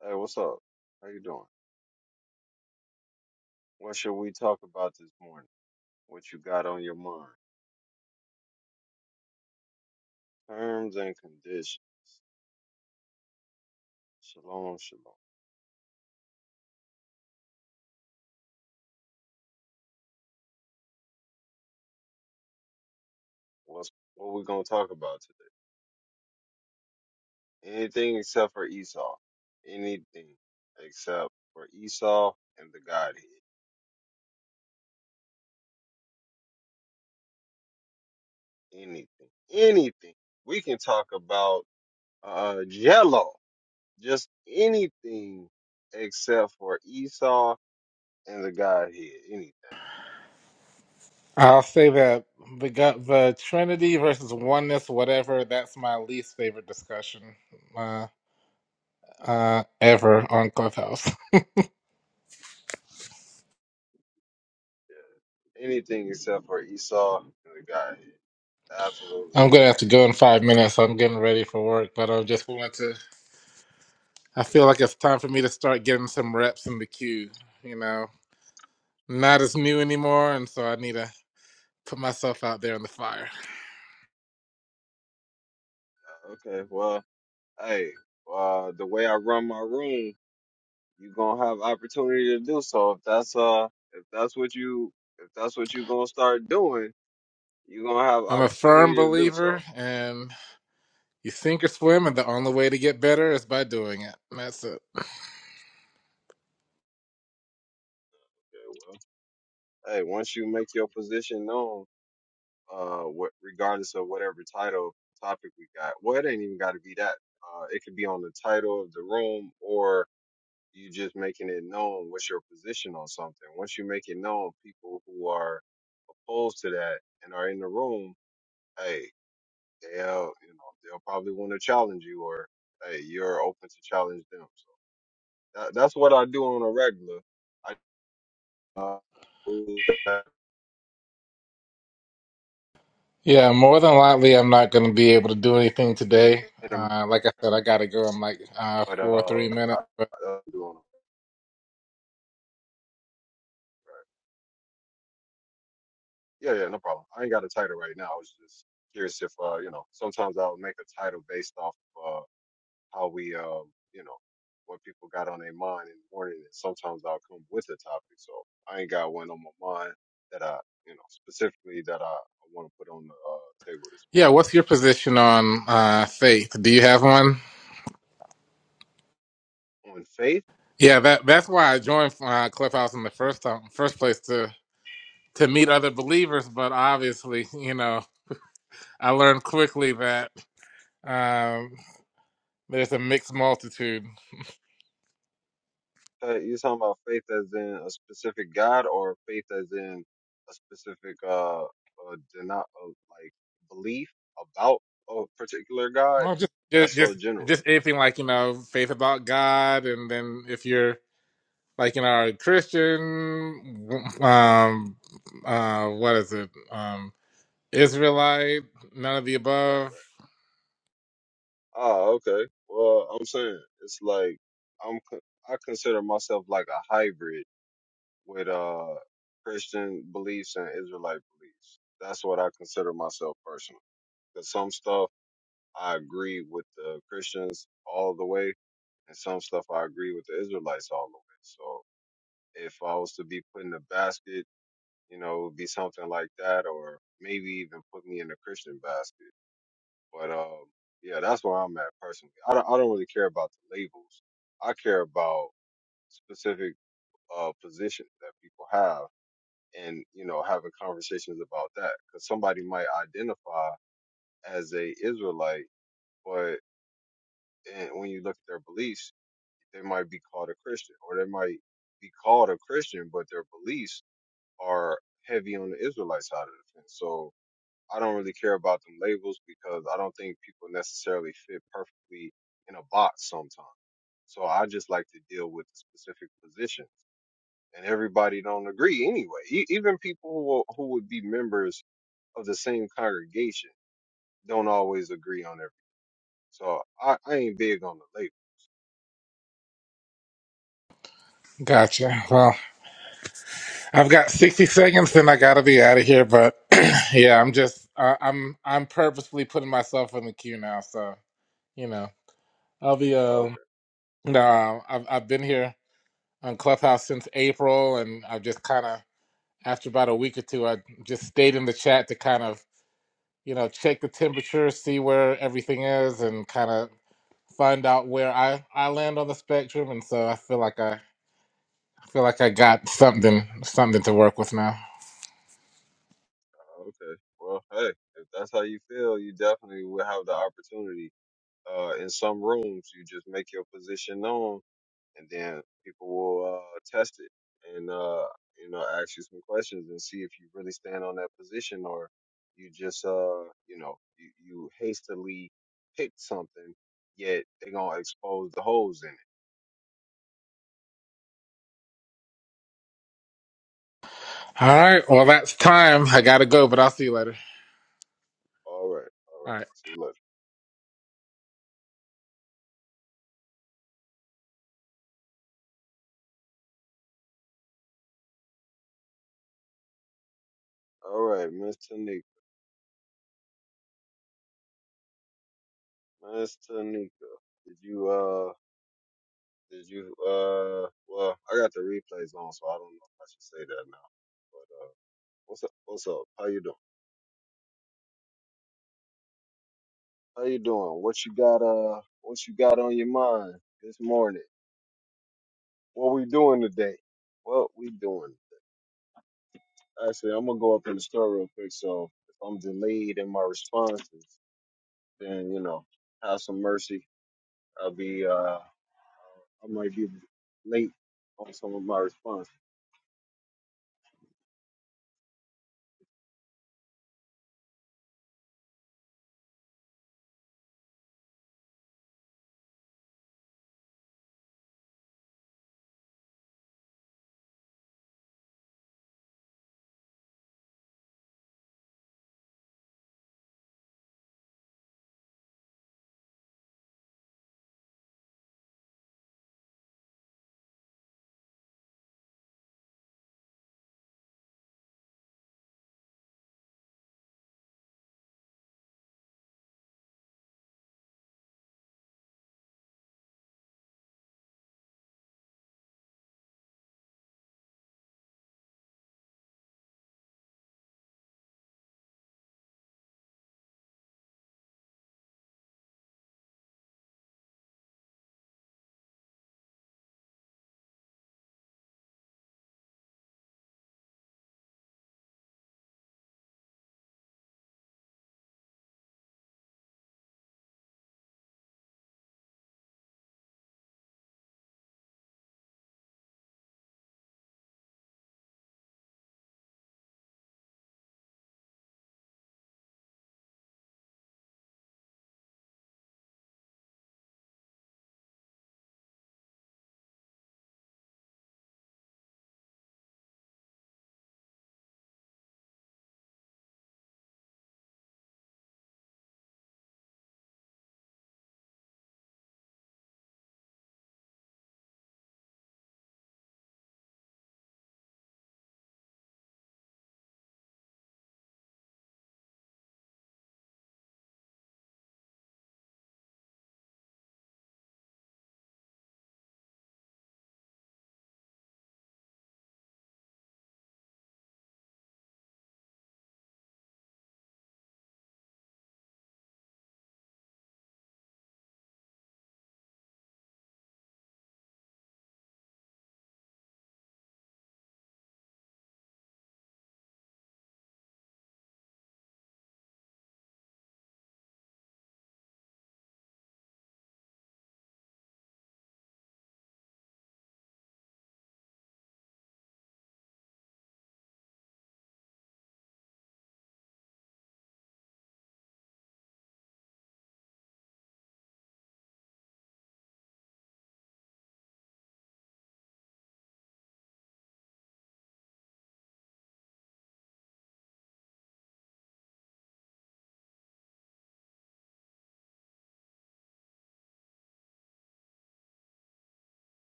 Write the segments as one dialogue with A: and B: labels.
A: Hey, what's up? How you doing? What should we talk about this morning? What you got on your mind? Terms and conditions. Shalom, shalom. What's what we gonna talk about today? Anything except for Esau. Anything except for Esau and the Godhead. Anything. Anything. We can talk about uh Jello. Just anything except for Esau and the Godhead. Anything.
B: I'll say that the got the Trinity versus oneness, whatever. That's my least favorite discussion uh, uh, ever on Clubhouse.
A: Anything except for Esau and the Godhead. Absolutely.
B: I'm gonna
A: any-
B: have to go in five minutes. so I'm getting ready for work, but I just wanted to. I feel like it's time for me to start getting some reps in the queue. You know, not as new anymore, and so I need to put myself out there in the fire.
A: Okay. Well, hey, uh, the way I run my room, you gonna have opportunity to do so. If that's uh, if that's what you, if that's what you gonna start doing, you gonna have
B: I'm a firm
A: opportunity to do
B: believer,
A: so.
B: and you sink or swim, and the only way to get better is by doing it. That's it.
A: Okay. Well, hey, once you make your position known, uh, what regardless of whatever title topic we got, well, it ain't even got to be that. Uh, it could be on the title of the room or you just making it known what's your position on something. Once you make it known, people who are opposed to that and are in the room, hey, they'll you know they'll probably want to challenge you, or hey, you're open to challenge them. So that, that's what I do on a regular. I uh, rules that
B: Yeah, more than likely, I'm not going to be able to do anything today.
A: minimum,
B: Uh, like I said, I got to go. I'm like uh,
A: but
B: four,
A: uh,
B: three
A: I,
B: minutes. But
A: I do on a regular. Yeah, yeah, no problem. I ain't got a title right now. I was just curious if uh, you know, sometimes I'll make a title based off. of uh, how we, um, you know, what people got on their mind in the morning. And sometimes I'll come with a topic. So I ain't got one on my mind that I, you know, specifically that I, I want to put on the uh, table this
B: yeah,
A: morning.
B: what's your position on uh, faith? Do you have one?
A: On faith,
B: Yeah, that that's why I joined uh, Clubhouse in the first time, first place to to meet other believers. But obviously, you know, I learned quickly that um, there's a mixed multitude.
A: uh, you talking about faith as in a specific God or faith as in a specific, uh, uh, deni- uh like belief about a particular God?
B: Well, just just
A: That's so
B: just
A: general.
B: just anything like you know, faith about God, and then if you're like in our Christian, um, uh, what is it? Um, Israelite, none of the
A: Right, right.
B: above.
A: Oh, okay. Well, I'm saying it's like I'm con- I consider myself like a hybrid with uh Christian beliefs and Israelite beliefs. That's what I consider myself personally. Because some stuff I agree with the Christians all the way, and some stuff I agree with the Israelites all the way. So if I was to be put in a basket, you know, it would be something like that, or maybe even put me in the Christian basket. But um, yeah, that's where I'm at personally. I don't, I don't really care about the labels. I care about specific uh, positions that people have, and you know, having conversations about that because somebody might identify as a Israelite, but and when you look at their beliefs, they might be called a Christian, or they might be called a Christian, but their beliefs are heavy on the Israelite side of the fence. So I don't really care about them labels because I don't think people necessarily fit perfectly in a box sometimes. So I just like to deal with the specific positions, and everybody don't agree anyway. E- even people who will- who would be members of the same congregation don't always agree on everything. So I, I ain't big on the label.
B: Gotcha. Well, I've got 60 seconds and I gotta be out of here, but yeah, I'm just, uh, I'm, I'm purposely putting myself in the queue now. So, you know, I'll be,
A: Oh,
B: uh,
A: okay,
B: no, I've, I've been here on Clubhouse since April and I've just kind of, after about a week or two, I just stayed in the chat to kind of you know, check the temperature, see where everything is, and kind of find out where I I land on the spectrum. And so I feel like I, I feel like I got something something to work with now.
A: oh, okay. Well, hey, if that's how you feel, you definitely will have the opportunity. Uh, in some rooms, you just make your position known and then people will uh, test it and uh, you know ask you some questions and see if you really stand on that position or you just uh you know you, you hastily pick something yet they gonna expose the holes in it.
B: All right, well that's time. I gotta go, but I'll see you later.
A: All right, all
B: All
A: right.
B: right.
A: See look. All right, Miss Tanika, Miss Tanika, did you uh did you uh well I got the replays on so I don't know if I should say that now but uh what's up what's up how you doing? How you doing? What you got uh what you got on your mind this morning? What we doing today? What we doing today? Actually I'm gonna go up in the store real quick so if I'm delayed in my responses, then you know, have some mercy. I'll be uh I might be late on some of my responses.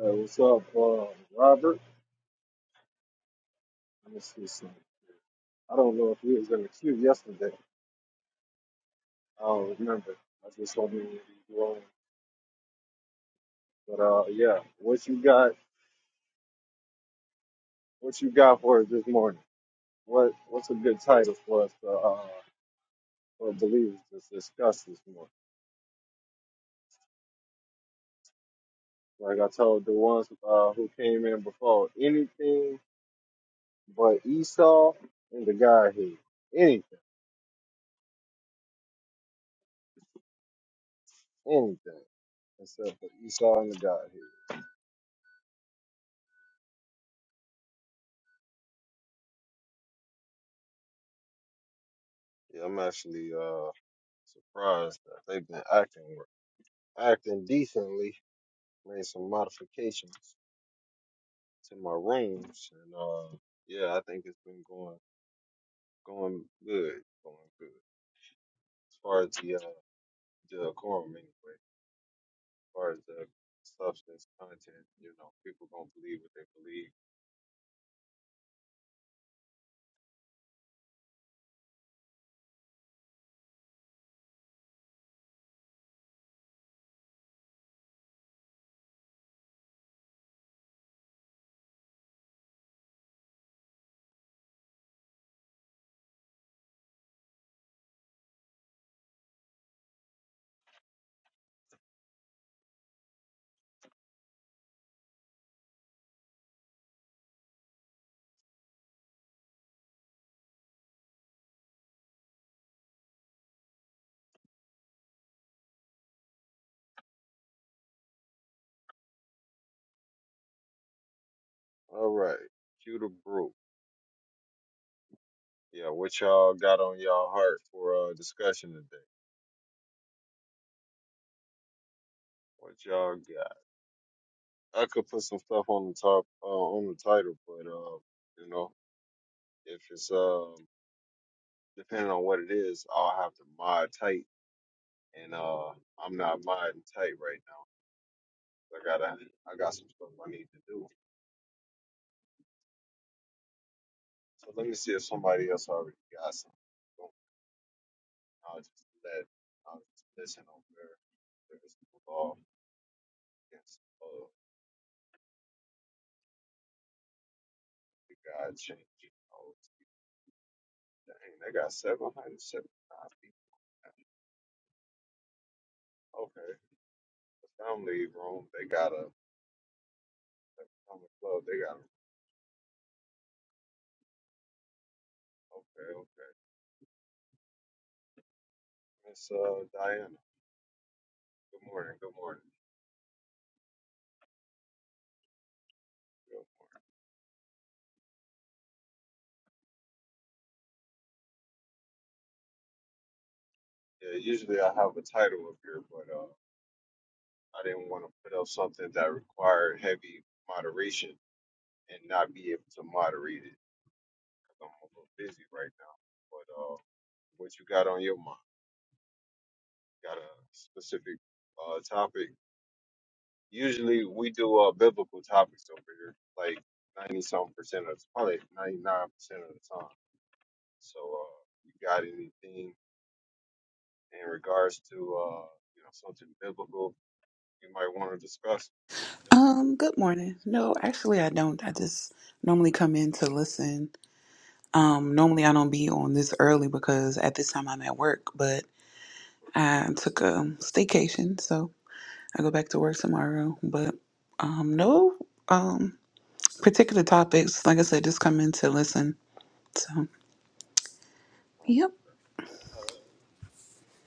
A: Uh, what's up, uh Robert? Let me see something. I don't know if he was in the queue yesterday. I don't remember. I just saw him in the wrong. But uh yeah, what you got what you got for us this morning? What what's a good title for us to, uh, for believers to discuss this morning? Like I told the ones uh, who came in before, anything but Esau and the Godhead. Anything, anything except for Esau and the Godhead. Yeah, I'm actually uh, surprised that they've been acting acting decently. Made some modifications to my rooms, and uh, yeah, I think it's been going going good, going good as far as the uh, the quorum anyway. far as the substance content, you know, people gonna believe what they believe. All right, cue the brew. Yeah, what y'all got on y'all heart for uh discussion today? What y'all got? I could put some stuff on the top uh, on the title, but uh, you know, if it's um depending on what it is, I'll have to mod tight, and uh, I'm not modding tight right now. I gotta, I got some stuff I need to do. So let me see if somebody else already got some. I'll just let I'll just listen over there's no law against all the God changing hoes. Dang, they got seven hundred seventy nine people. Okay. The family room, they got a the family club, they got a okay, okay. Miss uh Diana. Good morning, good morning. Yeah, usually I have a title up here, but uh I didn't want to put up something that required heavy moderation and not be able to moderate it because 'cause I'm a little busy right now. what you got on your mind. Got a specific uh, topic. Usually we do uh, biblical topics over here, like 90 some percent of probably 99% of the time. So, uh, you got anything in regards to, uh, you know, something biblical you might want to discuss?
C: Um, good morning. No, actually I don't. I just normally come in to listen. Um, normally I don't be on this early because at this time I'm at work, but I took a staycation, so I go back to work tomorrow. But um no um particular topics. Like I said, just come in to listen. So Yep.
A: Uh,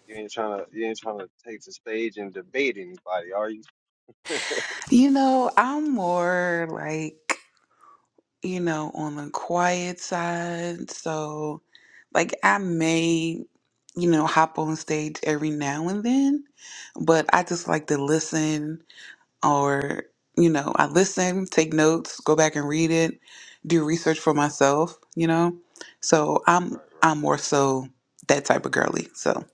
A: you ain't trying to, you ain't trying to take the stage and debate anybody, are you?
C: You know, I'm more like you know, on the quiet side. So, like, I may, you know, hop on stage every now and then, but I just like to listen or, you know, I listen, take notes, go back and read it, do research for myself, you know? So, I'm
A: Right, right.
C: I'm more so that type of girly. So,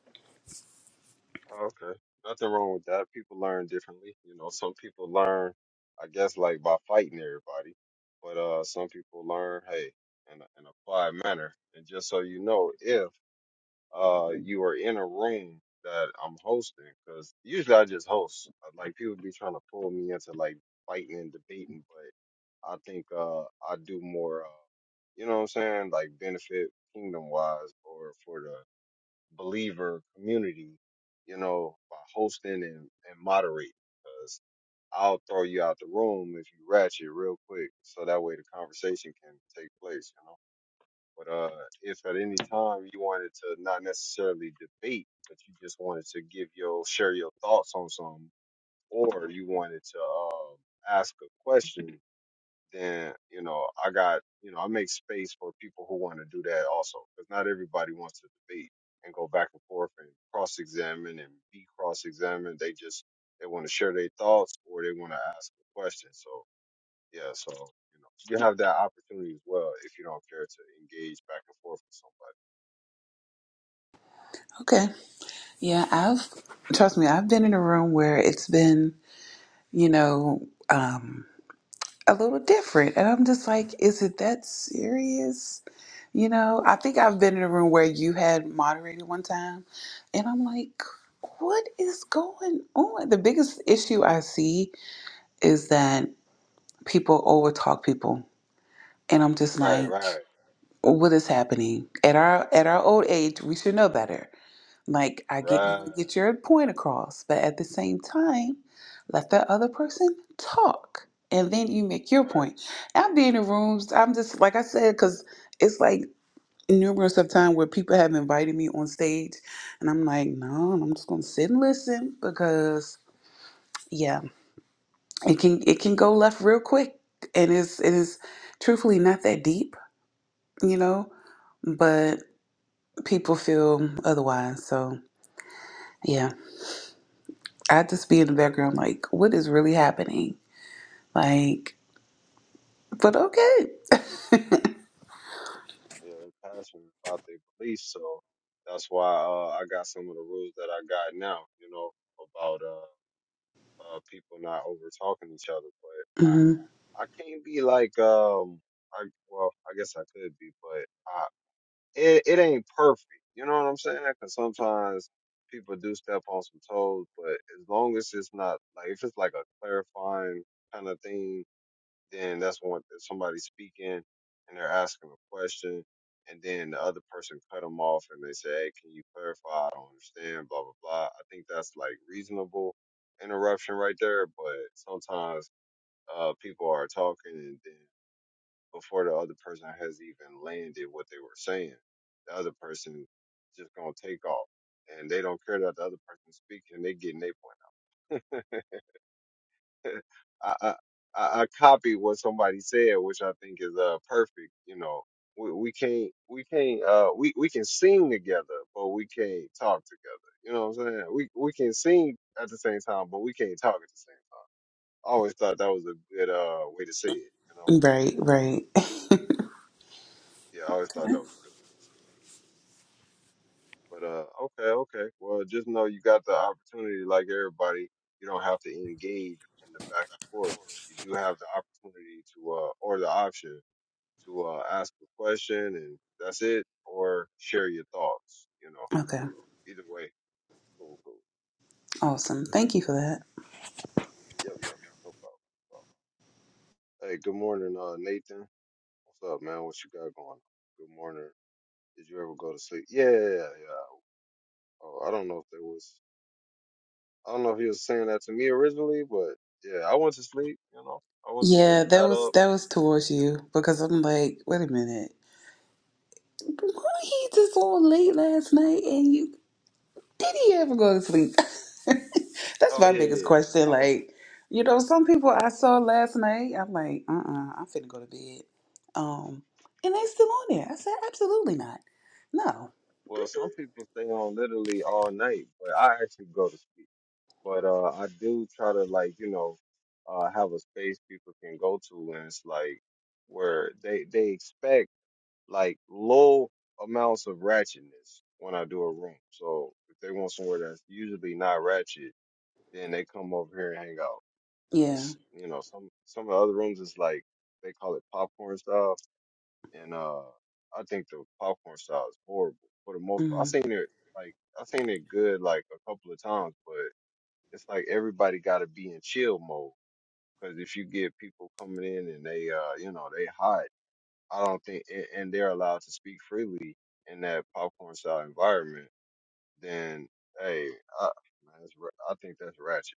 A: Oh, okay. Nothing wrong with that. People learn differently. You know, some people learn, I guess, like by fighting everybody, but uh, some people learn, hey, in a, in a quiet manner. And just so you know, if uh you are in a room that I'm hosting, because usually I just host. uh, Like people be trying to pull me into like fighting and debating, but I think uh I do more. Uh, you know what I'm saying? Like benefit kingdom wise, or for the believer community, you know, by hosting and, and moderating. Because I'll throw you out the room if you ratchet real quick, so that way the conversation can take place, you know. But uh, if at any time you wanted to not necessarily debate, but you just wanted to give your share your thoughts on something, or you wanted to um, ask a question, then you know I got you know I make space for people who want to do that also because not everybody wants to debate and go back and forth and cross examine and be cross examined. They just they want to share their thoughts or they want to ask a question. So yeah, so you know you have that opportunity as well if you don't care to engage back and forth with somebody.
C: okay. Yeah, I've trust me, I've been in a room where it's been, you know, um a little different. And I'm just like, is it that serious? You know, I think I've been in a room where you had moderated one time, and I'm like, what is going on? The biggest issue I see is that people overtalk people. And I'm just
A: Right,
C: like,
A: right,
C: what is happening? At our at our old age, we should know better like, I get you
A: right,
C: want to get your point across, but at the same time, let that other person talk. And then you make your
A: right,
C: point. I've been in rooms, I'm just, like I said, because it's like numerous of time where people have invited me on stage, and I'm like, no, I'm just going to sit and listen because, yeah, it can it can go left real quick. And it's, it is truthfully not that deep, you know, but people feel otherwise. So, yeah. I just be in the
A: right,
C: background
A: right.
C: like, what is really happening? Like, but okay.
A: Yeah, they're passionate about their beliefs, so that's why uh, I got some of the rules that I got now. You know about. uh uh, people not over talking to each other. But
C: hmm
A: I, I can't be like, um, I well, I guess I could be, but I, it it ain't perfect. You know what I'm saying? Because sometimes people do step on some toes. But as long as it's not like if it's like a clarifying kind of thing then that's when if somebody's speaking and they're asking a question, and then the other person cut them off and they say, "Hey, can you clarify? I don't understand." Blah blah blah. I think that's like reasonable interruption right there, but sometimes uh, people are talking and then before the other person has even landed what they were saying, the other person just gonna take off, and they don't care that the other person's speaking. They getting their point I, I I I copied what somebody said, which I think is uh perfect. You know, we we can't we can't uh we we can sing together, but we can't talk together. You know what I'm saying? We we can sing at the same time, but we can't talk at the same time. I always thought that was a good uh way to say it. You know?
C: Right, right.
A: Yeah, I always thought that was good. But uh, okay, okay. Well, just know you got the opportunity, like everybody. You don't have to engage in the back and forth. You do have the opportunity to uh or the option to uh, ask a question and that's it, or share your thoughts, you know.
C: Okay.
A: So either way, cool, cool.
C: Awesome. Thank you for that.
A: Yep, yep, no problem. no problem. Hey, good morning, uh, Nathan. What's up, man? What you got going on? Good morning. Did you ever go to sleep? Yeah, yeah, yeah. yeah. Oh, I don't know if there was, I don't know if he was saying that to me originally, but yeah, I went to sleep, you know. I went to
C: Yeah,
A: sleep,
C: that
A: got
C: was
A: up,
C: that was towards
A: you
C: you
A: know.
C: because I'm like, wait a minute. Why he just on late last night and you did he ever go to sleep? That's
A: Oh,
C: my
A: yeah, yeah,
C: biggest
A: yeah. yeah.
C: question.
A: I went to,
C: Like, you know, some people I saw last night, I'm like, uh uh, I'm finna go to bed. Um, and they still on there. I said, absolutely not. No.
A: well, some people stay on literally all night, but I actually go to sleep. but uh, I do try to like you know uh, have a space people can go to, and it's like where they they expect like low amounts of ratchetness when I do a room. So if they want somewhere that's usually not ratchet, then they come over here and hang out.
C: yeah.
A: Cause you know some some of the other rooms is like they call it popcorn style, and uh I think the popcorn style is horrible for the most part. I
C: Mm.
A: seen it like I seen it good like a couple of times, but it's like everybody got to be in chill mode because if you get people coming in and they uh you know they hot i don't think and, and they're allowed to speak freely in that popcorn style environment then hey I, man, that's, ra- I think that's ratchet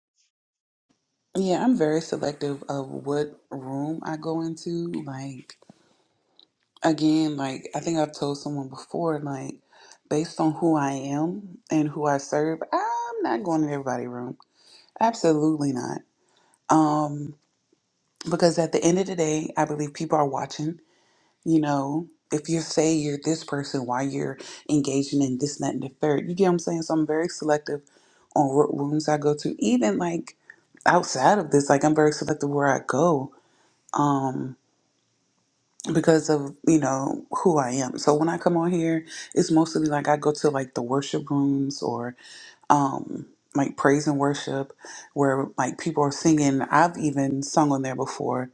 C: Yeah, I'm very selective of what room I go into. Like, again, like I think I've told someone before, like, based on who I am and who I serve, I'm not going in everybody's room. Absolutely not. Um, because at the end of the day, I believe people are watching. You know, if you say you're this person, why you're engaging in this, that, and the third. You get what I'm saying? So I'm very selective on what rooms I go to. Even like outside of this, like I'm very selective where I go um because of you know who I am. So when I come on here, it's mostly like I go to like the worship rooms or um like praise and worship where like people are singing. I've even sung on there before.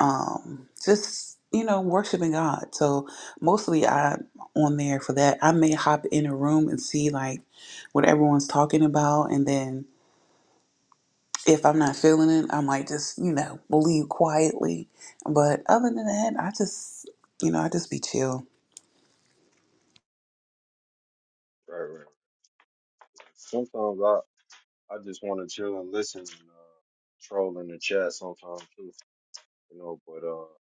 C: Um just you know worshiping God. So mostly I'm on there for that. I may hop in a room and see like what everyone's talking about and then if I'm not feeling it, I might just, you know, leave quietly. But other than that, I just, you know, I just be chill.
A: right right right. sometimes i i just want to chill and listen and uh troll in the chat sometimes too you know but uh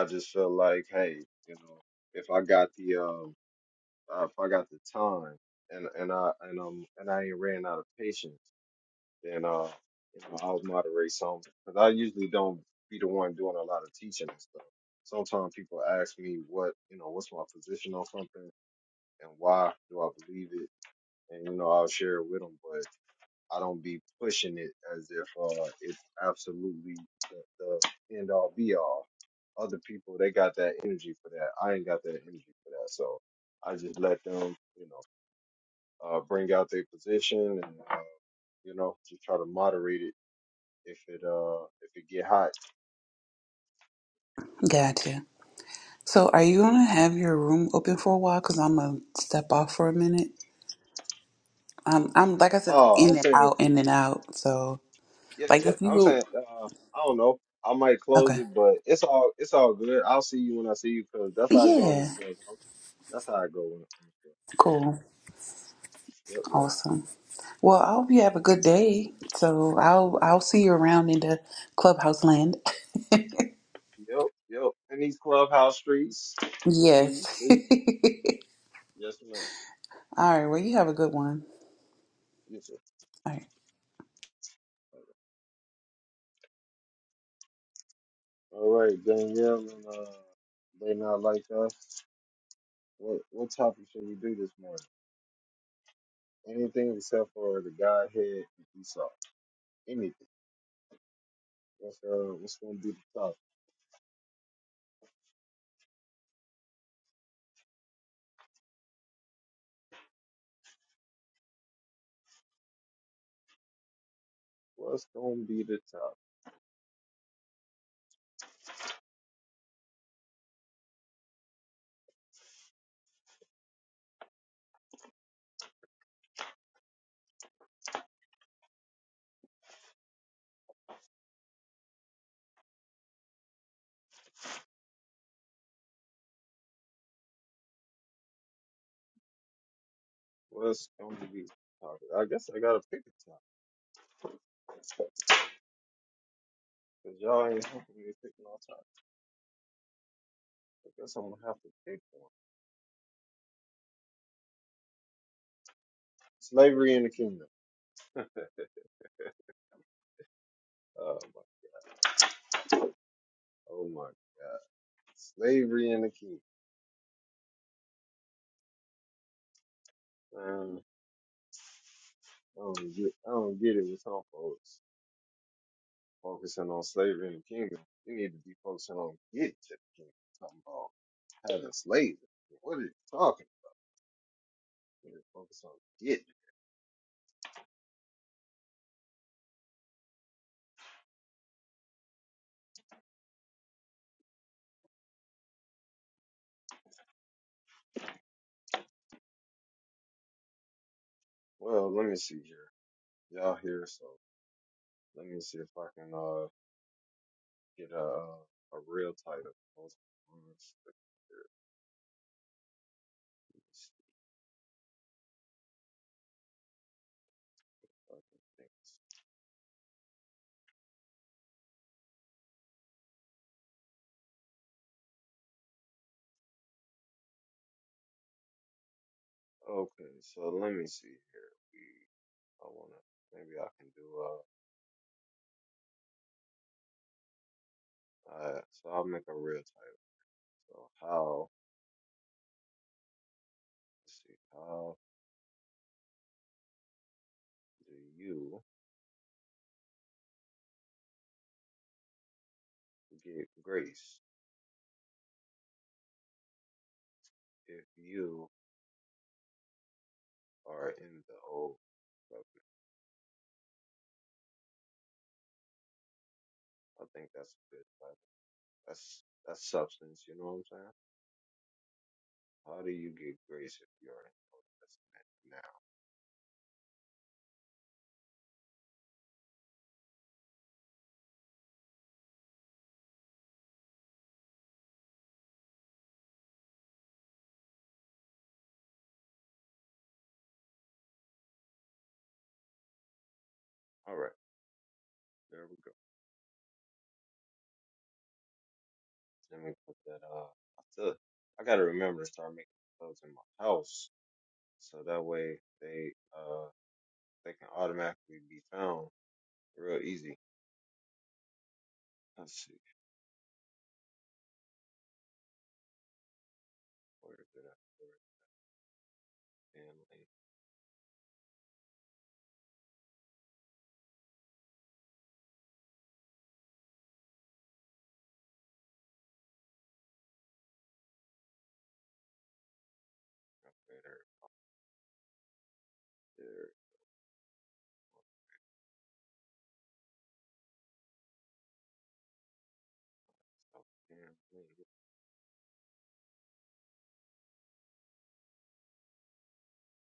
A: i just feel like hey you know if i got the um uh, if I got the time and and I and um and I ain't ran out of patience, then uh you know I'll moderate some because I usually don't be the one doing a lot of teaching and stuff. Sometimes people ask me what you know what's my position on something and why do I believe it, and you know I'll share it with them, but I don't be pushing it as if uh it's absolutely the, the end all be all. Other people they got that energy for that. I ain't got that energy for that, so I just let them you know uh, bring out their position and uh, you know just try to moderate it if it uh if it get hot.
C: Gotcha. So, are you gonna have your room open for a while? Cause I'm gonna step off for a minute. I'm, I'm like I said, I'm
A: Oh, I'm
C: in and
A: saying
C: out, in and out. So,
A: yeah,
C: like
A: yeah,
C: if
A: I'm
C: you,
A: saying uh, I don't know. I might close
C: okay,
A: it, but it's all it's all good. I'll see you when I see you because that's how I go on this
C: yeah,
A: clubhouse. That's how I go when I'm in the club.
C: cool,
A: Yep, yep.
C: awesome. Well, I hope you have a good day. So, I'll,
A: Listen,
C: I'll see you around in the clubhouse land.
A: yep, yep. In these clubhouse streets, see you,
C: Yes.
A: see. Yes, ma'am.
C: All right. Well, you have a good one.
A: Yes, sir.
C: All right.
A: All right, Danielle and uh, they not like us. What what topic should we do this morning? Anything except for the Godhead and Esau. Anything. What's uh what's gonna be the topic? What's gonna be the topic? What's gonna be the topic? I guess I gotta pick a topic. Cause y'all ain't helping me pick no topic. I guess I'm gonna have to pick one. Slavery in the kingdom. Oh my oh my god. Slavery in the kingdom. Um, I don't get I don't get it with some folks focusing on slavery in the kingdom. We need to be focusing on getting to the kingdom. Having slaves. What are you talking about? You're Focus on getting. Well, let me see here. Y'all here, so let me see if I can uh get a uh, a real title. Hold on one second here. Let me see if I can think. Okay, so let me see here. We I wanna maybe I can do uh uh so I'll make a real title. So how let's see how do you get grace if you are in the old covenant? I think that's a good title. That's that's substance. You know what I'm saying? How do you get grace if you already know that's in it now? All right, there we go. Let me put that. Uh, I still I gotta remember to start making clothes in my house, so that way they uh they can automatically be found real easy. Let's see. Where did I put it? Damn lane. Okay, there, there. So, damn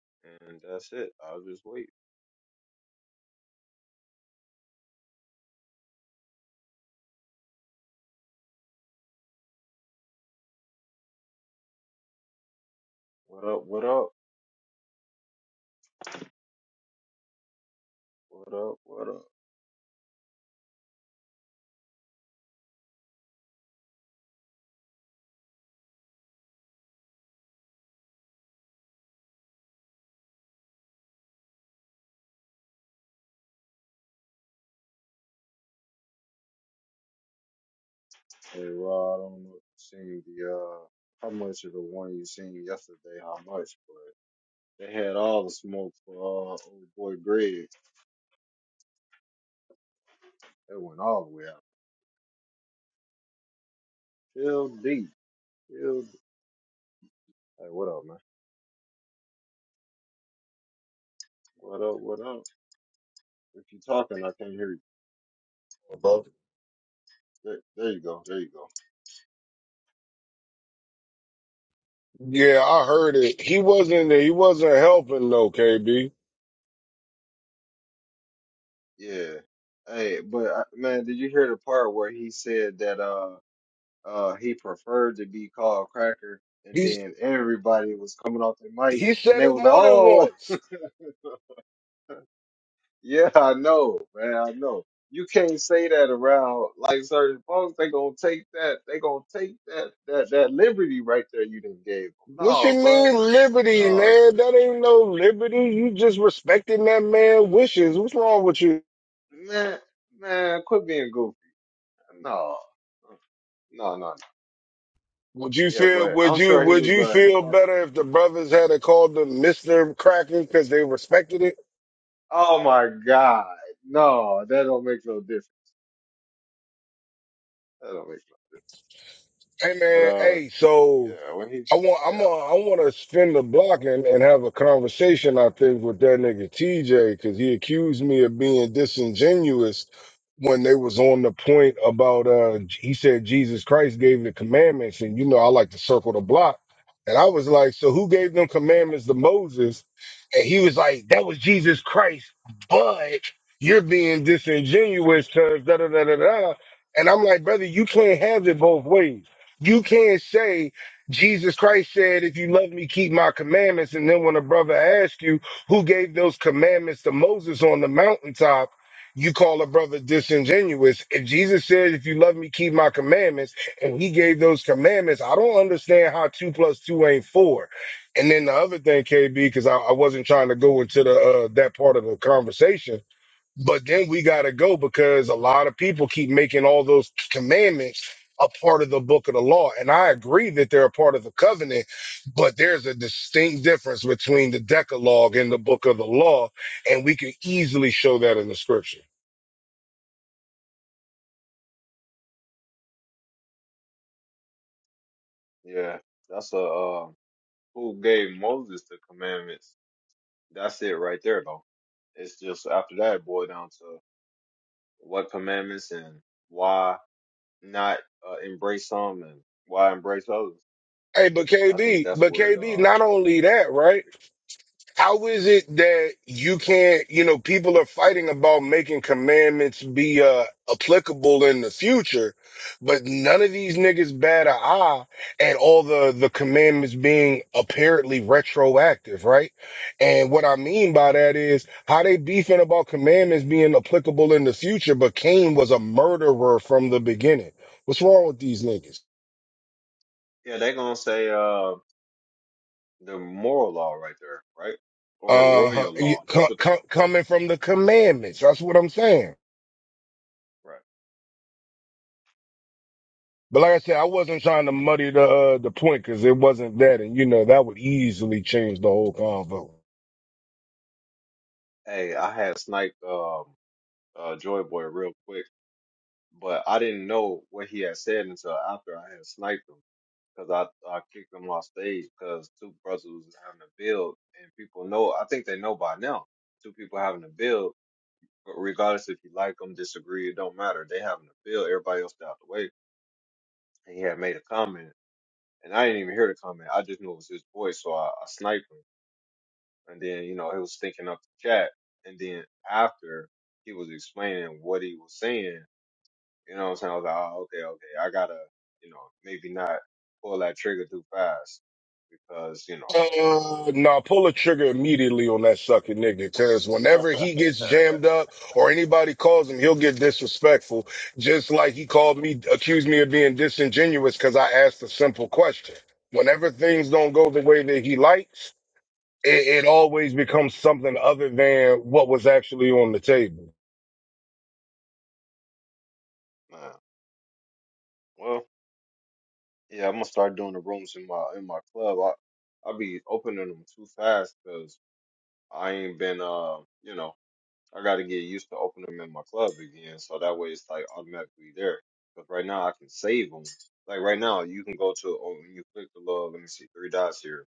A: lane. And that's it. I'll just wait. What up? What up? What up? What up? Hey, Rod, I don't know if you seen the uh, how much of the one you seen yesterday, how much, but they had all the smoke for uh, old boy Greg. It went all the way out. Feel deep. Feel deep. Hey, what up, man? What up, what up? If you're talking, I can't hear you.
D: bro.
A: There, there you go, there you go.
D: Yeah, I heard it. He wasn't he wasn't helping though, KB.
A: Yeah. Hey, but uh, man, did you hear the part where he said that uh uh he preferred to be called Cracker, and
D: He's
A: then everybody was coming off their mic,
D: he
A: and
D: said
A: they
D: it
A: was like,
D: more than
A: "Oh,
D: once.
A: Yeah, I know, man. I know. You can't say that around like certain folks. They gonna take that. They gonna take that that that liberty right there you didn't gave them.
D: What you
A: No, bro.
D: mean liberty,
A: No,
D: man? That ain't no liberty. You just respecting that man' wishes. What's wrong with you?
A: man, man, quit being goofy. No, no, no. no.
D: Would you
A: Yeah,
D: feel
A: but
D: would
A: I'm
D: you
A: sure he
D: would
A: was.
D: you feel
A: Uh,
D: better if the brothers had a called them Mr. Cracker because they respected it?
A: oh my God, no, that don't make no difference. That don't make
D: Hey
A: no. But
D: man,
A: uh,
D: hey, so
A: yeah, when he,
D: I want
A: yeah,
D: I'm a, I want to spin the block and, and have a conversation. I think with that nigga TJ because he accused me of being disingenuous when they was on the point about uh he said Jesus Christ gave the commandments and you know I like to circle the block and I was like so who gave them commandments to Moses and he was like that was Jesus Christ but you're being disingenuous because da da da da da and I'm like brother you can't have it both ways you can't say Jesus Christ said, If you love me, keep my commandments. And then when a brother asks you who gave those commandments to Moses on the mountaintop, you call a brother disingenuous. If Jesus said, If you love me, keep my commandments, and he gave those commandments, I don't understand how two plus two ain't four. And then the other thing, KB, because I, I wasn't trying to go into the uh, that part of the conversation but then we got to go because a lot of people keep making all those commandments a part of the book of the law. And I agree that they're a part of the covenant, but there's a distinct difference between the Decalogue and the book of the law. And we can easily show that in the scripture.
A: yeah, that's a uh, who gave Moses the commandments That's it right there, though. It's just after that, it boiled down to what commandments and why not uh, embrace some and why embrace others.
D: Hey, but
A: I think
D: KB,
A: that's
D: but
A: where it,
D: KB,
A: uh,
D: not
A: it,
D: only that,
A: it,
D: right? How is it that you can't, you know, people are fighting about making commandments be uh, applicable in the future, but none of these niggas bat an eye at all the, the commandments being apparently retroactive, right? And what I mean by that is how they beefing about commandments being applicable in the future, but Cain was a murderer from the beginning. What's wrong with these niggas?
A: it- yeah, they're gonna say uh, the moral law right there, right? Or
D: Uh, huh,
A: royal
D: you-
A: law. That's
D: co-
A: what they're gonna
D: co- coming
A: say,
D: from the commandments. That's what I'm saying.
A: right?
D: But like I said, I wasn't trying to muddy the uh, the point because it wasn't that, and you know that would easily change the whole convo.
A: Hey, I had sniped um, uh, Joy Boy real quick, but I didn't know what he had said until after I had sniped him. because I, I kicked him off stage because two brothers was having a build, and people know. I think they know by now. Two people having a build, but regardless if you like them, disagree, it don't matter. They having a build. Everybody else out the way, and he had made a comment, and I didn't even hear the comment. I just knew it was his voice, so I, I sniped him. And then you know he was thinking up the chat, and then after he was explaining what he was saying, you know what I'm saying? I was like, oh, okay, okay, I gotta, you know, maybe not pull that trigger too fast because you know.
D: Uh, nah, pull a trigger immediately on that sucking nigga, because whenever he gets jammed up or anybody calls him, he'll get disrespectful. Just like he called me, accused me of being disingenuous because I asked a simple question. Whenever things don't go the way that he likes, it, it always becomes something other than what was actually on the table.
A: Man, well, yeah, I'm gonna start doing the rooms in my in my club. I I'll be opening them too fast because I ain't been uh you know I got to get used to opening them in my club again. So that way it's like automatically there. Cause right now I can save them. Like right now you can go to oh, when you click the little let me see three dots here,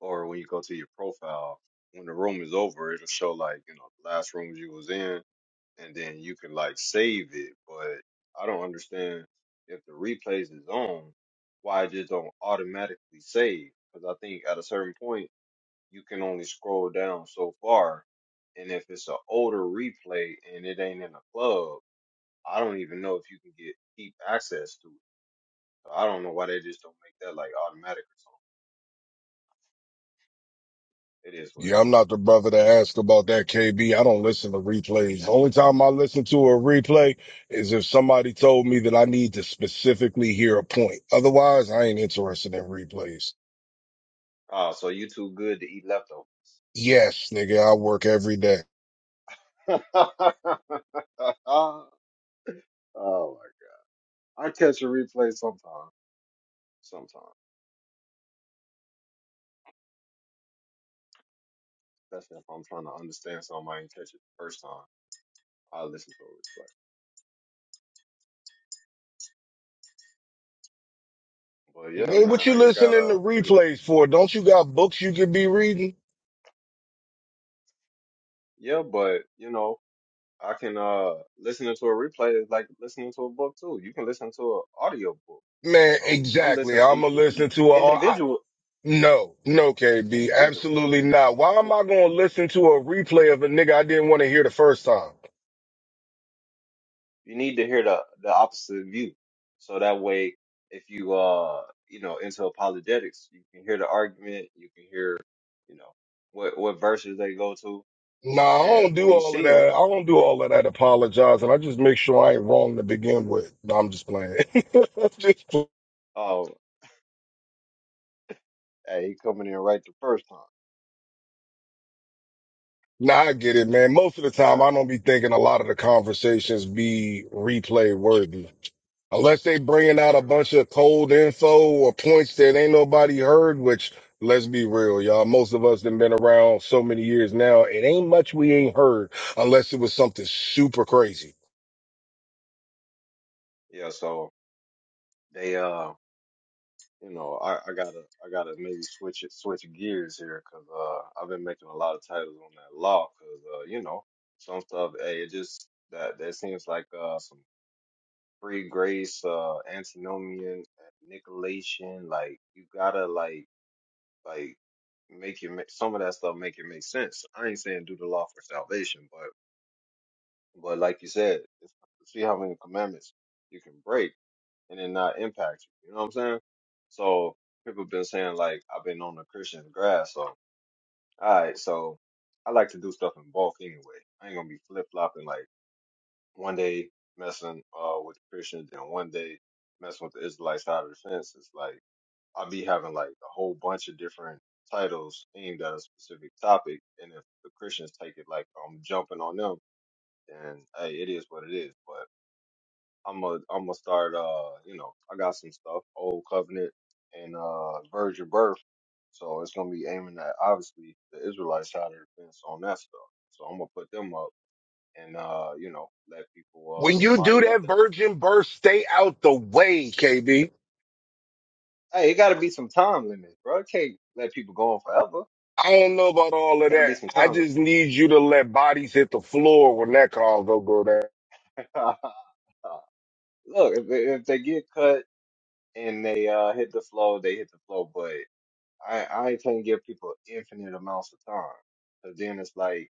A: or when you go to your profile when the room is over it'll show like you know the last rooms you was in and then you can like save it. But I don't understand if the replays is on, why it just don't automatically save? Because I think at a certain point you can only scroll down so far, and if it's an older replay and it ain't in a club, I don't even know if you can get keep access to it. So I don't know why they just don't make that like automatic or something. It is what it
D: Yeah, I'm
A: is.
D: not the brother to ask about that KB. I don't listen to replays. The only time I listen to a replay is if somebody told me that I need to specifically hear a point. Otherwise, I ain't interested in replays.
A: Oh, so you too good to eat leftovers.
D: Yes, nigga, I work every day.
A: oh my god. I catch a replay sometimes. sometimes. especially if I'm trying to understand something I ain't catch it the first time. I listen to it. But, but yeah,
D: Man, what
A: man,
D: you
A: I ain't got
D: listening to
A: to go ahead.
D: replays for? Don't you got books you could be reading?
A: Yeah, but you know, I can uh listening to a replay is like listening to a book too. You can listen to an audio book.
D: Man,
A: I'm I'm
D: exactly.
A: listening i-
D: I'ma
A: in,
D: listen to a I,
A: individual
D: no, no, KB,
A: individuals.
D: absolutely not. Why
A: Yeah,
D: am I gonna listen to a replay of a nigga I didn't want to hear the first time?
A: You need to hear the the opposite view. So that way if you uh you know into apologetics, you can hear the argument, you can hear, you know, what what verses they go to
D: No, I
A: And
D: don't
A: when
D: do
A: you
D: all of
A: see him,
D: that. I don't do
A: hey,
D: all of that apologizing. I just make sure I ain't wrong to begin with. No, I'm just playing. just play.
A: oh, hey, he coming in right the first time.
D: Nah, I get it, man. Most of the time,
A: Yeah,
D: I don't be thinking a lot of the conversations be replay worthy. Unless they bringing out
A: right,
D: a
A: right. I-
D: bunch
A: agree.
D: of cold info or points that ain't nobody heard, which let's be real, y'all. Most of us have been around so many years now. It ain't much we ain't heard unless it was something super crazy.
A: Yeah, so they, uh, you know, I, I gotta, I gotta maybe switch it, switch gears here, cause uh, I've been making a lot of titles on that law, cause uh, you know, some stuff, hey, it just that that seems like uh some free grace, uh, antinomian, nicolation, like you gotta like like make it make some of that stuff make it make sense. I ain't saying do the law for salvation, but. But like you said, it's, see how many commandments you can break and it not impact you. You know what I'm saying? So people been saying like I've been on the Christian grass. So all right, so I like to do stuff in bulk anyway. I ain't gonna be flip flopping like one day messing uh with the Christians and one day messing with the Israelite side of the fence. It's like I'll be having like a whole bunch of different titles aimed at a specific topic, and if the Christians take it like I'm jumping on them, then hey, it is what it is. But I'm a I'm gonna start uh you know I got some stuff old covenant and uh virgin birth, so it's gonna be aiming at obviously the Israelite side of the fence on that stuff. So I'm gonna put them up and uh you know let people
D: When
A: uh and
D: you do
A: moderate
D: that
A: that.
D: virgin birth, stay out the way, KB.
A: Hey, it gotta be some time limit, bro. It can't let people go on forever.
D: I don't know about all of
A: Gotta
D: that.
A: be some
D: I
A: time
D: just
A: limit.
D: need you to let bodies hit the floor when that call go go down.
A: Look, if they- if they get cut and they uh hit the flow, they hit the flow. But I I can't give people infinite amounts of time. Cause then it's like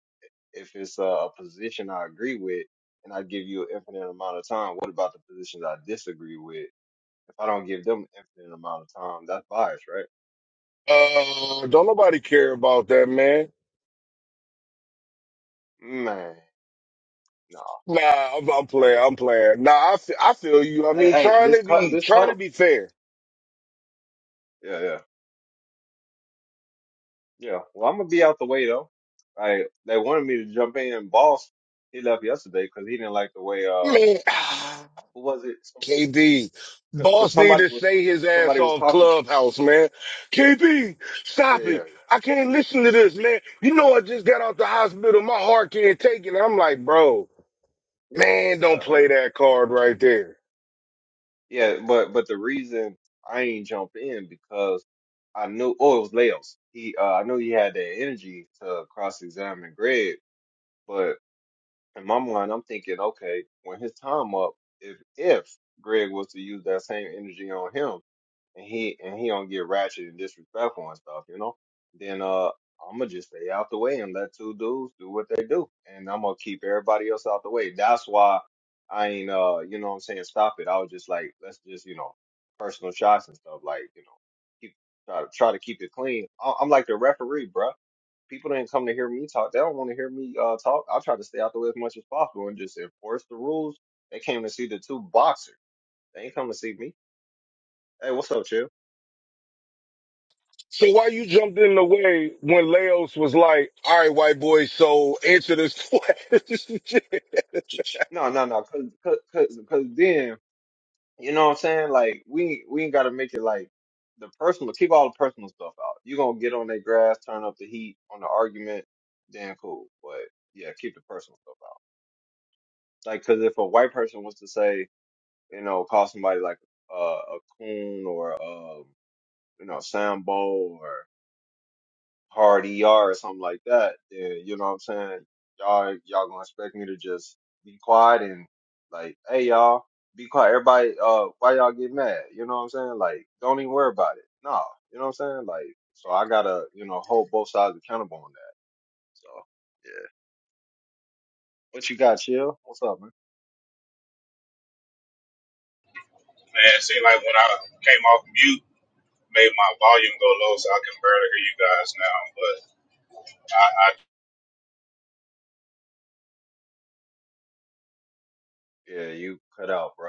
A: If it's a, a position I agree with and I give you an infinite amount of time, what about the positions I disagree with? If I don't give them an infinite amount of time, that's bias, right?
D: Uh, don't nobody care about that, man.
A: Man, no.
D: Nah, I'm, I'm playing.
A: Hey,
D: I'm playing. Nah, I fe- I feel you. I
A: hey,
D: mean,
A: hey,
D: trying to
A: just cut,
D: be
A: just cut
D: trying to
A: 'em.
D: be fair,
A: Yeah, yeah, yeah. Well, I'm gonna be out the way though. Like they wanted me to jump in. Boss, he left yesterday because he didn't like the way. Um,
D: man.
A: who was it?
D: KB,
A: Because
D: boss need
A: somebody
D: to
A: was
D: say his ass
A: somebody was
D: off
A: talking.
D: clubhouse, man. KB,
A: Yeah,
D: stop
A: yeah,
D: it.
A: yeah,
D: I can't listen to this, man. You know I just got out the hospital. My heart can't take it. I'm like, bro, man, don't
A: yeah. yeah.
D: play that card right there.
A: Yeah, but but the reason I ain't jump in because I knew oh it was Leos. He uh, I knew he had that energy to cross examine Greg, but in my mind I'm thinking, okay, when his time up, if if Greg was to use that same energy on him, and he and he don't get ratchet and disrespectful and stuff, you know, then uh I'ma just stay out the way and let two dudes do what they do. And I'm gonna keep everybody else out the way. That's why I ain't uh you know what I'm saying, stop it. I was just like, let's just, you know, personal shots and stuff, like, you know, keep try to try to keep it clean. I- I'm like the referee, bruh. People didn't come to hear me talk. They don't want to hear me uh talk. I try to stay out the way as much as possible and just enforce the rules. They came to see the two boxers. They ain't come to see me. Hey, what's up, Chill?
D: So why you jumped in the way when Leos was like, all right, white boy, so answer this question.
A: No, no, no, cause, cause, cause, 'cause then you know what I'm saying. Like we, we ain't gotta make it like the personal. Keep all the personal stuff out. You gonna get on their grass, turn up the heat on the argument, then cool. But yeah, keep the personal stuff out. Like, cause if a white person was to say, you know, call somebody like uh, a coon or um, you know, Sambo hard ER or something like that, then you know what I'm saying? Y'all y'all gonna expect me to just be quiet and like, hey y'all, be quiet. Everybody uh why y'all get mad? You know what I'm saying? Like, don't even worry about it. No. You know what I'm saying? Like so I gotta, you know, hold both sides accountable on that. So yeah. What you got, chill? What's up, man?
E: Man, it seemed like when I came off mute, made my volume go low so I can barely hear you guys now. But I, I
A: Yeah, you cut out, bro.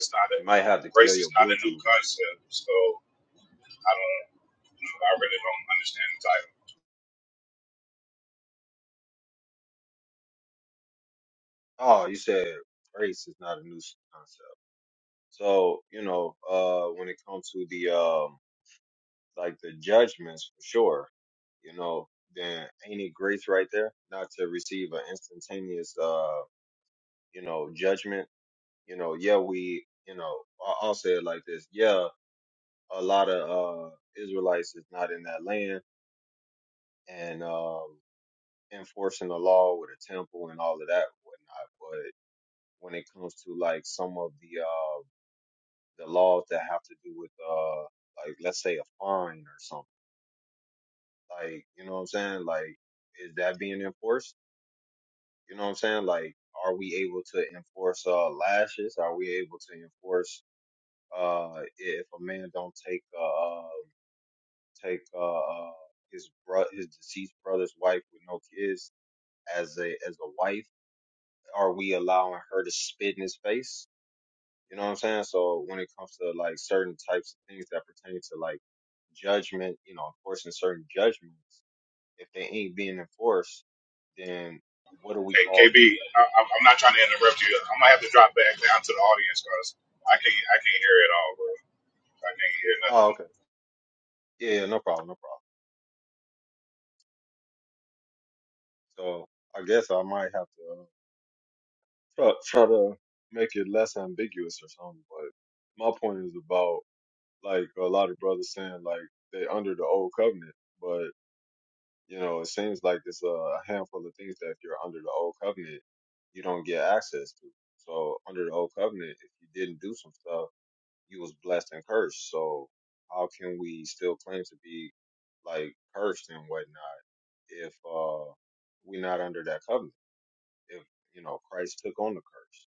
E: it's not a
A: You might have to kill
E: race is
A: your
E: not a new
A: Bluetooth.
E: concept, so I don't, you know, I really don't understand the title.
A: Oh, you said race is not a new concept. So, you know, uh when it comes to the um like the judgments for sure, you know, then ain't it grace right there not to receive an instantaneous, uh, you know, judgment? You know, yeah, we, you know, I- I'll say it like this. Yeah, a lot of uh, Israelites is not in that land and um, enforcing the law with a temple and all of that and whatnot. But when it comes to like some of the uh, the laws that have to do with uh, like let's say a fine or something, like you know what I'm saying, like is that being enforced? You know what I'm saying? Like, are we able to enforce uh, lashes? Are we able to enforce uh, if a man don't take uh, uh, take uh, uh, his bro- his deceased brother's wife with no kids as a as a wife? Are we allowing her to spit in his face? You know what I'm saying? So when it comes to like certain types of things that pertain to like judgment, you know, enforcing certain judgments, if they ain't being enforced, then what do we
E: Hey,
A: call
E: KB,
A: that?
E: I, am I'm not trying to interrupt you. I'm gonna have to drop back down to the audience because I can't I can't hear it all, bro. I can't hear nothing.
A: Oh, okay. Yeah, yeah, no problem, no problem. So I guess I might have to uh, try, try to make it less ambiguous or something. But my point is about like a lot of brothers saying like they under the old covenant, but you know it seems like it's a handful of things that if you're under the old covenant, you don't get access to. So under the old covenant, if you didn't do some stuff, you was blessed and cursed. So how can we still claim to be like cursed and whatnot if uh we're not under that covenant? if you know Christ took on the curse?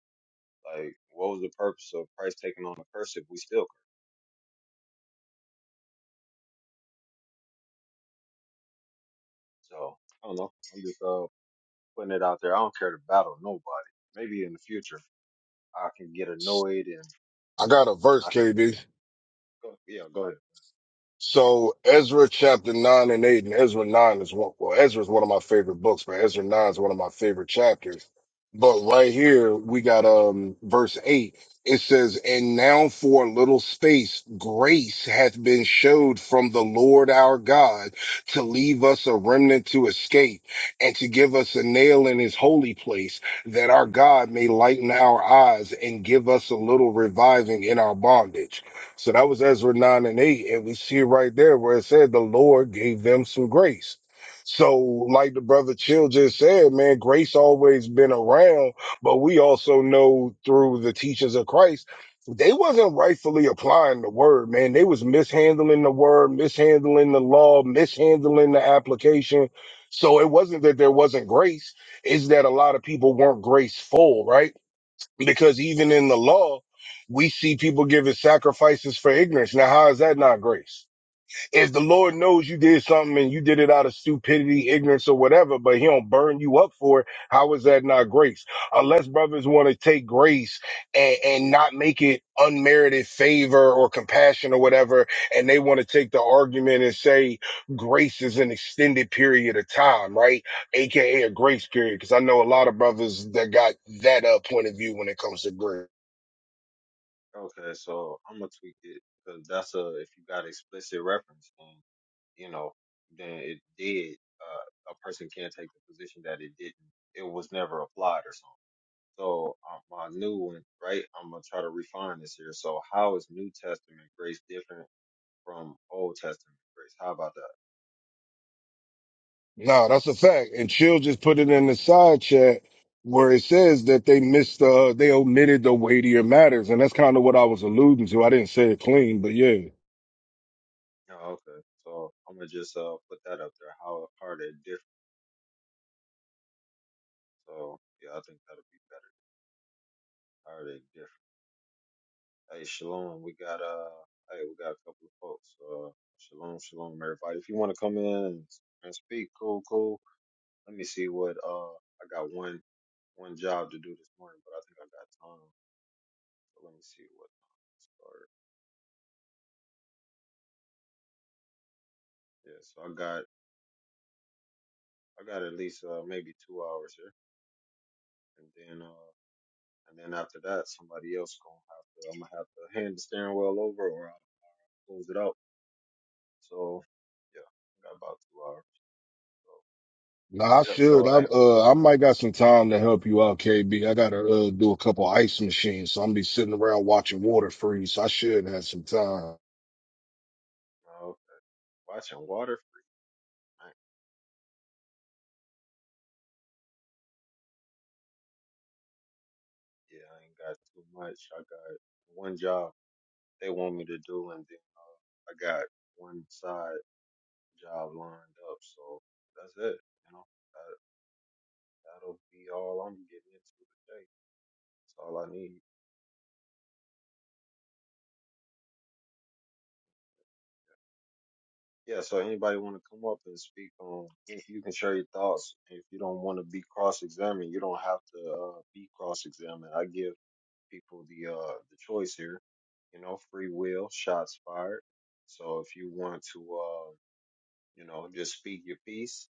A: Like, what was the purpose of Christ taking on the curse if we still curse? So I don't know. I'm just uh putting it out there. I don't care to battle nobody. Maybe in the future I can get annoyed and
D: I got a
A: and
D: verse,
A: I can
D: KB.
A: go, yeah go ahead.
D: So Ezra chapter nine and eight, and Ezra nine is one. Well, Ezra is one of my favorite books, but Ezra nine is one of my favorite chapters. But right here we got um verse eight. It says, "And now for a little space, grace hath been showed from the Lord our God to leave us a remnant to escape, and to give us a nail in His holy place, that our God may lighten our eyes and give us a little reviving in our bondage." So that was Ezra 9 and 8. And we see right there where it said the Lord gave them some grace. So, like the brother Chill just said, man, grace always been around, but we also know through the teachings of Christ, they wasn't rightfully applying the word, man. They was mishandling the word, mishandling the law, mishandling the application. So it wasn't that there wasn't grace, it's that a lot of people weren't graceful, right? because even in the law, we see people giving sacrifices for ignorance. Now, how is that not grace? If the Lord knows you did something and you did it out of stupidity, ignorance, or whatever, but He don't burn you up for it, how is that not grace? Unless brothers want to take grace and, and not make it unmerited favor or compassion or whatever, and they want to take the argument and say grace is an extended period of time, right? AKA a a grace period, because I know a lot of brothers that got that uh, point of view when it comes to grace.
A: Okay, so I'm gonna tweak it because that's a if you got explicit reference then you know then it did. Uh, a person can't take the position that it didn't. It was never applied or something. So um, my new one, right? I'm gonna try to refine this here. So how is New Testament grace different from Old Testament grace? How about that?
D: No, that's a fact. And Chill just put it in the side chat where it says that they missed the, they omitted the weightier matters, and that's kind of what I was alluding to. I didn't say it clean, but yeah.
A: Oh, okay. So I'm gonna just uh put that up there. How, how are they different? So yeah, I think that'll be better. How are they different? Hey, shalom. We got uh, hey, we got a couple of folks. Uh, shalom, shalom, everybody. If you want to come in and, and speak, cool, cool. Let me see what uh, I got one one job to do this morning, but I think I got time. So let me see what time. Yeah, so I got I got at least uh maybe two hours here, and then uh and then after that, somebody else gonna have to I'm gonna have to hand the steering wheel over or I'll close it out. So yeah, I got about two hours. So
D: No,
A: yeah,
D: I
A: yeah.
D: should.
A: So
D: I
A: at work,
D: uh I might got some time to help you out, KB. I gotta uh do a couple ice machines, so I'm be sitting around watching water freeze. So I should have some time.
A: uh, okay. watching water free, man. Yeah, I ain't got too much. I got one job they want me to do, and then uh, I got one side job lined up. So that's it. You know, that that'll be all I'm getting into today. That's all I need. Yeah, so anybody want to come up and speak on, if you can share your thoughts. If you don't want to be cross-examined, you don't have to uh, be cross-examined. I give people the uh, the choice here, you know, free will, shots fired. So if you want to, uh, you know, just speak your piece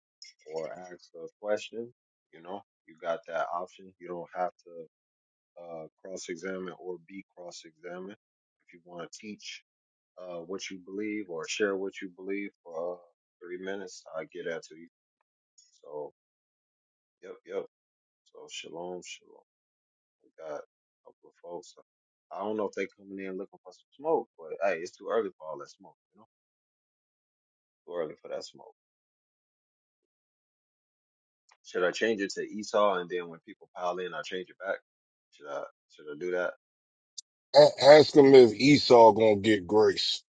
A: or ask a question, you know, you got that option. You don't have to uh, cross-examine or be cross-examined. If you want to teach, uh, what you believe or share what you believe for uh, three minutes. I get that to you. So, yep, yep. So, shalom, shalom. We got a couple of folks. I don't know if they coming in looking for some smoke, but hey, it's too early for all that smoke. You know, too early for that smoke. Should I change it to Esau and then when people pile in, I change it back? Should I? Should I do that?
D: A- ask him if Esau gonna get grace.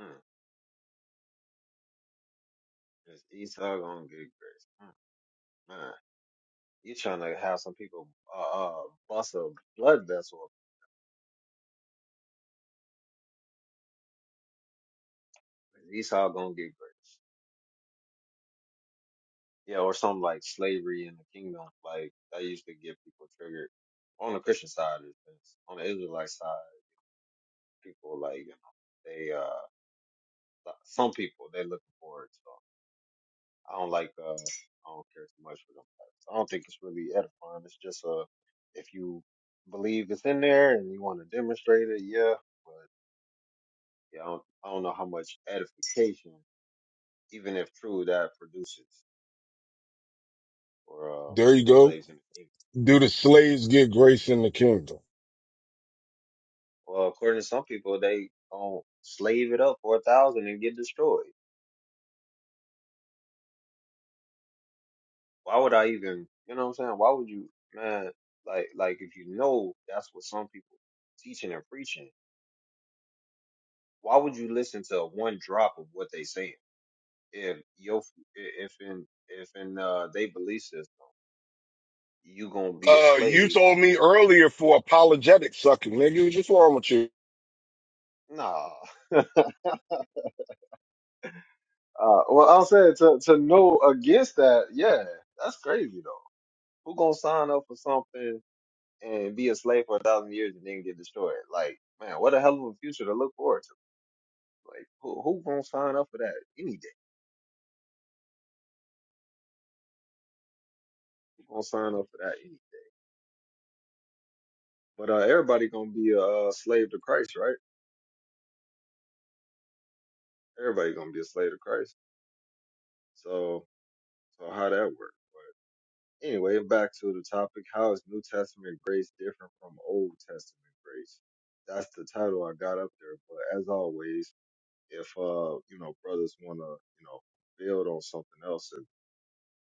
A: Mm, is Esau gonna get grace? Mm, man, you trying to have some people uh, uh bust a blood vessel? Is Esau gonna get grace? Yeah, or something like slavery in the kingdom. Like that used to get people triggered on the Christian side of things. On the Israelite side, people like you know they uh so, some people they're looking for it. So I don't like uh I don't care too much for them. Types. I don't think it's really edifying. It's just uh if you believe it's in there and you want to demonstrate it, yeah. But yeah, I don't I don't know how much edification, even if true, that produces for uh
D: There you go.
A: slaves in the kingdom.
D: Do the slaves get grace in the kingdom?
A: Well, according to some people, they gonna slave it up for a thousand and get destroyed. Why would I even, you know what I'm saying? Why would you, man? Like, like if you know that's what some people teaching and preaching, why would you listen to one drop of what they saying? If your, if in, if in uh, they belief system, you gonna be a
D: Uh, you
A: slave?
D: told me earlier for apologetic sucking, nigga. What's wrong with you?
A: Nah. Uh, well, I'm saying to to know against that, yeah, that's crazy though. Who gonna sign up for something? and be a slave for a thousand years and then get destroyed. Like, man, what a hell of a future to look forward to. Like, who who gonna sign up for that any day? Who gonna sign up for that any day? But uh, everybody gonna be a uh, slave to Christ, right? Everybody gonna be a slave to Christ. So, so how that work? But anyway, back to the topic: How is New Testament grace different from Old Testament grace? That's the title I got up there. But as always, if uh, you know, brothers wanna, you know, build on something else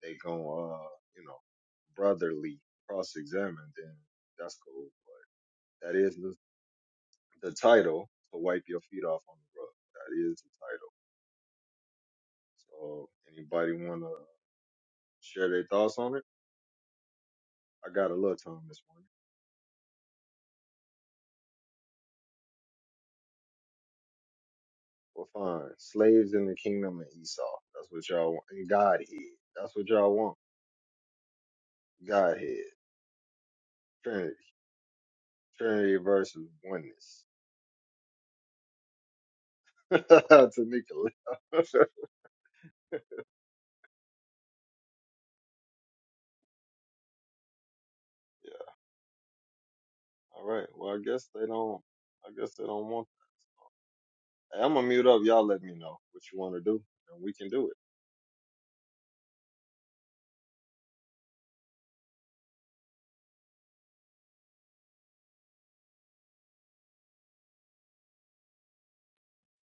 A: they gon' uh, you know, brotherly cross examine, then that's cool. But that is the, the title to wipe your feet off on the rug. That is the title. So anybody wanna share their thoughts on it? I got a little time this morning. Well, fine. Slaves in the kingdom of Esau. That's what y'all want. And Godhead. That's what y'all want. Godhead. Trinity. Trinity versus oneness. to Nicola. yeah. All right. Well, I guess they don't. I guess they don't want. I'm gonna mute up. Y'all let me know what you want to do, and we can do it.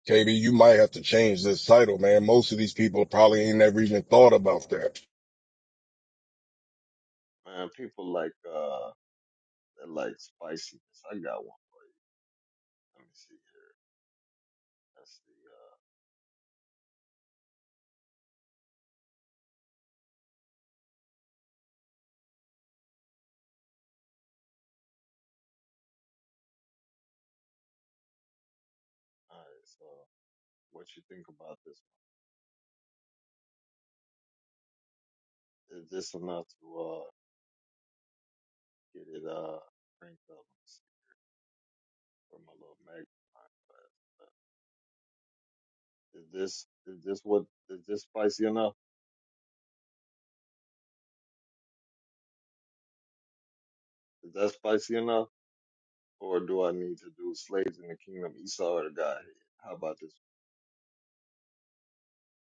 D: KB, you might have to change this title, man. Most of these people probably ain't never even thought about that.
A: Man, people like uh that like spiciness. I got one. Let me see. That's the uh. All right. So, what you think about this? one? Is this enough to uh get it uh cranked up Let me see, for my little magnifying glass? Uh, Is this is this what is this spicy enough? Is that spicy enough, or do I need to do slaves in the kingdom, Esau or the Godhead? How about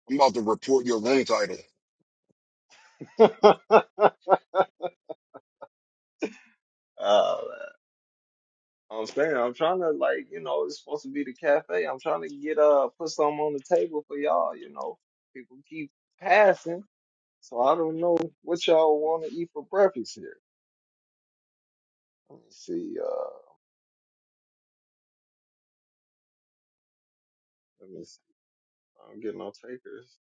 D: I'm about to report your room title.
A: this? One? I'm saying I'm trying to like you know it's supposed to be the cafe. I'm trying to get uh put something on the table for y'all. You know people keep passing, so I don't know what y'all want to eat for breakfast here. Let me see. Uh, let me see. I don't get no takers.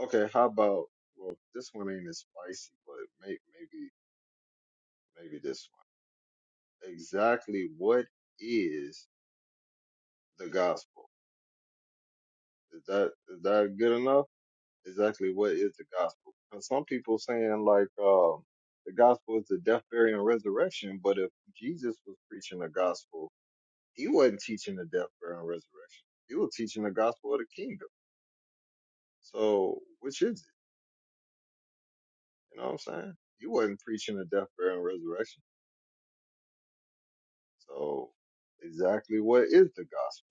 A: Okay, how about well this one ain't as spicy, but may, maybe maybe this one. Exactly what is the gospel? Is that is that good enough? exactly what is the gospel. Because some people saying like um, the gospel is the death, burial, and resurrection, but if Jesus was preaching the gospel, he wasn't teaching the death, burial, and resurrection. He was teaching the gospel of the kingdom. So which is it? You know what I'm saying? He wasn't preaching the death, burial, and resurrection. So exactly what is the gospel?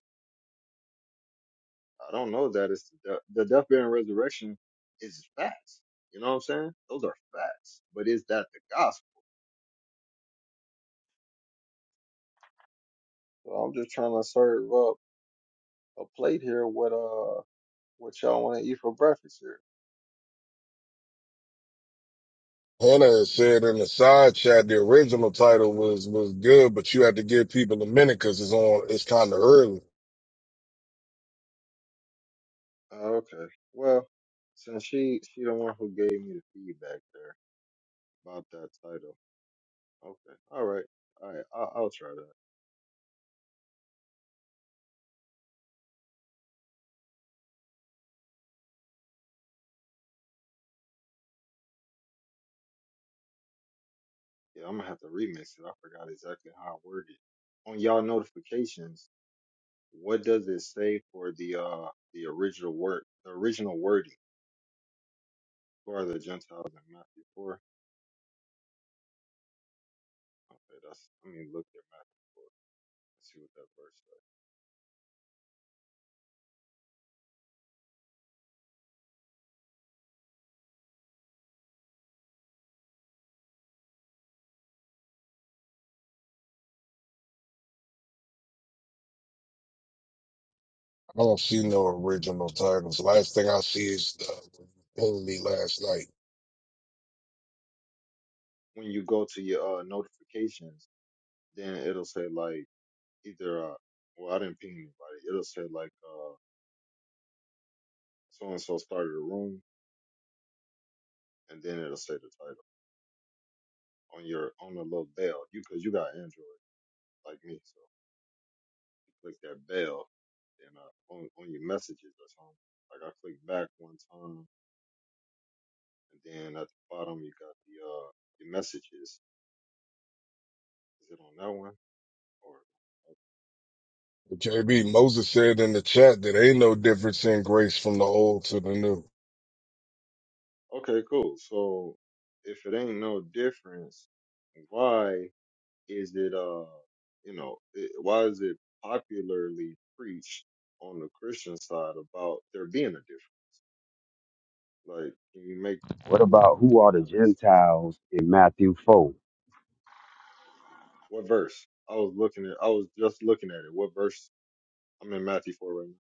A: I don't know that it's the death, the death, burial, and resurrection is facts. You know what I'm saying? Those are facts. But is that the gospel? So I'm just trying to serve up a plate here with uh what y'all want to eat for breakfast here.
D: Hannah has said in the side chat the original title was was good, but you had to give people a minute because it's on. It's kind of early.
A: Oh, okay. Well, since she she the one who gave me the feedback there about that title. Okay. All right. All right. I'll, I'll try that. Yeah, I'm gonna have to remix it. I forgot exactly how I worded. it. On y'all notifications, what does it say for the uh the original word the original wording for the Gentiles in Matthew four? Okay, that's I mean look at Matthew four. Let's see what that verse says.
D: I don't see no original titles. Last thing I see is the only last night.
A: When you go to your uh notifications then it'll say like either uh well I didn't ping anybody. It'll say like uh so and so started a room and then it'll say the title on your on the little bell. You cause you got Android like me, so you click that bell and uh on, on your messages or something. Like I clicked back one time and then at the bottom you got the uh your messages. Is it on that one? Or
D: KB Moses said in the chat that ain't no difference in grace from the old to the new.
A: okay, cool. So if it ain't no difference, why is it uh you know it, why is it popularly preached on the Christian side about there being a difference? Like, can you make
F: What
A: can you
F: about who
A: make
F: are the
A: that make sense?
F: Gentiles in Matthew 4?
A: What verse? I was looking at I was just looking at it. What verse? I'm in Matthew four right now.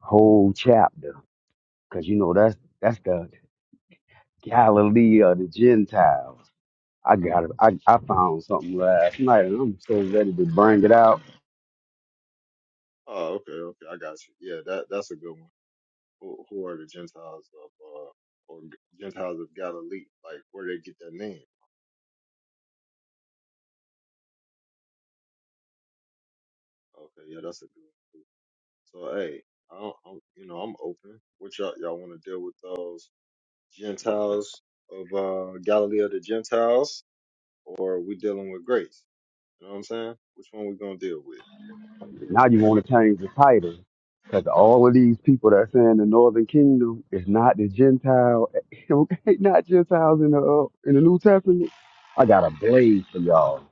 F: Whole chapter. Because you know that's that's the Galilee of the Gentiles. I got it. I, I found something last night and I'm so ready to bring it out.
A: Oh, okay, okay, I got you. Yeah, that that's a good one. Who, who are the Gentiles of uh or Gentiles of Galilee? Like, where they get that name? Okay, yeah, that's a good one. too. So, hey, I don't, I'm, you know, I'm open. What y'all y'all want to deal with those? Gentiles of uh, Galilee of the Gentiles, or we dealing with grace? You know what I'm saying? Which one we gonna deal with?
F: Now
A: I'm
F: you
A: just,
F: want to change the title. Because all of these people that say in the Northern Kingdom is not the Gentile, ain't not Gentiles in the uh, in the New Testament. I got a blade for y'all.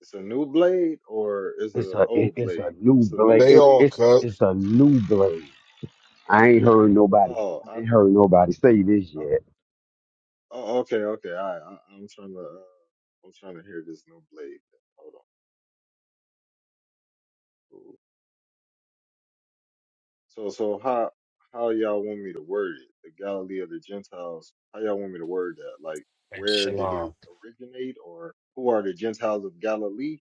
A: it's a new blade or it's
F: It's
A: a
F: a it,
A: old
F: it's a
A: blade? 'Cause
F: new
A: it's a new
F: blade.
D: They
F: It,
A: blade.
D: all
F: it's
D: cut.
F: it's a new blade. I ain't heard nobody.
A: Oh, I
F: I ain't
A: think.
F: heard nobody say this
A: Oh,
F: yet.
A: oh, okay, okay. All right, I, I'm trying to. Uh, I'm trying to hear this new blade. Hold on. Cool. So, so how how y'all want me to word it? The Galilee of the Gentiles. How y'all want me to word that? Like,
G: And
A: where did it
G: shalom.
A: originate, or who are the Gentiles of Galilee?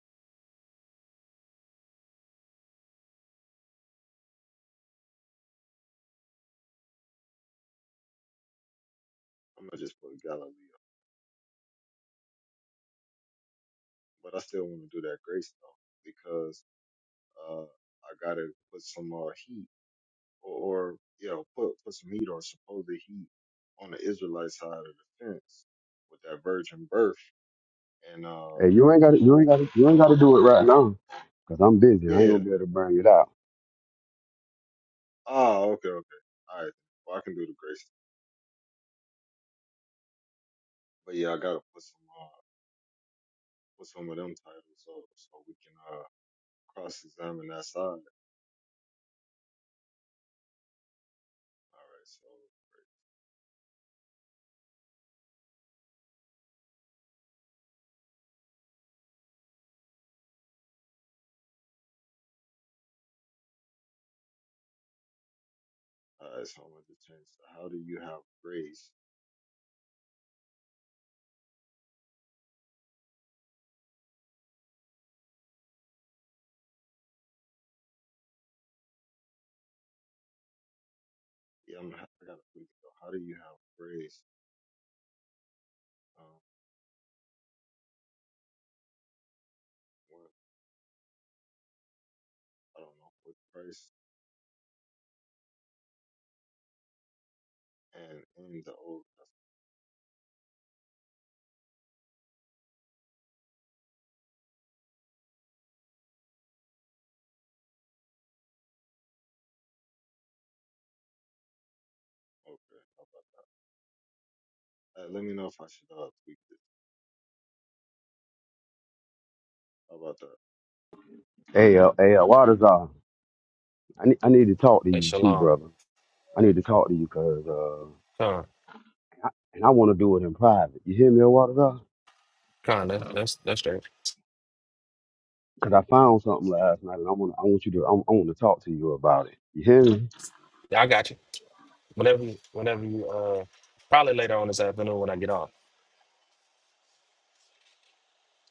A: I'm gonna just put Galileo, but I still want to do that grace though because uh, I gotta put some uh, heat or, or you know put put some heat or supposed heat on the Israelite side of the fence with that virgin birth and uh
F: Hey, you ain't got to. You ain't
A: old
F: got to.
A: co-
F: You ain't
A: oh
F: got to do it right now, cause I'm busy.
A: yeah
F: I ain't
A: yeah.
F: gonna be
A: yeah,
F: able to bring it out.
A: ah okay okay all right well I can do the grace but yeah I gotta put some uh, put some of them titles up so we can uh, cross examine that side all right so all right so I'm gonna change to how do you have grace Yeah, I'm, I got a quick though. How do you have grace um, when I don't know with Christ and in the Old Testament? Okay, how about that? Uh, let me know if I should uh, tweak this. How about that?
F: Hey, uh, hey, uh, Waters, uh, I need, I need to talk to
G: And
F: you too,
G: shalom.
F: brother. I need to talk to you, cause uh,
G: Con.
F: and I want to do it in private. You hear me, uh, Waters? Uh?
G: Con. That's that's that's straight.
F: Cause I found
A: You
F: something
A: see it?
F: last night, and I want, I want you to, I, I want to talk to you about it. You hear me?
G: Yeah, I got you. Whenever you whenever you uh probably later on this afternoon when I get off.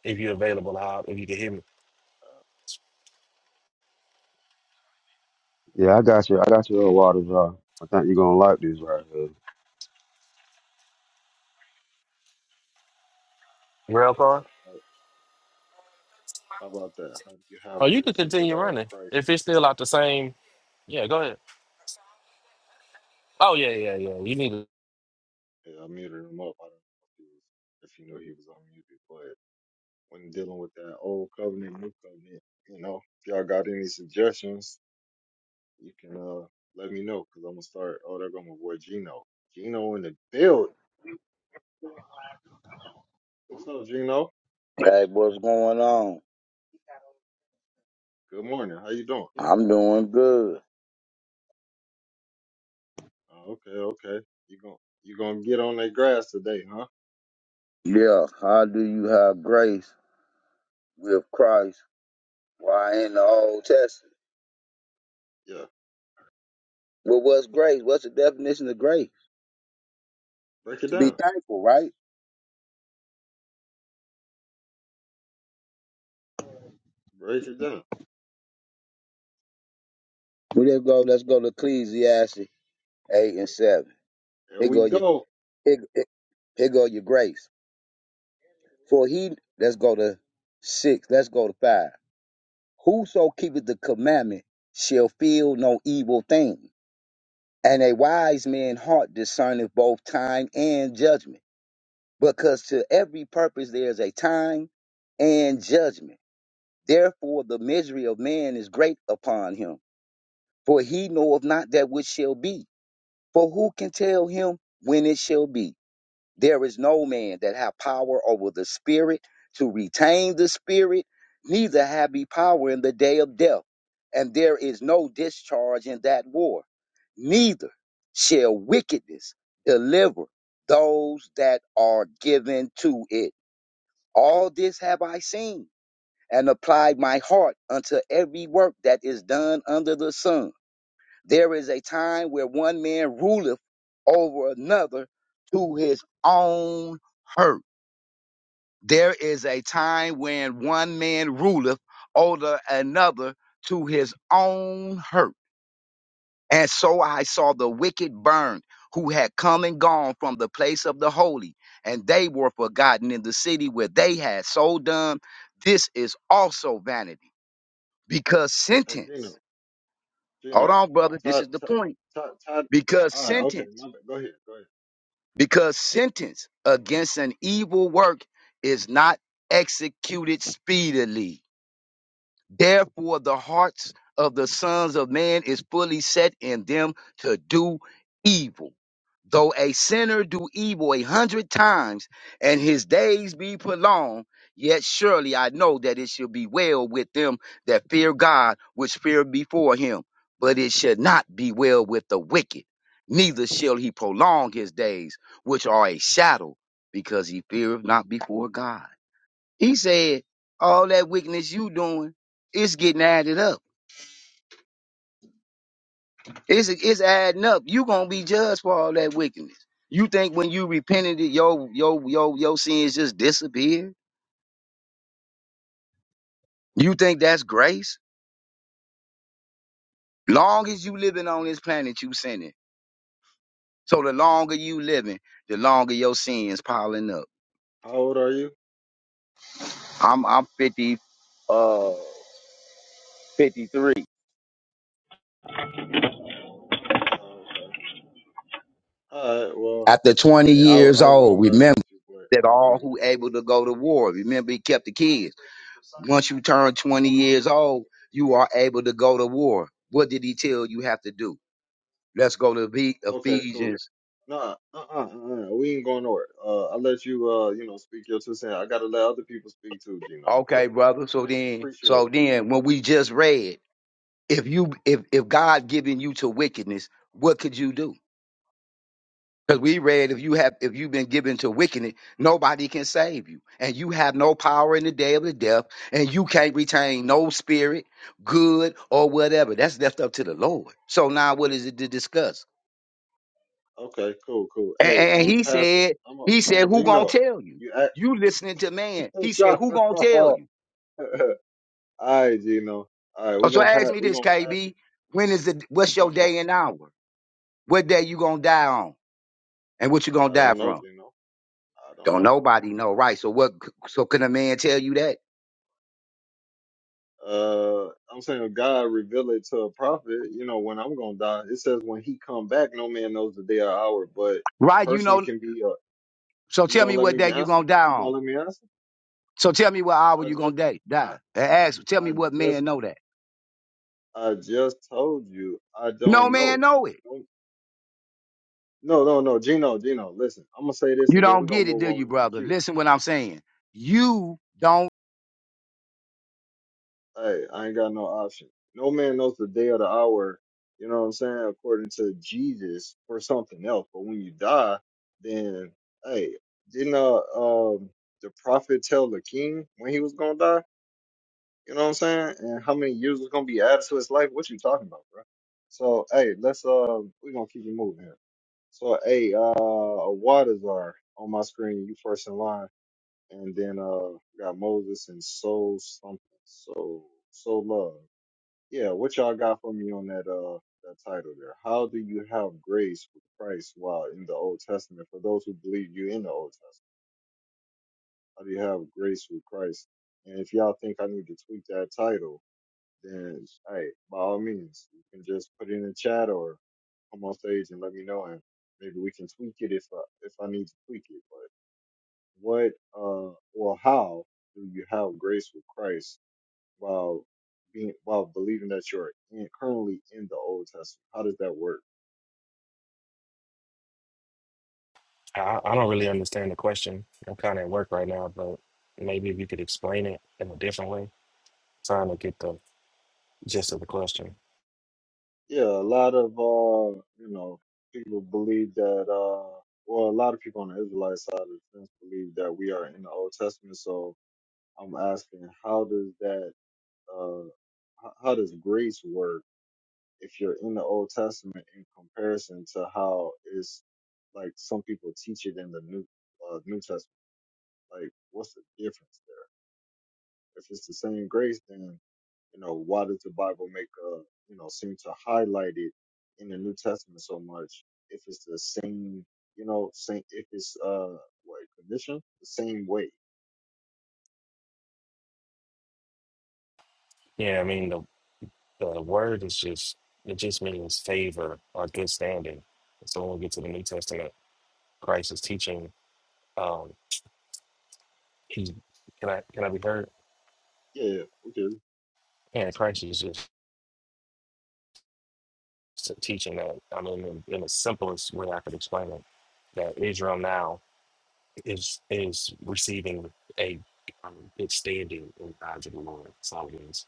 G: If you're available, I'll, if you can hear me.
F: Yeah, I got you. I got you, uh, Waters. Uh, I think you're gonna like this right here.
G: Rail
A: Yeah.
G: car?
A: How, how about that? How do you
G: Oh,
A: have
G: you could
A: grace with
G: continue
A: uh
G: running.
A: Christ?
G: If it's still out the same yeah, go ahead. Oh yeah, yeah, yeah. You need to
A: Yeah, I muted him up. I don't know if he was if you knew he was unmuted, but when dealing with that old covenant, new covenant, you know, if y'all got any suggestions, you can uh let me know because I'm gonna start. Oh, they're gonna avoid Gino. Gino in the build. What's up, Gino?
H: Hey, what's going on?
A: Good morning. How you doing?
H: I'm doing good.
A: Oh, okay, okay. You gon' you gonna get on that grass today, huh?
H: Yeah, how do you have grace with Christ? Why in the Old Testament?
A: Yeah.
H: Well, what's grace? What's the definition of grace?
A: Break it
H: To be
A: down.
H: thankful, right?
A: Break it down.
H: Well, let's go. Let's go to Ecclesiastes eight and seven.
A: Here
H: Here
A: we
H: go your
A: go.
H: here, here here go your grace. For he, let's go to six. Let's go to five. Whoso keepeth the commandment shall feel no evil thing, and a wise man's heart discerneth both time and judgment. because to every purpose there is a time and judgment. Therefore, the misery of man is great upon him, for he knoweth not that which shall be. For who can tell him when it shall be? There is no man that have power over the spirit to retain the spirit, neither have he power in the day of death. And there is no discharge in that war. Neither shall wickedness deliver those that are given to it. All this have I seen, and applied my heart unto every work that is done under the sun. There is a time where one man ruleth over another to his own hurt. There is a time when one man ruleth over another to his own hurt. And so I saw the wicked burned, who had come and gone from the place of the holy, and they were forgotten in the city where they had so done. This is also vanity, because
A: Hey,
H: sentence,
A: Gino.
H: hold
A: Gino.
H: on, brother, this
A: Todd.
H: is the
A: Todd.
H: point.
A: Todd. Todd.
H: Because
A: All right. Okay. My
H: sentence,
A: bad. Go ahead. Go ahead.
H: because sentence against an evil work is not executed speedily. Therefore, the hearts of the sons of man is fully set in them to do evil. Though a sinner do evil a hundred times and his days be prolonged, yet surely I know that it shall be well with them that fear God, which fear before him. But it shall not be well with the wicked, neither shall he prolong his days, which are a shadow, because he feareth not before God. He said, all that wickedness you doing, it's getting added up. It's it's adding up. You gonna be judged for all that wickedness. You think when you repented, it, your your your your sins just disappeared? You think that's grace? Long as you living on this planet, you sinning. So the longer you living, the longer your sins piling up.
A: How old are you?
H: I'm I'm 50, uh, 53.
A: Oh, okay. All right. Well,
H: After 20
A: hey, I, was-
H: years
A: I was gonna
H: old,
A: mess
H: remember
A: with you, but
H: that
A: I'm gonna
H: all
A: leave it
H: who
A: alone.
H: able to go to war, remember he kept the kids. Once you turn 20 years old, you are able to go to war. What did he tell you have to do? Let's go to Ephe-
A: Okay. Cool.
H: Ephesians.
A: Nah. Uh. Uh. uh we ain't going nowhere. Uh. I let you. Uh. You know. Speak your two cents. I gotta let other people speak too, Gino. But
H: Okay, brother. So
A: pre-
H: then,
A: appreciate.
H: so then when we just read, if you if if God given you to wickedness, what could you do? Because we read if you have if you've been given to wickedness, nobody can save you. And you have no power in the day of the death, and you can't retain no spirit, good or whatever. That's left up to the Lord. So now what is it to discuss?
A: Okay, cool, cool.
H: And,
A: Hey,
H: and
A: I'm
H: and
A: gonna
H: he
A: pass it.
H: said,
A: I'm gonna.
H: he said,
A: Hey,
H: who gonna
A: Gino,
H: tell you?
A: you act
H: You listening to man. He said,
A: shot.
H: who gonna tell
A: All
H: you?
A: right, Gino. All right,
H: Oh,
A: we're
H: So
A: gonna
H: ask
A: pass.
H: me
A: We're
H: this,
A: gonna pass it.
H: KB. When is the what's your
A: Come on.
H: day and hour? What day you gonna die on? And what you gonna
A: I
H: die
A: don't know,
H: from?
A: Gino. I don't
H: Don't
A: know.
H: nobody know, right? So what so can a man tell you that?
A: Uh, I'm saying God revealed it to a prophet. You know when I'm gonna die. It says when He come back, no man knows the day or hour. But a
H: Right, you
A: person
H: know.
A: can be. A,
H: So
A: you
H: tell
A: gonna
H: me
A: let
H: what
A: me
H: day you
A: answer?
H: gonna die
A: You gonna
H: on.
A: let me answer?
H: So tell me what hour
A: I
H: you
A: just.
H: gonna die.
A: I.
H: die. And ask, tell me
A: I
H: what man
A: just.
H: know that.
A: I just told you. I
H: No
A: don't know.
H: man know it.
A: No, no, no, Gino, Gino. Listen, I'm gonna say this,
H: You
A: and then
H: don't
A: we're gonna
H: get it,
A: move
H: do
A: on
H: you,
A: in the
H: brother?
A: queue.
H: Listen what I'm saying. You don't
A: Hey, I ain't got no option. No man knows the day or the hour. You know what I'm saying? According to Jesus or something else. But when you die, then hey, didn't uh um the prophet tell the king when he was gonna die? You know what I'm saying? And how many years was gonna be added to his life? What you talking about, bro? So hey, let's uh we're gonna keep it moving here. So hey, uh Waters are on my screen. You first in line. and then uh got Moses and Soul something. So Soul Love. Yeah, what y'all got for me on that uh that title there? How do you have grace with Christ while in the Old Testament? For those who believe you in the Old Testament, how do you have grace with Christ? And if y'all think I need to tweak that title, then hey, by all means, you can just put it in the chat or come on stage and let me know, and maybe we can tweak it if I if I need to tweak it. what uh or how do you have grace with Christ while being while believing that you're in, currently in the Old Testament? How does that work?
G: I, I don't really understand the question. I'm kinda at work right now, but maybe if you could explain it in a different way. Trying to get the gist of the question.
A: Yeah, a lot of uh you know people believe that uh well a lot of people on the Israelite side of the fence believe that we are in the Old Testament. So I'm asking how does that uh h- how does grace work if you're in the Old Testament in comparison to how it's like some people teach it in the New uh, New Testament? Like, what's the difference there? If it's the same grace, then you know why does the Bible make uh you know seem to highlight it in the New Testament so much? If it's the same, you know, same if it's uh what condition the same way.
G: Yeah, I mean the The word is just it just means favor or good standing. And So when we get to the New Testament, Christ is teaching. Um, he can I can I be heard?
A: Yeah, okay,
G: And Christ is just teaching that. I mean, in, in the simplest way I could explain it, that Israel now is is receiving a um, good standing in the eyes of the Lord. That's all it means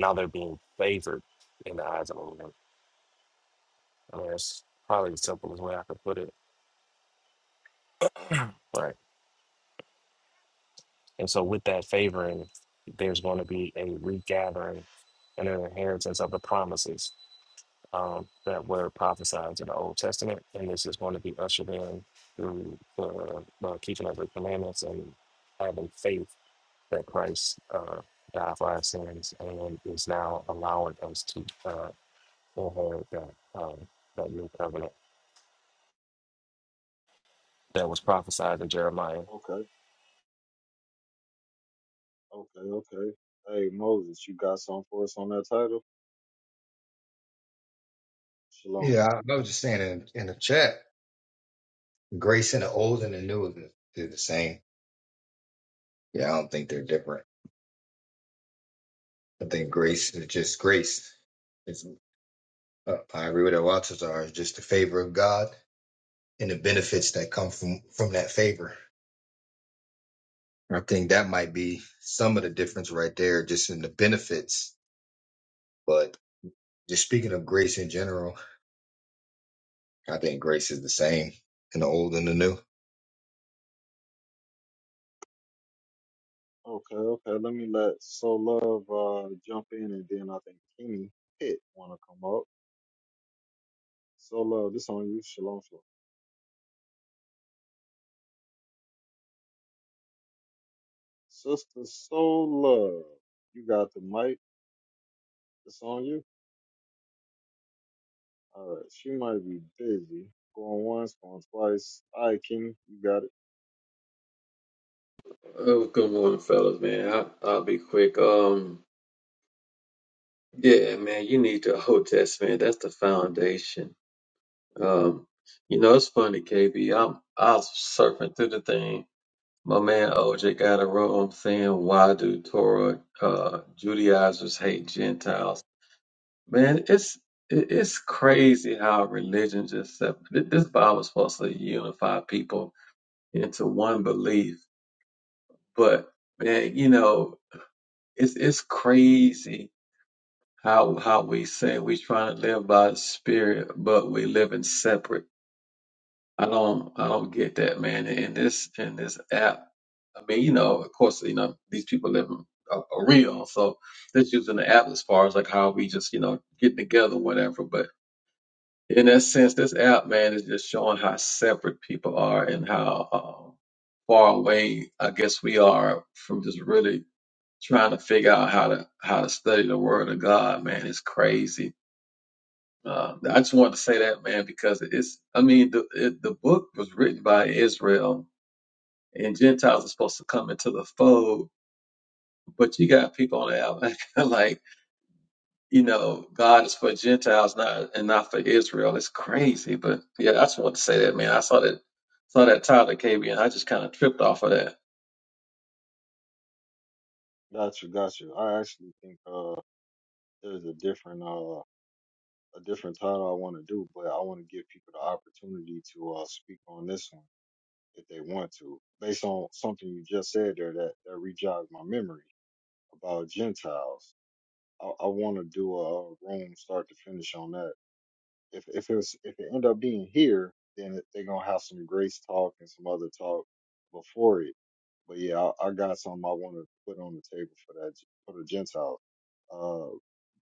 G: now they're being favored in the eyes of the Lord. I mean, that's probably the simplest way I could put it. And so, with that favoring, there's going to be a regathering and an inheritance of the promises um, that were prophesied in the Old Testament. And this is going to be ushered in through the the keeping of the commandments and having faith that Christ uh, died for our sins and is now allowing us to uh, inherit that, um, that new covenant that was prophesied in Jeremiah.
A: okay, okay, okay. Hey Moses, you got something for us on that title? Shalom.
I: Yeah, I I was just saying in, in the chat, grace in the old and the new is the, they're the same. Yeah, I don't think they're different. I think grace is just grace. It's, uh, I agree with what Waltazar. It's just the favor of God and the benefits that come from from that favor. I think that might be some of the difference right there, just in the benefits. But just speaking of grace in general, I think grace is the same in the old and the new.
A: Okay, okay. Let me let So Love uh jump in, and then I think Kenny Pitt want to come up. So Love, this on you. Shalom, shalom. Sister Soul Love, you got the mic. It's on you. All right. She might be busy. Going once, going twice. All right, Kenny, you got it.
J: Oh, good morning, fellas, man. I, I'll be quick. Um, yeah, man, you need the Old Testament. That's the foundation. Um, you know, it's funny, KB. I'm I was surfing through the thing. My man OJ got a room saying, "Why do Torah uh, Judaizers hate Gentiles?" Man, it's it, it's crazy how religion just sep- th- this Bible is supposed to unify people into one belief, but man, you know, it's it's crazy how how we say we trying to live by the spirit, but we living separate. I don't I don't get that, man. In this in this app, I mean, you know, of course, you know, these people living a, a real, so this using the app as far as like how we just you know get together, whatever. But in that sense, this app, man, is just showing how separate people are and how um, far away I guess we are from just really trying to figure out how to how to study the word of God, man. It's crazy Uh, I just wanted to say that, man, because it's, I mean, the, it, the book was written by Israel and Gentiles are supposed to come into the fold, but you got people on the out like, you know, God is for Gentiles not and not for Israel. It's crazy. But yeah, I just wanted to say that, man. I saw that, saw that title that came in. I just kind of tripped off of that.
A: Gotcha, gotcha. I actually think uh there's a different uh a different title I want to do, but I want to give people the opportunity to uh speak on this one if they want to, based on something you just said there that that rejogged my memory about Gentiles. I, I want to do a, a room start to finish on that If if it was if it end up being here, then they're gonna have some grace talk and some other talk before it. But yeah, I, I got something I want to put on the table for that for the Gentiles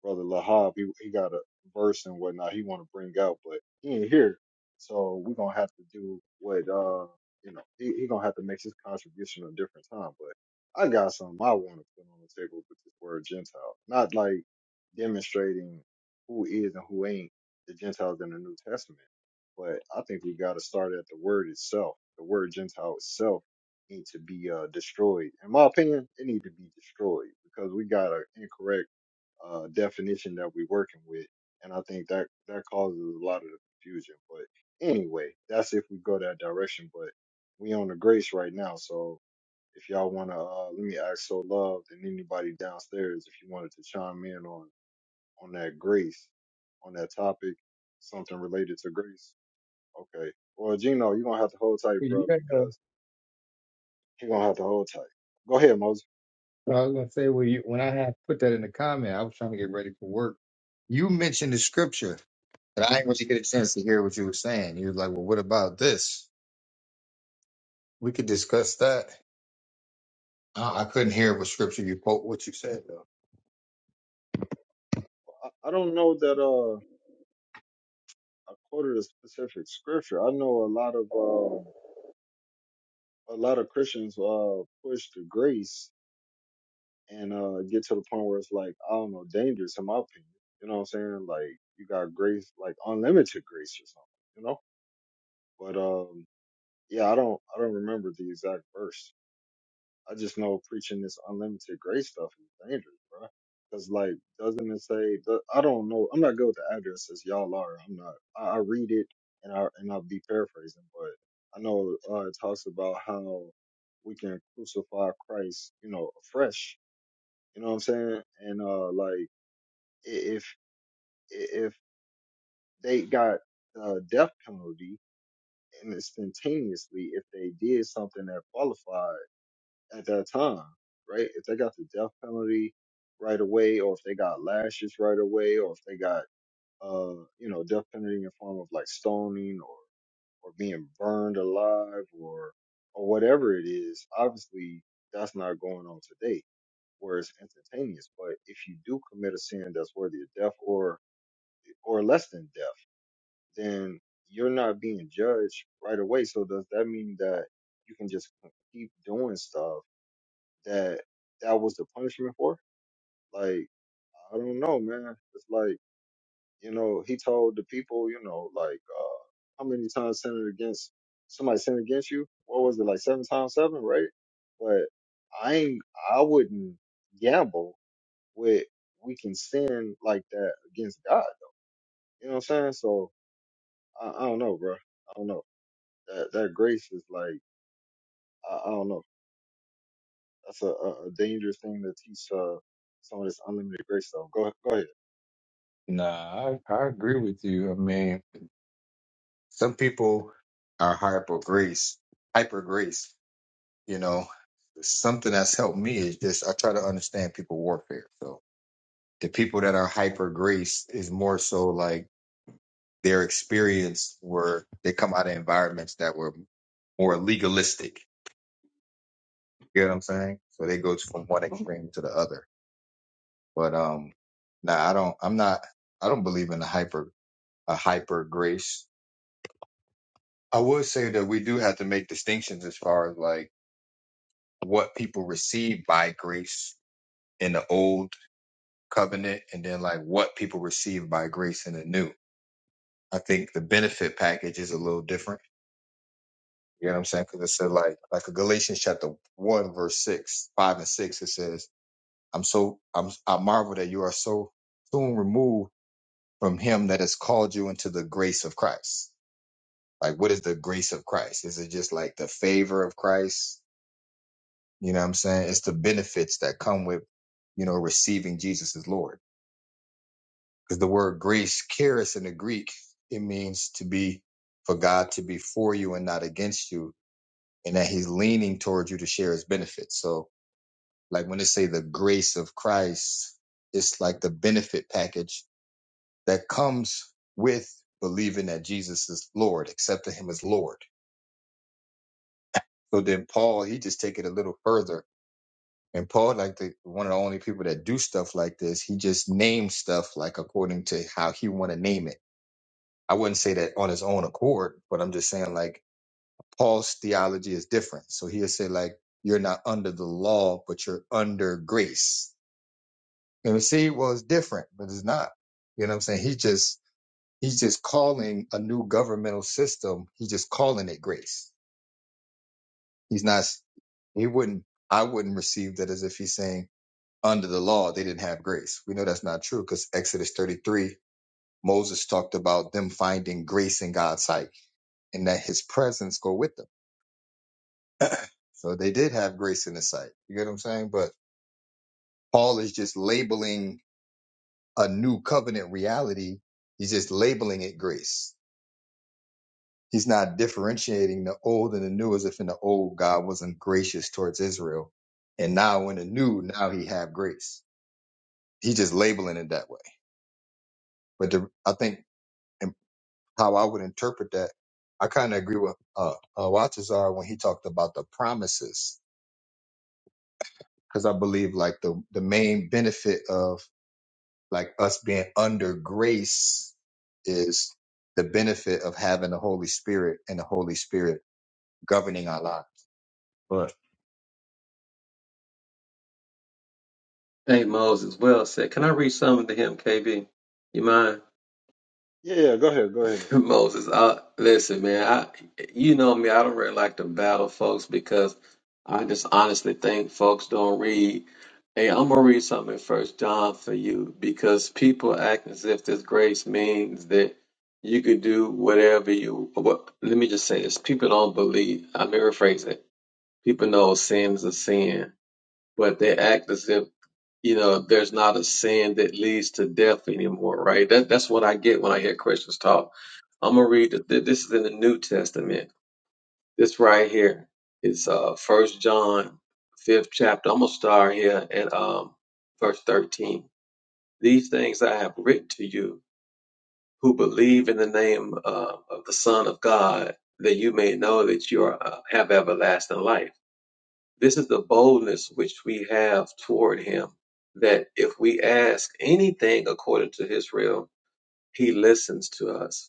A: brother Lahab, he he got a verse and whatnot he want to bring out, but he ain't here, so we gonna have to do what uh you know he he gonna have to make his contribution a different time. But I got something I want to put on the table with this word Gentile, not like demonstrating who is and who ain't the Gentiles in the New Testament, but I think we got to start at the word itself. The word Gentile itself need to be uh destroyed. In my opinion, it need to be destroyed because we got an incorrect uh, definition that we're working with, and I think that that causes a lot of the confusion. But anyway, that's if we go that direction. But we on the grace right now, so if y'all wanna uh, let me ask so Love and anybody downstairs if you wanted to chime in on on that grace on that topic, something related to grace. Okay. Well, Gino, you're gonna have to hold tight, bro, because you're gonna have to hold tight. Go ahead, Moses.
I: Well, I was gonna say when you when I had put that in the comment, I was trying to get ready for work. You mentioned the scripture, and I didn't want you to get a chance to hear what you were saying. You was like, "Well, what about this? We could discuss that." I, I couldn't hear what scripture you quote what you said though.
A: I, I don't know that uh I quoted a specific scripture. I know a lot of um, a lot of Christians uh push the grace and uh get to the point where it's like, I don't know, dangerous in my opinion. You know what I'm saying? Like you got grace like unlimited grace or something, you know? But um yeah, I don't I don't remember the exact verse. I just know preaching this unlimited grace stuff is dangerous, bro. Cause like, doesn't it say? do- I don't know. I'm not good with the addresses. Y'all are. I'm not. I, I read it and I and I'll be paraphrasing, but I know uh, it talks about how we can crucify Christ, you know, afresh. You know what I'm saying? And uh, like, i- if if they got the death penalty and instantaneously, if they did something that qualified. at that time, right? If they got the death penalty right away, or if they got lashes right away, or if they got uh, you know, death penalty in the form of like stoning or or being burned alive or or whatever it is, obviously that's not going on today where it's instantaneous. But if you do commit a sin that's worthy of death or or less than death, then you're not being judged right away. So does that mean that you can just keep doing stuff that that was the punishment for? Like, I don't know, man. It's like, you know, he told the people, you know, like, uh, how many times sinned against somebody sinned against you? What was it, like seven times seven, right? But I ain't, I wouldn't gamble with we can sin like that against God. Though. You know what I'm saying? So I, I don't know, bro. I don't know. That that grace is like, I, I don't know. That's a, a a dangerous thing to teach uh, some of this unlimited grace. So go ahead- go ahead.
I: Nah, I, I agree with you. I mean, some people are hyper grace, hyper grace. You know, something that's helped me is just I try to understand people warfare. So the people that are hyper grace is more so like their experience where they come out of environments that were more legalistic. You know what I'm saying? So they go from one extreme to the other. But um nah, I don't I'm not I don't believe in a hyper a hyper grace. I would say that we do have to make distinctions as far as like what people receive by grace in the old covenant and then like what people receive by grace in the new. I think the benefit package is a little different. You know what I'm saying? Because it said like like a Galatians chapter one verse six, five and six. It says, "I'm so I'm I marvel that you are so soon removed from Him that has called you into the grace of Christ." Like, what is the grace of Christ? Is it just like the favor of Christ? You know what I'm saying? It's the benefits that come with you know receiving Jesus as Lord. Because the word grace, charis in the Greek, it means to be for God to be for you and not against you, and that He's leaning towards you to share His benefits. So, like when they say the grace of Christ, it's like the benefit package that comes with believing that Jesus is Lord, accepting Him as Lord. So then Paul, he just take it a little further. And Paul, like the one of the only people that do stuff like this, he just names stuff like according to how he want to name it. I wouldn't say that on his own accord, but I'm just saying like Paul's theology is different. So he'll say like, you're not under the law, but you're under grace. And we see, well, it's different, but it's not. You know what I'm saying? He just, he's just calling a new governmental system. He's just calling it grace. He's not, he wouldn't, I wouldn't receive that as if he's saying under the law, they didn't have grace. We know that's not true because Exodus 33, Moses talked about them finding grace in God's sight and that his presence go with them. So they did have grace in the sight. You get what I'm saying? But Paul is just labeling a new covenant reality. He's just labeling it grace. He's not differentiating the old and the new as if in the old God wasn't gracious towards Israel. And now in the new, now he have grace. He's just labeling it that way. But the, I think in- how I would interpret that, I kind of agree with uh, uh, Watazar when he talked about the promises, because I believe like the, the main benefit of like us being under grace is the benefit of having the Holy Spirit and the Holy Spirit governing our lives. But
J: Hey, Moses, well said. Can I read something to him, KB? You mind?
A: Yeah, yeah, go ahead, go ahead.
J: Moses, I, listen, man. I, you know me. I don't really like to battle folks because I just honestly think folks don't read. Hey, I'm gonna read something in First John for you because people act as if this grace means that you could do whatever you. What, let me just say this: people don't believe. I may rephrase it. People know sin is a sin, but they act as if you know there's not a sin that leads to death anymore, right? That that's what I get when I hear Christians talk I'm gonna read the, th- this is in the New Testament. This right here is uh First John, fifth chapter. I'm gonna start here at um verse 13. These things I have written to you who believe in the name uh, of the Son of God, that you may know that you are, uh, have everlasting life. This is the boldness which we have toward Him, that if we ask anything according to His will, He listens to us.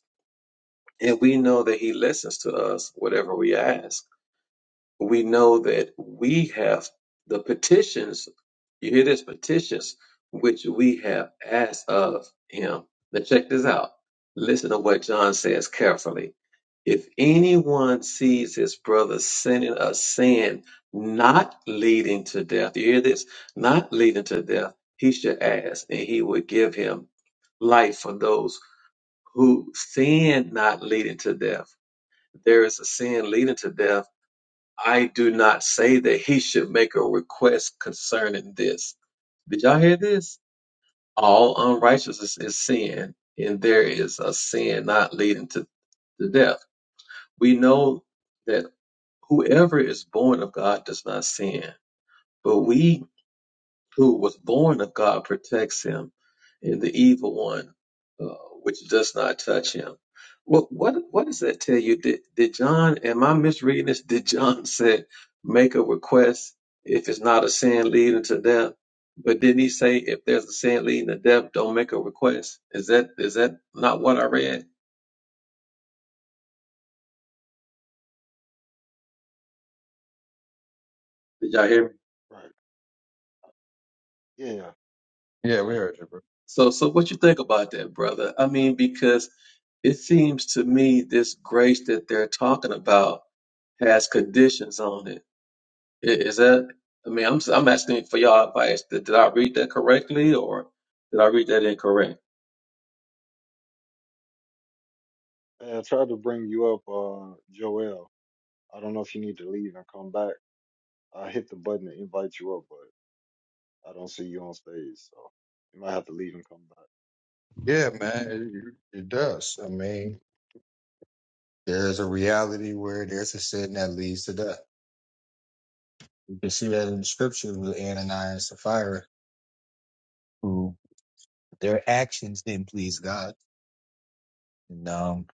J: And we know that He listens to us, whatever we ask. We know that we have the petitions, you hear this, petitions, which we have asked of Him. Now, check this out. Listen to what John says carefully. If anyone sees his brother sinning a sin not leading to death, you hear this? Not leading to death, he should ask, and he would give him life for those who sin not leading to death there is a sin leading to death, I do not say that he should make a request concerning this. Did y'all hear this? All unrighteousness is sin, and there is a sin not leading to, to death. We know that whoever is born of God does not sin, but we who was born of God protects him, and the evil one, uh, which does not touch him. What what what does that tell you? Did did John? Am I misreading this? Did John say make a request if it's not a sin leading to death? But didn't he say if there's a sin leading to death, don't make a request? Is that is that not what I read? Did y'all hear me?
A: Right. Yeah, yeah,
I: yeah, we
A: right.
I: heard you, bro.
J: So so what you think about that, brother? I mean, because it seems to me this grace that they're talking about has conditions on it. I- Is that? I mean, I'm I'm asking for y'all advice. Did, did I read that correctly, or did I read that incorrect?
A: Hey, I tried to bring you up, uh, Joel. I don't know if you need to leave and come back. I hit the button to invite you up, but I don't see you on stage, so you might have to leave and come back.
I: Yeah, man, it, it does. I mean, there's a reality where there's a sin that leads to death. You can see that in the scriptures with Ananias and Sapphira, who their actions didn't please God, and um,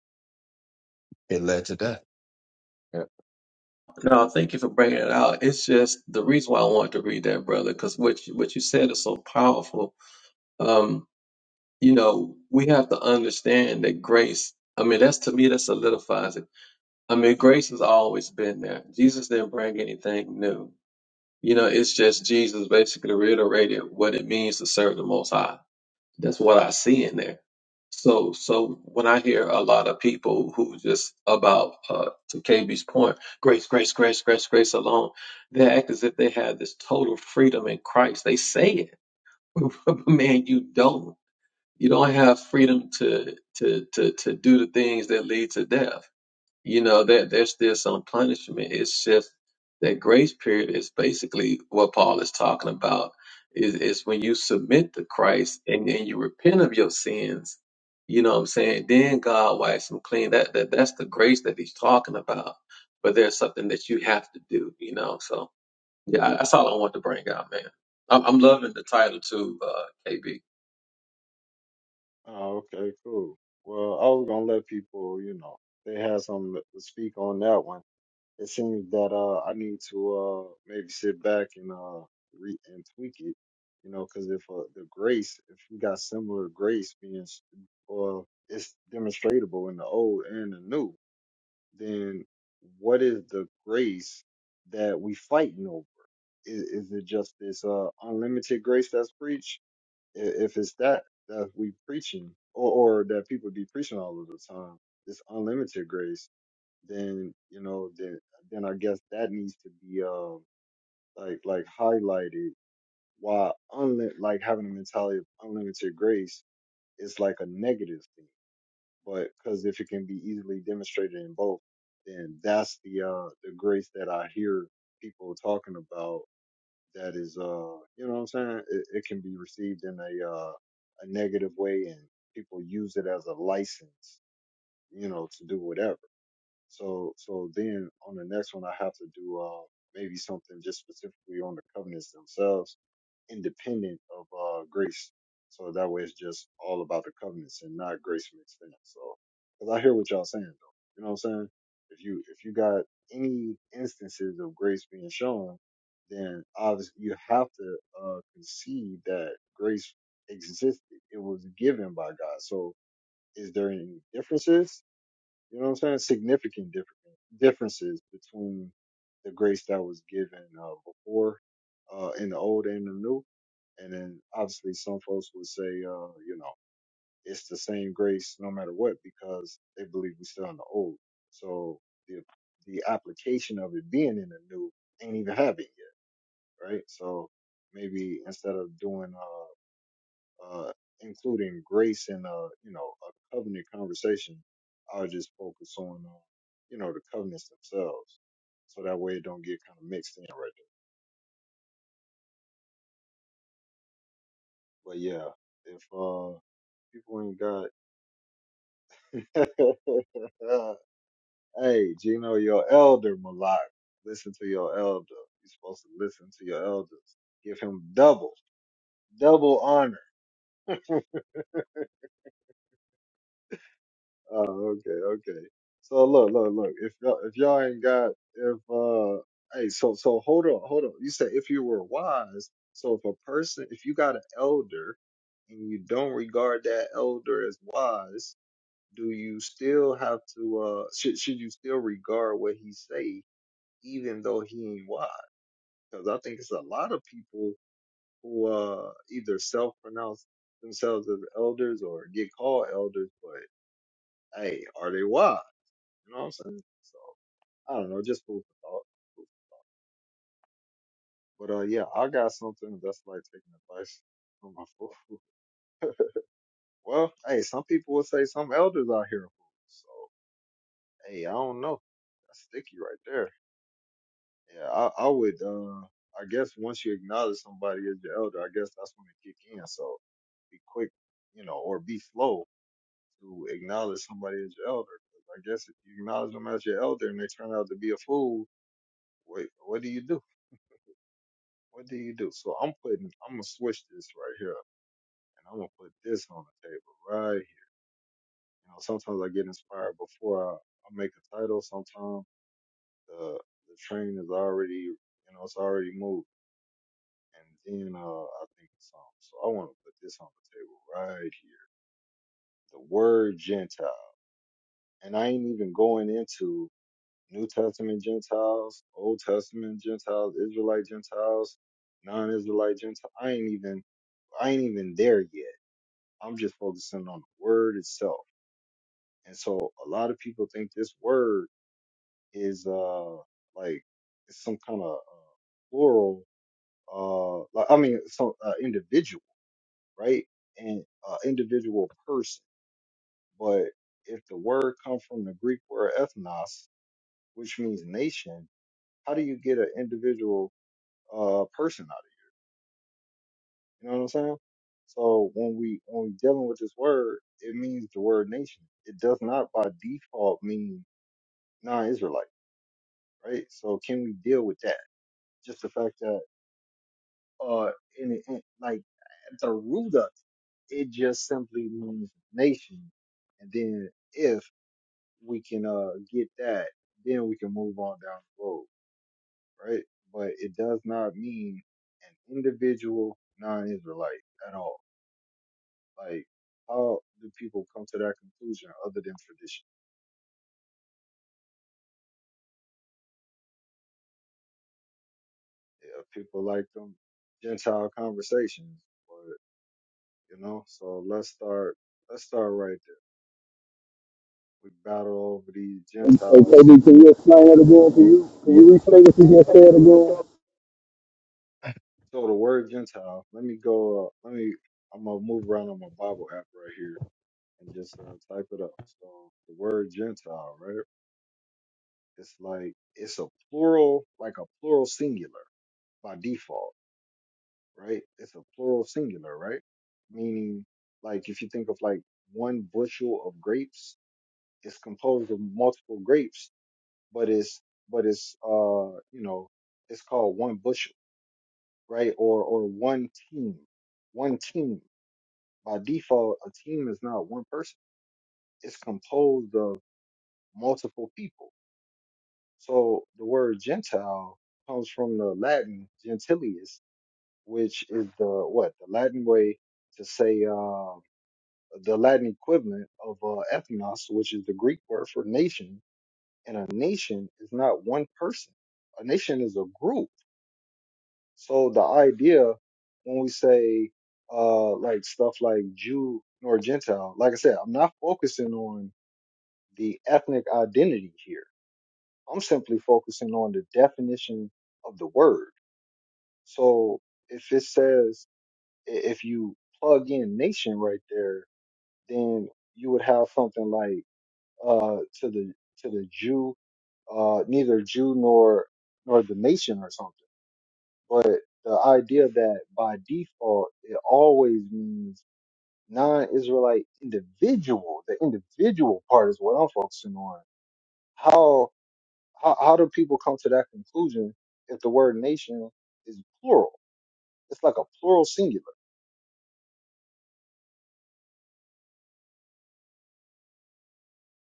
I: it led to death. Yeah,
J: No, thank you for bringing it out. It's just the reason why I wanted to read that, brother, because what you, what you said is so powerful. Um, you know, we have to understand that grace. I mean, that's to me that solidifies it. I mean, grace has always been there. Jesus didn't bring anything new. You know, it's just Jesus basically reiterated what it means to serve the Most High. That's what I see in there. So, so when I hear a lot of people who just about uh, to KB's point, grace, grace, grace, grace, grace alone, they act as if they have this total freedom in Christ. They say it, but man, you don't. You don't have freedom to to to to do the things that lead to death you know, that there's still some punishment. It's just that grace period is basically what Paul is talking about. Is is when you submit to Christ and, and you repent of your sins, you know what I'm saying? Then God wipes them clean. That that that's the grace that he's talking about. But there's something that you have to do, you know. So yeah, that's all I want to bring out, man. I'm, I'm loving the title too, uh, KB.
A: Oh, okay, cool. Well, I was gonna let people, you know, if they had something to speak on that one. It seems that uh, I need to uh, maybe sit back and uh, re and tweak it, you know, because if uh, the grace, if you got similar grace being, s- or it's demonstratable in the old and the new, then what is the grace that we fighting over? Is, is it just this uh, unlimited grace that's preached? I- If it's that that we preaching, or, or that people be preaching all of the time, this unlimited grace then you know then then I guess that needs to be uh like like highlighted why unli- like having a mentality of unlimited grace is like a negative thing but because if it can be easily demonstrated in both then that's the uh the grace that I hear people talking about that is uh you know what I'm saying it, it can be received in a uh a negative way and people use it as a license you know to do whatever so so then on the next one, I have to do uh, maybe something just specifically on the covenants themselves, independent of uh, grace. So that way, it's just all about the covenants and not grace mixed in. So because I hear what y'all saying though, you know what I'm saying? If you if you got any instances of grace being shown, then obviously you have to uh, concede that grace existed. It was given by God. So is there any differences? You know what I'm saying? Significant different differences between the grace that was given uh, before uh, in the old and the new. And then obviously some folks would say, uh, you know, it's the same grace no matter what because they believe we're still in the old. So the the application of it being in the new ain't even happened yet, right? So maybe instead of doing uh uh, including grace and uh, you know a covenant conversation, I'll just focus on uh, you know the covenants themselves, so that way it don't get kind of mixed in right there. But yeah, if uh, people ain't got, hey Gino, your elder Malak, listen to your elder. You're supposed to listen to your elders. Give him double, double honor. Oh, okay, okay. So look, look, look. If y'all, if y'all ain't got, if uh, hey, so so hold on, hold on. You said if you were wise. So if a person, if you got an elder, and you don't regard that elder as wise, do you still have to? Uh, should should you still regard what he say, even though he ain't wise? Because I think it's a lot of people who uh either self pronounce themselves as elders or get called elders, but hey, are they wise? You know what I'm saying? So I don't know, just food for thought. But uh, yeah, I got something that's like taking advice from my fool. Well, hey, some people would say some elders out here are fools. So hey, I don't know. That's sticky right there. Yeah, I, I would. uh I guess once you acknowledge somebody as your elder, I guess that's when it kick in. So be quick, you know, or be slow to acknowledge somebody as your elder. 'Cause I guess if you acknowledge them as your elder and they turn out to be a fool, wait, what do you do? What do you do? So I'm putting, I'm gonna switch this right here, and I'm gonna put this on the table right. Here. You know, sometimes I get inspired before I, I make a title. Sometimes the the train is already, you know, it's already moved, and then uh, I think of something. So I want to put this on the table right here. The word Gentile, and I ain't even going into New Testament Gentiles, Old Testament Gentiles, Israelite Gentiles, non-Israelite Gentiles. I ain't even I ain't even there yet. I'm just focusing on the word itself. And so a lot of people think this word is uh like it's some kind of uh, plural uh like, I mean so uh, individual, right? And uh, individual person. But if the word comes from the Greek word ethnos, which means nation, how do you get an individual uh person out of it? You know what I'm saying? So when we when we dealing with this word, it means the word nation. It does not by default mean non-Israelite, right? So can we deal with that? Just the fact that, uh, in, in like at the root of it, it just simply means nation, and then if we can uh get that, then we can move on down the road, right? But it does not mean an individual non-Israelite at all. Like how do people come to that conclusion other than tradition? Yeah, people like them Gentile conversations you know. So let's start. Let's start right there. We battle over these
K: And, and
A: Gentiles.
K: KB, can you
A: But,
K: explain it again? Can you can you restate what you just said again?
A: so the word Gentile. Let me go. Uh, let me. I'm gonna move around on my Bible app right here and just uh, type it up. So the word Gentile, right? It's like it's a plural, like a plural singular by default, right? It's a plural singular, right? Meaning, like if you think of like one bushel of grapes, it's composed of multiple grapes but it's but it's uh you know it's called one bushel right or or one team one team by default a team is not one person it's composed of multiple people so the word gentile comes from the latin gentilius which is the what the latin way to say uh the latin equivalent of uh, ethnos which is the greek word for nation and a nation is not one person a nation is a group So the idea when we say uh like stuff like Jew nor Gentile, like I said, I'm not focusing on the ethnic identity here. I'm simply focusing on the definition of the word. So if it says i- if you plug in nation right there, then you would have something like uh to the to the Jew, uh neither Jew nor nor the nation or something. But the idea that by default it always means non-Israelite individual, the individual part is what I'm focusing on. How how, how do people come to that conclusion if the word nation is plural? It's like a plural singular.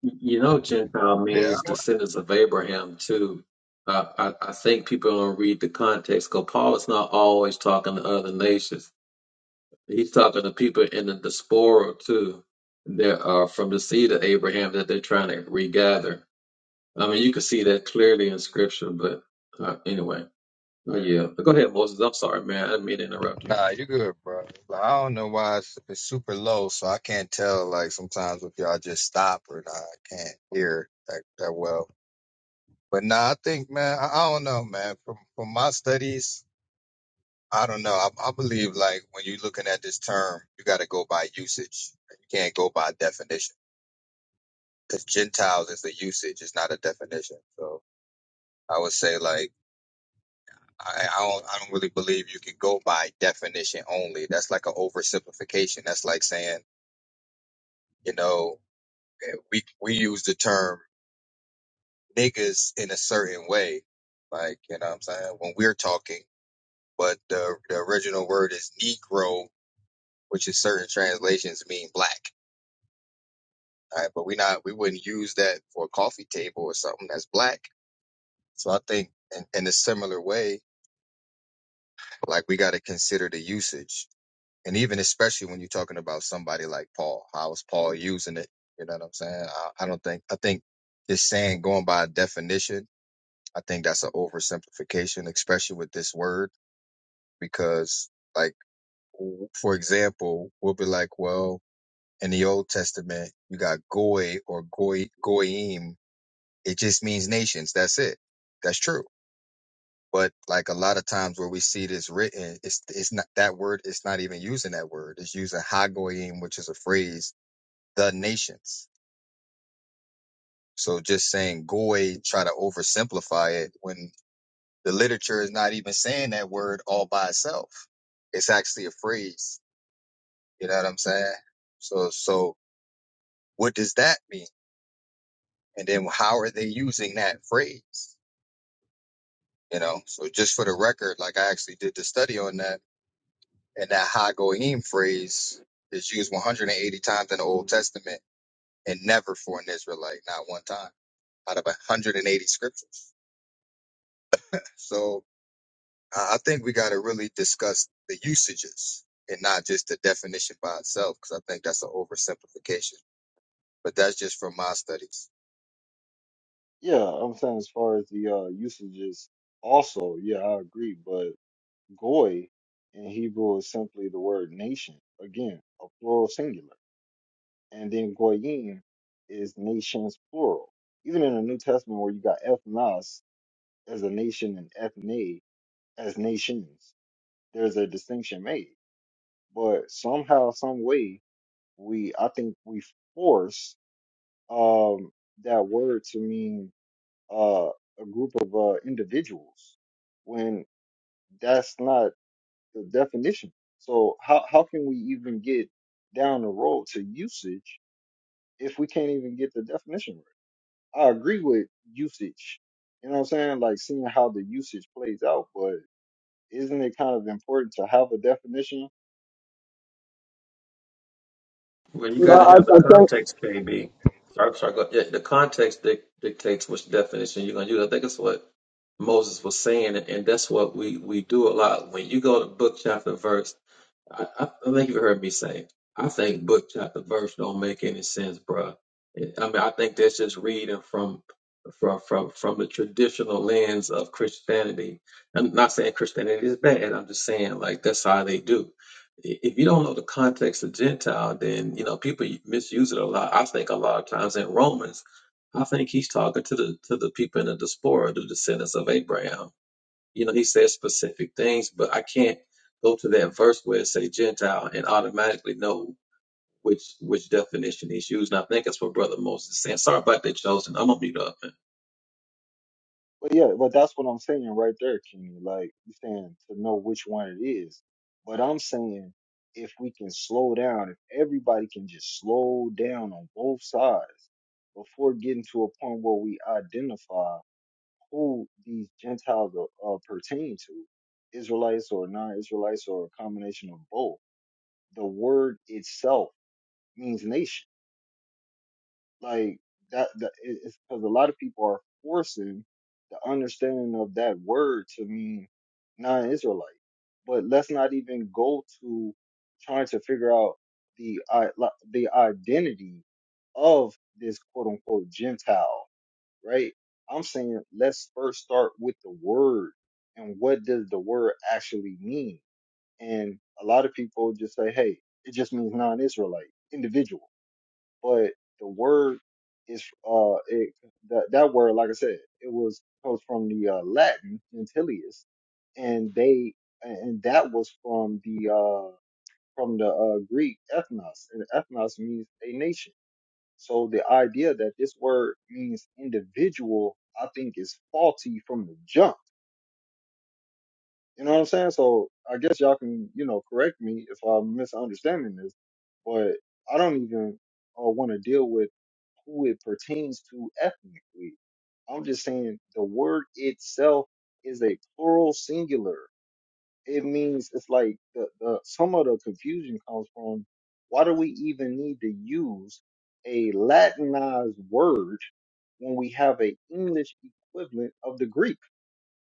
J: You know, Gentile
I: yeah
J: means descendants of Abraham too. I, I, I think people don't read the context because Paul is not always talking to other nations. He's talking to people in the diaspora too. That are from the seed of Abraham that they're trying to regather. I mean, you can see that clearly in Scripture. But uh, anyway, oh, yeah. But go ahead, Moses. I'm sorry, man. I didn't mean to interrupt you.
I: Nah, you good, bro. But I don't know why it's, it's super low, so I can't tell. Like sometimes if y'all just stop or not, I can't hear that that well. But nah, I think, man, I, I don't know, man. From from my studies, I don't know. I, I believe like when you're looking at this term, you got to go by usage. You can't go by definition because Gentiles is a usage, it's not a definition. So I would say like. I, I don't. I don't really believe you can go by definition only. That's like an oversimplification. That's like saying you know, we we use the term niggas in a certain way, like you know what I'm saying when we're talking, but the the original word is negro, which in certain translations mean black. All right, but we not we wouldn't use that for a coffee table or something that's black. So I think in, in a similar way, like we got to consider the usage, and even especially when you're talking about somebody like Paul, how is Paul using it? You know what I'm saying? I, I don't think I think just saying going by definition I think that's an oversimplification, especially with this word, because, like, for example, we'll be like, well, in the Old Testament, you got goy or goy, goyim. It just means nations. That's it. That's true. But like a lot of times where we see this written, it's it's not that word. It's not even using that word. It's using hagoyim, which is a phrase, the nations. So just saying goy, try to oversimplify it when The literature is not even saying that word all by itself. It's actually a phrase. You know what I'm saying? So, so what does that mean? And then how are they using that phrase? You know, so just for the record, like I actually did the study on that and that ha goyim phrase is used 180 times in the Old Testament and never for an Israelite, not one time out of 180 scriptures. So I I think we got to really discuss the usages and not just the definition by itself, because I think that's an oversimplification. But that's just from my studies.
A: Yeah, I'm saying as far as the uh, usages, also, yeah, I agree. But goy in Hebrew is simply the word nation. Again, a plural singular. and then goyim is nations plural. Even in the New Testament, where you got ethnos as a nation and ethne as nations, there's a distinction made. But somehow, some way, we I think we force um, that word to mean uh, a group of uh, individuals when that's not the definition. So how how can we even get down the road to usage if we can't even get the definition right? I agree with usage. You know what I'm saying? Like seeing how the usage plays out, but isn't it kind of important to have a definition?
J: Well, you
K: No,
J: got to
K: I,
J: have the
K: I think
J: context, KB. Sorry, sorry. Go, yeah, the context dic- dictates which definition you're going to use. I think it's what. Moses was saying, and that's what we we do a lot. When you go to book chapter verse, I, I I think you heard me say. I think book chapter verse don't make any sense, bruh. It- I mean, I think that's just reading from from from from the traditional lens of Christianity. I'm not saying Christianity is bad. I'm just saying like that's how they do. I- If you don't know the context of Gentile, then you know people misuse it a lot. I think a lot of times in Romans, I think he's talking to the to the people in the diaspora, the descendants of Abraham you know, he says specific things, but I can't go to that verse where it say Gentile and automatically know which which definition he's using. I think it's what Brother Moses is saying. Sorry about that, Chosen. I'm gonna mute up.
A: But yeah, but that's what I'm saying right there, Kenny. Like you're saying to know which one it is. But I'm saying if we can slow down, if everybody can just slow down on both sides before getting to a point where we identify who these Gentiles are, are pertain to, Israelites or non-Israelites or a combination of both the word itself means nation. Like that, that it- it's because a lot of people are forcing the understanding of that word to mean non-Israelite. But let's not even go to trying to figure out the i- li- the identity of this quote unquote Gentile, right? I'm saying let's first start with the word and what does the word actually mean? And a lot of people just say, hey, it just means non-Israelite, individual. But the word is, uh, it, that, that word, like I said, it was comes from the uh, Latin gentilius, and they, and that was from the, uh, from the uh, Greek ethnos, and ethnos means a nation. So the idea that this word means individual, I think, is faulty from the jump you know what I'm saying? So I guess y'all can, you know, correct me if I'm misunderstanding this, but I don't even uh, want to deal with who it pertains to ethnically. I'm just saying the word itself is a plural singular. It means it's like the, the some of the confusion comes from why do we even need to use a Latinized word when we have a English equivalent of the Greek?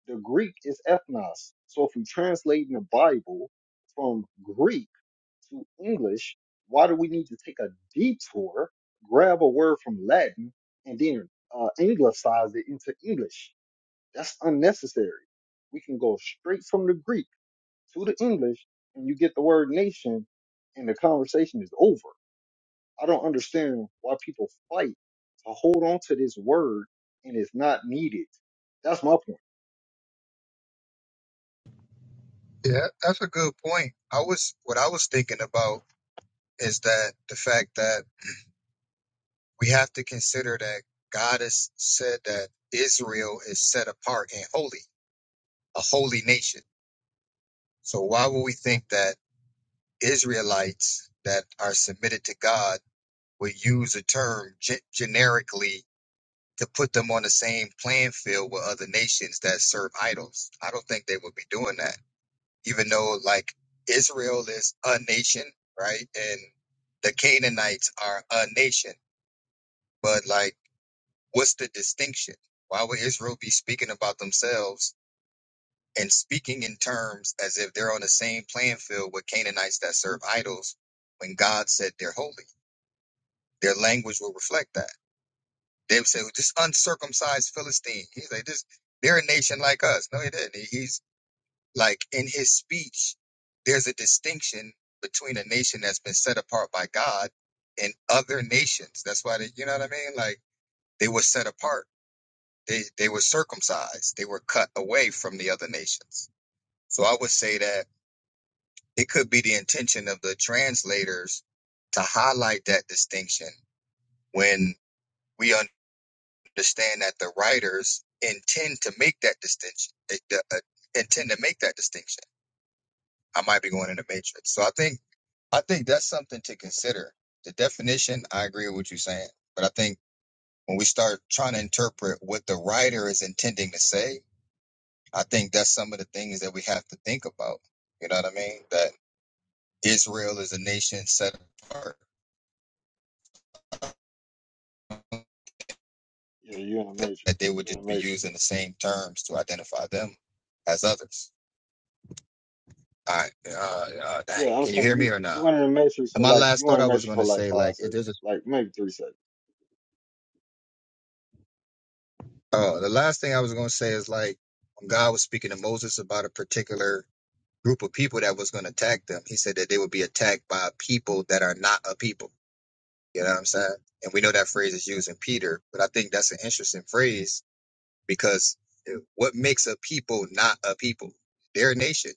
A: The Greek is ethnos. So if we translate in the Bible from Greek to English, why do we need to take a detour, grab a word from Latin, and then uh, anglicize it into English? That's unnecessary. We can go straight from the Greek to the English, and you get the word nation, and the conversation is over. I don't understand why people fight to hold on to this word and it's not needed. That's my point.
I: Yeah, that's a good point. I was what I was thinking about is that the fact that we have to consider that God has said that Israel is set apart and holy, a holy nation. So why would we think that Israelites that are submitted to God would use a term ge- generically to put them on the same playing field with other nations that serve idols. I don't think they would be doing that, even though like Israel is a nation, right? And the Canaanites are a nation. But like, what's the distinction? Why would Israel be speaking about themselves and speaking in terms as if they're on the same playing field with Canaanites that serve idols when God said they're holy? Their language will reflect that. They would say, well, this uncircumcised Philistine. He's like, this, they're a nation like us. No, he didn't. He- He's like, in his speech, there's a distinction between a nation that's been set apart by God and other nations. That's why they, you know what I mean? Like, they were set apart. They, they were circumcised. They were cut away from the other nations. So I would say that it could be the intention of the translators to highlight that distinction when we understand that the writers intend to make that distinction. They, uh, intend to make that distinction. I might be going in the matrix. So I think I think that's something to consider. The definition, I agree with what you're saying, but I think when we start trying to interpret what the writer is intending to say, I think that's some of the things that we have to think about. You know what I mean? That Israel is a nation set apart,
A: Yeah, you're in the matrix.
I: that they would
A: You're in
I: just
A: the
I: be
A: matrix.
I: using the same terms to identify them as others. All right. Uh, uh, dang.
A: Yeah, I'm
I: Can you hear
A: saying
I: me
A: you
I: or
A: you
I: not?
A: went in the matrix
I: And
A: for
I: my
A: like
I: last
A: you
I: thought
A: went
I: I
A: in the
I: was
A: matrix
I: going
A: for
I: to
A: like
I: say,
A: five
I: like, it
A: seconds,
I: is a,
A: like maybe three seconds.
I: oh, the last thing I was going to say is, like, when God was speaking to Moses about a particular group of people that was going to attack them, he said that they would be attacked by people that are not a people. You know what I'm saying? And we know that phrase is used in Peter, but I think that's an interesting phrase because eh, what makes a people not a people? Their nation.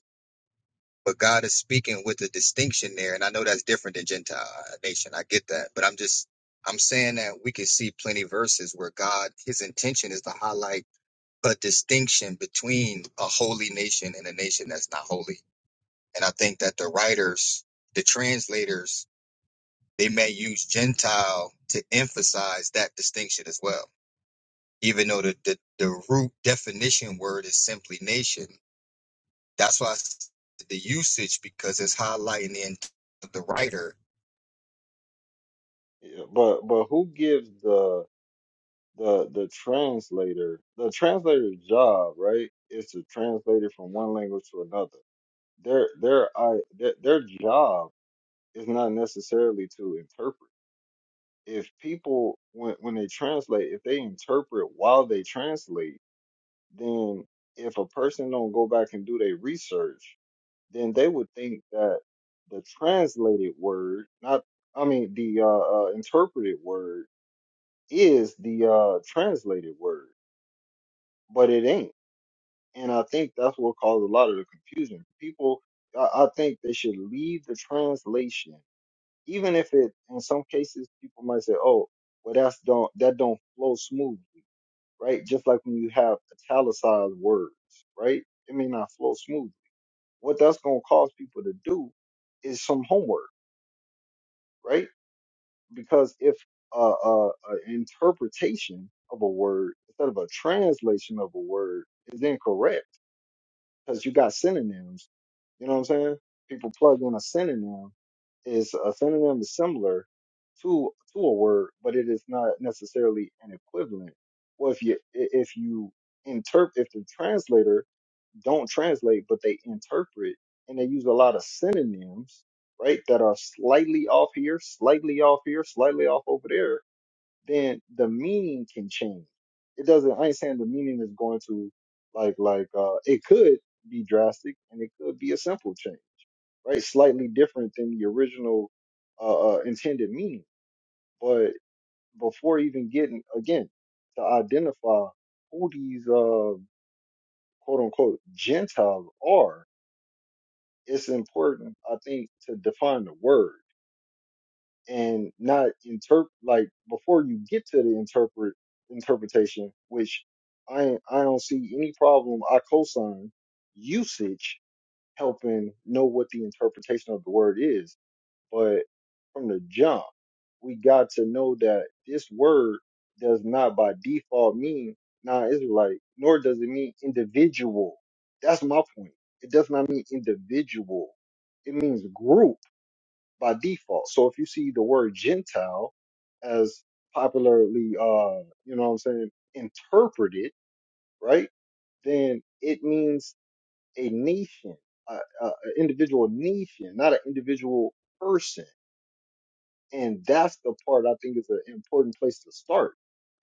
I: But God is speaking with a distinction there, and I know that's different than Gentile uh, nation. I get that, but I'm just I'm saying that we can see plenty verses where God, His intention is to highlight a distinction between a holy nation and a nation that's not holy. And I think that the writers, the translators, they may use Gentile to emphasize that distinction as well, even though the the, the root definition word is simply nation that's why I s- the usage because it's highlighting the intent of the writer
A: Yeah, but but who gives the the the translator the translator's job right is to translate it from one language to another. Their their I their, their job is not necessarily to interpret. If people when when they translate, if they interpret while they translate, then if a person don't go back and do their research then they would think that the translated word, not I mean the uh, uh, interpreted word, is the uh, translated word, but it ain't. And I think that's what caused a lot of the confusion. People, I, I think they should leave the translation, even if it. In some cases, people might say, "Oh, well, that's don't that don't flow smoothly." Right, just like when you have italicized words, right? It may not flow smoothly. What that's gonna cause people to do is some homework right? Because if uh, uh, an interpretation of a word instead of a translation of a word is incorrect, because you got synonyms, you know what I'm saying? People plug in a synonym is a synonym is similar to to a word, but it is not necessarily an equivalent. Well, if you i- if you interpret if the translator don't translate, but they interpret and they use a lot of synonyms, right? That are slightly off here, slightly off here, slightly off over there. Then the meaning can change. It doesn't, I ain't saying the meaning is going to like, like, uh, it could be drastic and it could be a simple change, right? Slightly different than the original, uh, uh intended meaning. But before even getting, again, to identify who these, uh, quote unquote Gentiles are, it's important, I think, to define the word and not interpret like before you get to the interpret interpretation, which I I don't see any problem. I co-sign usage helping know what the interpretation of the word is. But from the jump, we got to know that this word does not by default mean non-Israelite, nor does it mean individual. That's my point. It does not mean individual. It means group by default. So if you see the word Gentile as popularly, uh, you know what I'm saying, interpreted, right? Then it means a nation, an individual nation, not an individual person and that's the part I think is an important place to start.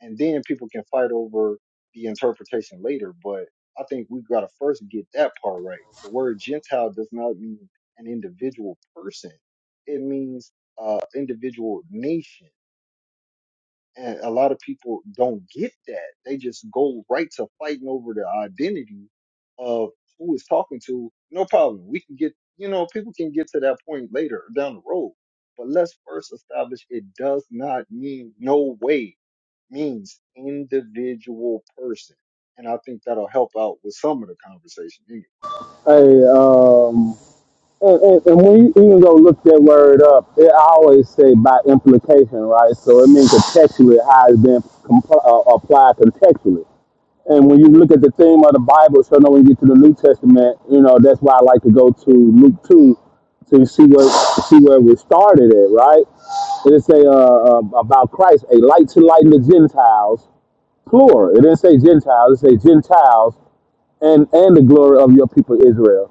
A: And then people can fight over the interpretation later. But I think we got to first get that part right. The word Gentile does not mean an individual person, it means uh, individual nation. And a lot of people don't get that. They just go right to fighting over the identity of who is talking to. No problem. We can get, you know, people can get to that point later down the road. But let's first establish it does not mean no way means individual person. And I think that'll help out with some of the conversation. anyway.
K: hey, um, and, and, and when you even go look that word up, it I always say by implication, right? So it means contextually how it's been compl- uh, applied contextually. And when you look at the theme of the Bible, so now when you get to the New Testament, you know that's why I like to go to Luke two to see where see where we started at, right? It say uh, uh, about Christ, a light to lighten the Gentiles plural. It didn't say Gentiles. It say Gentiles and and the glory of your people Israel.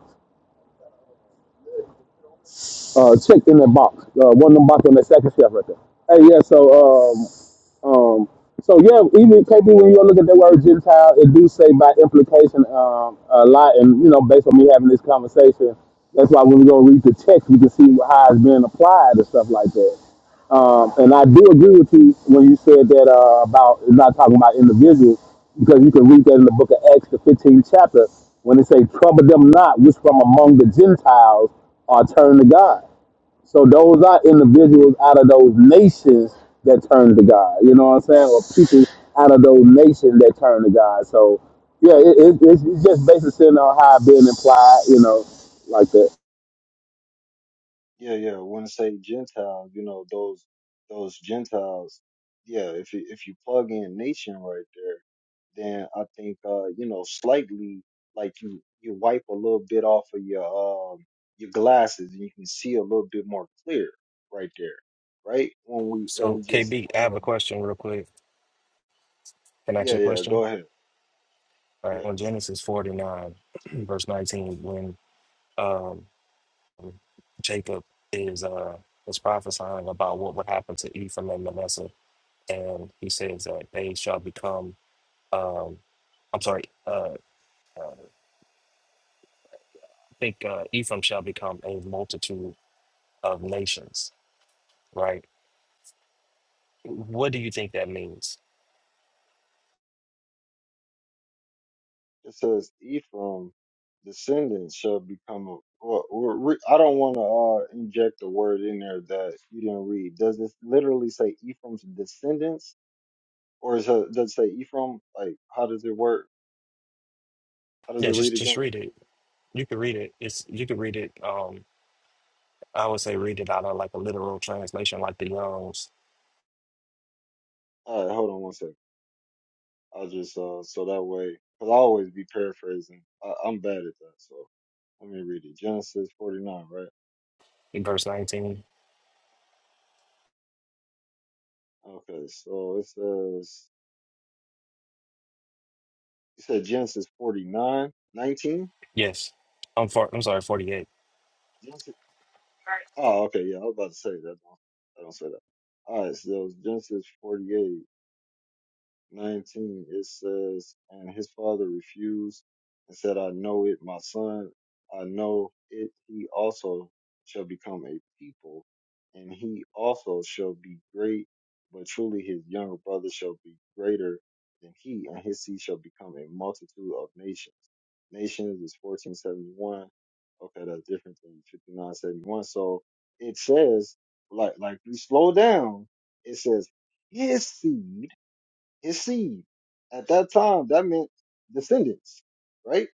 K: Uh, check in that box. Uh, one of them box on the second shelf right there. Hey, yeah. So um, Um, so yeah, even KB, when you look at that word Gentile, it do say by implication um, a lot, and you know, based on me having this conversation, that's why when we go read the text, we can see how it's being applied and stuff like that. Um, and I do agree with you when you said that uh, about it's not talking about individuals, because you can read that in the book of Acts, the 15th chapter, when it say, "Trouble them not, which from among the Gentiles are turned to God." So those are individuals out of those nations that turn to God. You know what I'm saying? Or people out of those nations that turn to God. So yeah, it, it, it's it's just basically on how it being implied. You know, like that.
A: Yeah, yeah. When I say Gentiles, you know those those Gentiles. Yeah, if you if you plug in nation right there, then I think uh you know slightly like you you wipe a little bit off of your um your glasses and you can see a little bit more clear right there, right? When we when
G: So,
A: we just
G: KB, I
A: when
G: have
A: our
G: a question real quick. Can I ask
A: yeah
G: you a
A: yeah
G: question?
A: go ahead
G: uh,
A: yeah.
G: in Genesis 49, verse 19, when um, Jacob is uh, is prophesying about what would happen to Ephraim and Manasseh, and he says that they shall become, um, I'm sorry, uh, uh, I think uh, Ephraim shall become a multitude of nations, right? What do you think that means?
A: It says Ephraim descendants shall become a. Well, or re, I don't want to uh, inject a word in there that you didn't read. Does it literally say Ephraim's descendants, or is it, does it say Ephraim? Like, how does it work? How does
G: Yeah,
A: it read
G: just just
A: again?
G: read it. You could read it. It's you could read it. Um, I would say read it out of like a literal translation, like the Young's
A: All right, hold on one second. I'll just uh, so that way, because I always be paraphrasing. I, I'm bad at that, so let me read it. Genesis 49, right?
G: in verse 19.
A: Okay, so it says you said Genesis 49 19.
G: Yes. I'm for, I'm sorry, 48.
A: Oh, okay, yeah, I was about to say that. Don't, I don't say that. All right, so that was Genesis 48. 19, it says, And his father refused and said, I know it, my son. I know it. He also shall become a people, and he also shall be great. But truly, his younger brother shall be greater than he, and his seed shall become a multitude of nations. Nations is 1471. Okay, that's different than 5971. So it says, like, like we slow down, it says, his seed his seed. At that time, that meant descendants, right?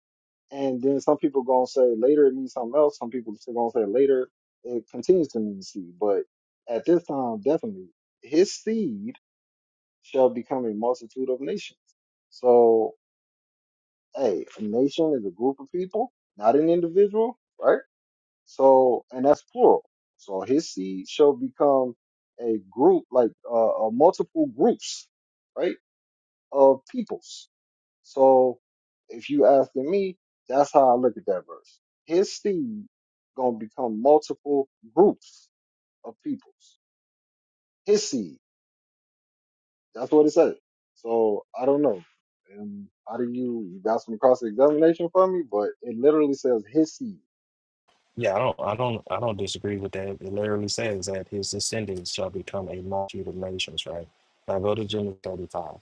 A: And then some people gonna say later it means something else. Some people still gonna say later it continues to mean seed. But at this time, definitely, his seed shall become a multitude of nations. So, hey, a nation is a group of people, not an individual, right? So, and that's plural. So his seed shall become a group, like uh, uh, multiple groups, right, of peoples So if you asking me, that's how I look at that verse. His seed gonna become multiple groups of peoples. His seed. That's what it says. So I don't know. And how do you you got some cross examination for me? But it literally says his seed.
G: Yeah, I don't I don't I don't disagree with that. It literally says that his descendants shall become a multitude of nations, right? Now go to Genesis 35.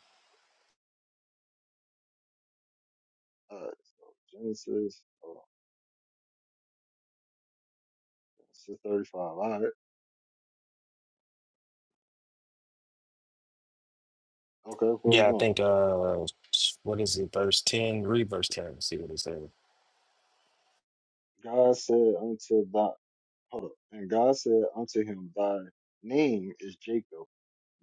A: Uh, so Genesis, hold on, Genesis thirty-five. All right, okay, where we
G: Yeah, I
A: going?
G: think uh what is it, verse 10? Read verse 10 and see what it says.
A: God said unto thy hold up, and God said unto him, Thy name is Jacob,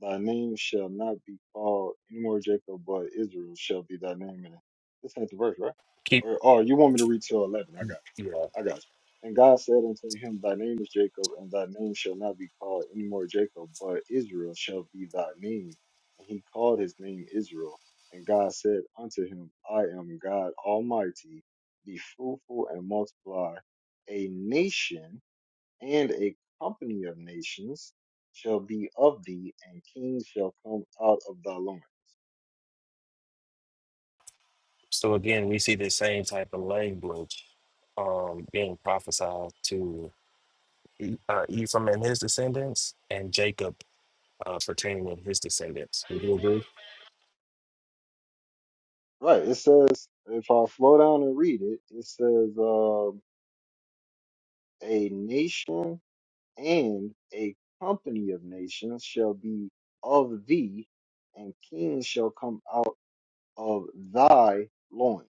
A: Thy name shall not be called anymore Jacob, but Israel shall be thy name. And this ain't the verse, right?
G: Keep
A: Or, or you want me to read till 11? I got
G: yeah.
A: I got you. And God said unto him, Thy name is Jacob, and thy name shall not be called anymore Jacob, but Israel shall be thy name. And he called his name Israel. And God said unto him, I am God Almighty. Be fruitful and multiply a nation and a company of nations shall be of thee, and kings shall come out of thy loins.
G: So again, we see the same type of language um being prophesied to E- uh, Ephraim and his descendants and Jacob uh pertaining to his descendants. Would you agree?
A: Right. It says, if I slow down and read it, it says, um, a nation and a company of nations shall be of thee, and kings shall come out of thy loins."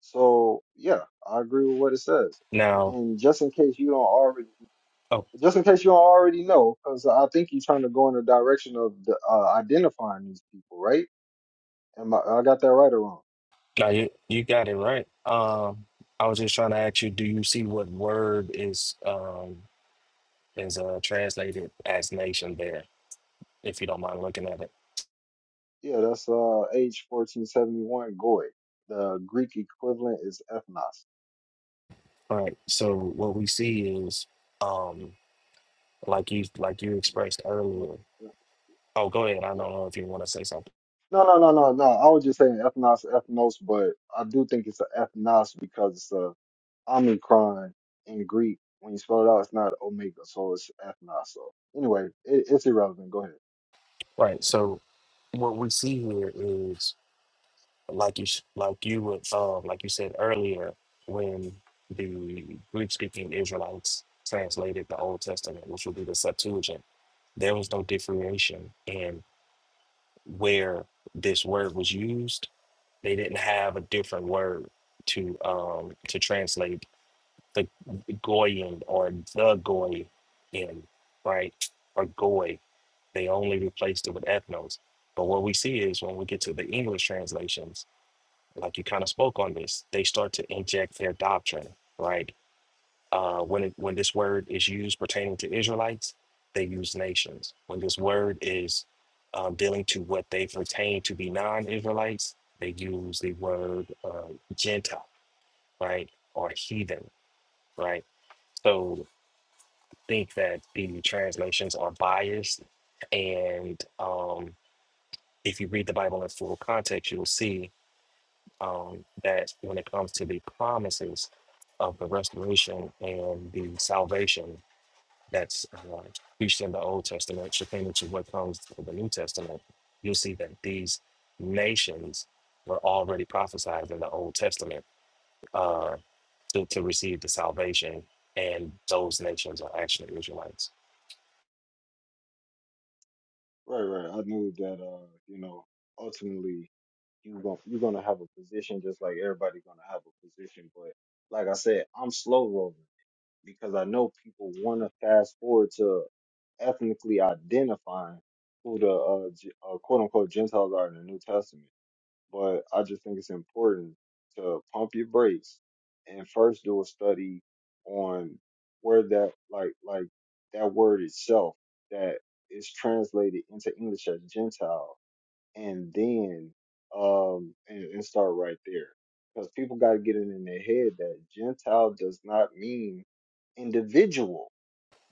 A: So, yeah, I agree with what it says.
G: Now
A: And just in case you don't already
G: oh,
A: Just in case you don't already know, because I think you're trying to go in the direction of the, uh, identifying these people, right? Am I, I got that right or wrong?
G: No, you, you got it right. Um, I was just trying to ask you, do you see what word is um is uh translated as nation there, if you don't mind looking at it.
A: Yeah, that's uh, age 1471 Goi. The Greek equivalent is ethnos.
G: All right. So what we see is um like you like you expressed
A: Well,
G: earlier. Oh, go ahead. I don't
A: Yeah.
G: know if you want to say something.
A: No, no, no, no, no. I was just saying ethnos, ethnos, but I do think it's an ethnos because it's a omicron in Greek. When you spell it out, it's not omega, so it's ethnos. So anyway, it, it's irrelevant. Go ahead.
G: Right. So what we see here is like you s- like you would um like you said earlier when the Greek speaking Israelites translated the Old Testament, which would be the Septuagint There was no differentiation in where this word was used. They didn't have a different word to um to translate the Goyin or the Goy in, right? Or Goy. They only replaced it with ethnos. But what we see is when we get to the English translations, like you kind of spoke on this, they start to inject their doctrine, right? Uh, when it, when this word is used pertaining to Israelites, they use nations. When this word is um, dealing to what they pertain to be non-Israelites, they use the word uh, Gentile, right, or heathen, right. So think that the translations are biased, and um, if you read the Bible in full context, you'll see um, that when it comes to the promises of the restoration and the salvation that's uh, preached in the Old Testament, pertaining to what comes in the New Testament, you'll see that these nations were already prophesied in the Old Testament uh, to, to receive the salvation, and those nations are actually Israelites.
A: Right, right. I knew that uh, you know, ultimately you gon' you're gonna have a position just like everybody gonna have a position. But like I said, I'm slow rolling because I know people wanna fast forward to ethnically identifying who the uh, G- uh quote unquote Gentiles are in the New Testament but I just think it's important to pump your brakes and first do a study on where that like like that word itself that is translated into English as Gentile, and then um and, and start right there because people got to get it in their head that Gentile does not mean individual.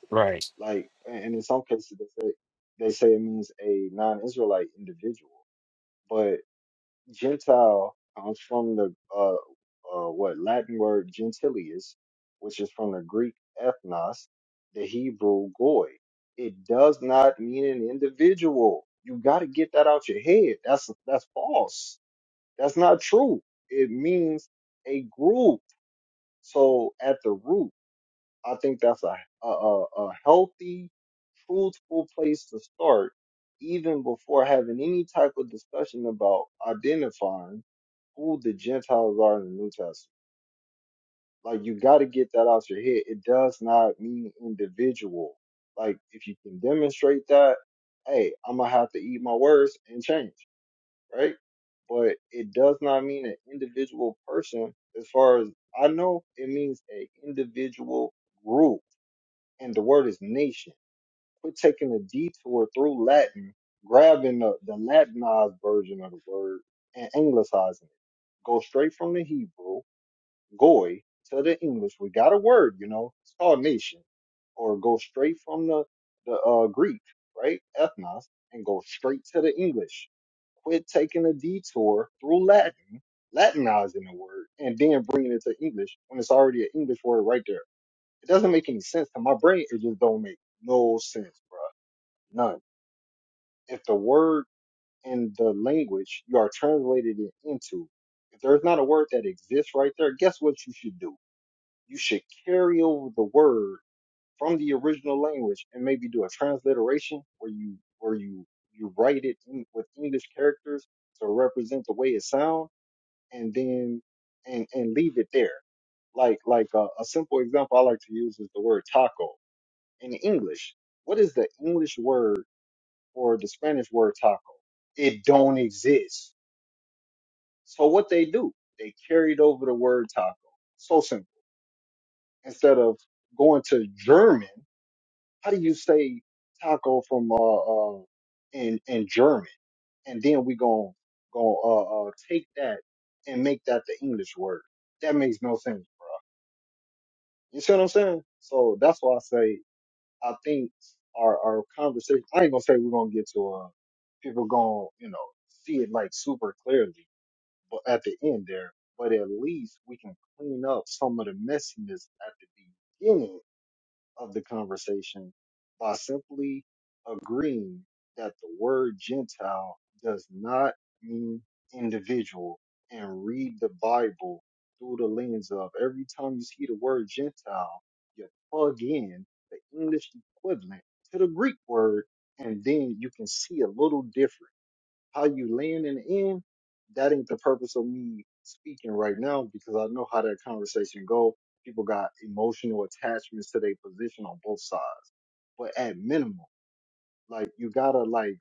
G: Right.
A: Like, and in some cases they say they say it means a non-Israelite individual, but Gentile comes from the uh, uh, what Latin word gentilius, which is from the Greek ethnos, the Hebrew goy. It does not mean an individual. You got to get that out your head. That's that's false. That's not true. It means a group. So at the root. I think that's a a, a, a healthy, truthful place to start, even before having any type of discussion about identifying who the Gentiles are in the New Testament. Like you got to get that out your head. It does not mean individual. Like if you can demonstrate that, hey, I'm gonna have to eat my words and change, right? But it does not mean an individual person. As far as I know, it means a individual group and the word is nation. Quit taking a detour through Latin, grabbing the, the Latinized version of the word and anglicizing it. Go straight from the Hebrew, goy, to the English. We got a word, you know, it's called nation. Or go straight from the, the uh, Greek, right? Ethnos, and go straight to the English. Quit taking a detour through Latin, Latinizing the word, and then bringing it to English when it's already an English word right there. It doesn't make any sense to my brain. It just don't make no sense, bro. None. If the word in the language you are translated it into, if there's not a word that exists right there, guess what you should do? You should carry over the word from the original language and maybe do a transliteration where you where you you write it in, with English characters to represent the way it sounds, and then and and leave it there like like a, a simple example I like to use is the word taco. in English. What is the English word for the Spanish word taco? It don't exist. So what they do, they carried over the word taco. So simple. Instead of going to German, how do you say taco from uh, uh in in German? And then we gon' gon' uh, uh take that and make that the English word. That makes no sense, bro. You see what I'm saying? So that's why I say I think our our conversation. I ain't gonna say we're gonna get to uh people gonna you know see it like super clearly, but at the end there, but at least we can clean up some of the messiness at the beginning of the conversation by simply agreeing that the word Gentile does not mean individual and read the Bible through the lens of every time you see the word Gentile, you plug in the English equivalent to the Greek word, and then you can see a little difference how you land in the end, that ain't the purpose of me speaking right now because I know how that conversation go. People got emotional attachments to their position on both sides. But at minimum, like you gotta like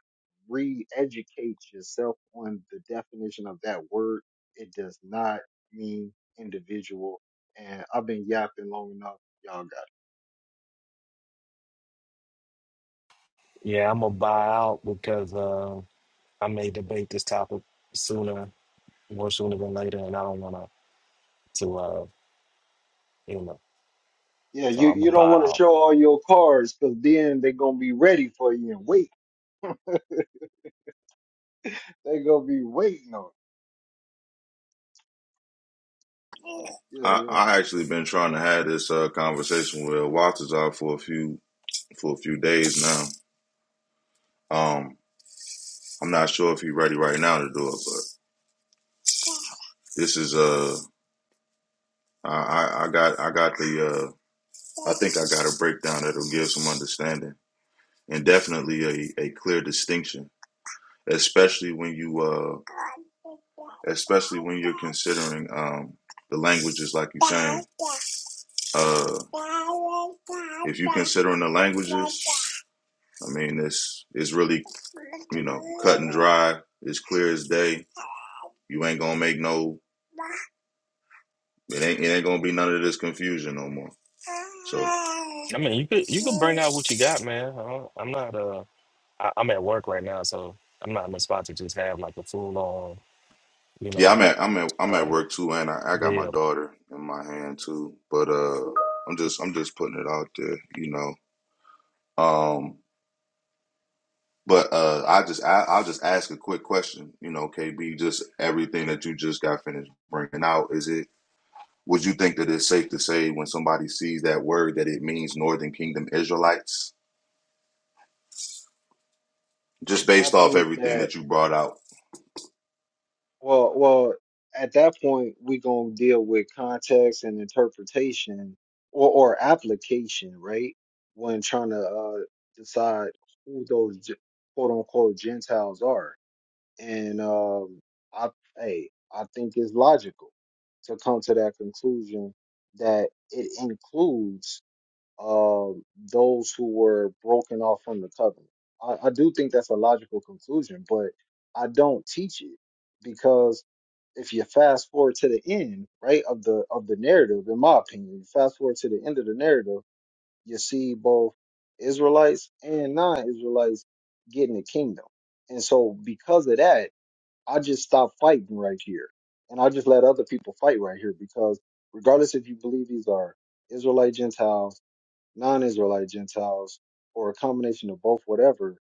A: re-educate yourself on the definition of that word. It does not mean individual. And I've been yapping long enough. Y'all got
G: Yeah, I'm gonna buy out because uh, I may debate this topic sooner, more sooner than later, and I don't wanna to uh, you know.
A: it. Yeah,
G: So
A: you,
G: I'm
A: you
G: gonna
A: don't
G: buy
A: want to
G: out.
A: show all your cards because then they gonna be ready for you and wait. they gonna be waiting on. it. Yeah,
L: I,
A: yeah.
L: I actually been trying to have this uh, conversation with Waltazar for a few for a few days now. Um, I'm not sure if he's ready right now to do it, but this is uh, I, I got I got the uh, I think I got a breakdown that'll give some understanding and definitely a, a clear distinction, especially when you uh, especially when you're considering um the languages like you're saying. Uh, if you're considering the languages. I mean, it's it's really you know cut and dry. It's clear as day. You ain't gonna make no. It ain't it ain't gonna be none of this confusion no more. So
G: I mean, you could you could bring out what you got, man. I don't, I'm not uh I, I'm at work right now, so I'm not in the spot to just have like a full on, you
L: yeah,
G: know,
L: I'm at I'm at I'm at
G: uh,
L: work too, and I, I got my
G: bill.
L: daughter in my hand too. But uh, I'm just I'm just putting it out there, you know. Um, but uh, I just I, I'll just ask a quick question, you know, KB. Just everything that you just got finished bringing out, is it? Would you think that it's safe to say when somebody sees that word that it means Northern Kingdom Israelites? Just
A: I
L: based off
A: think
L: everything
A: that
L: that you brought out.
A: well, well, at that point we gonna deal with context and interpretation or or application, right? When trying to uh, decide who those Ge- quote unquote Gentiles are, and um, I hey, I think it's logical to come to that conclusion that it includes um, those who were broken off from the covenant. I, I do think that's a logical conclusion, but I don't teach it because if you fast forward to the end, right, of the of the narrative, in my opinion, you fast forward to the end of the narrative, you see both Israelites and non-Israelites getting the kingdom. And so because of that, I just stopped fighting right here. And I just let other people fight right here because regardless if you believe these are Israelite Gentiles, non Israelite Gentiles, or a combination of both, whatever,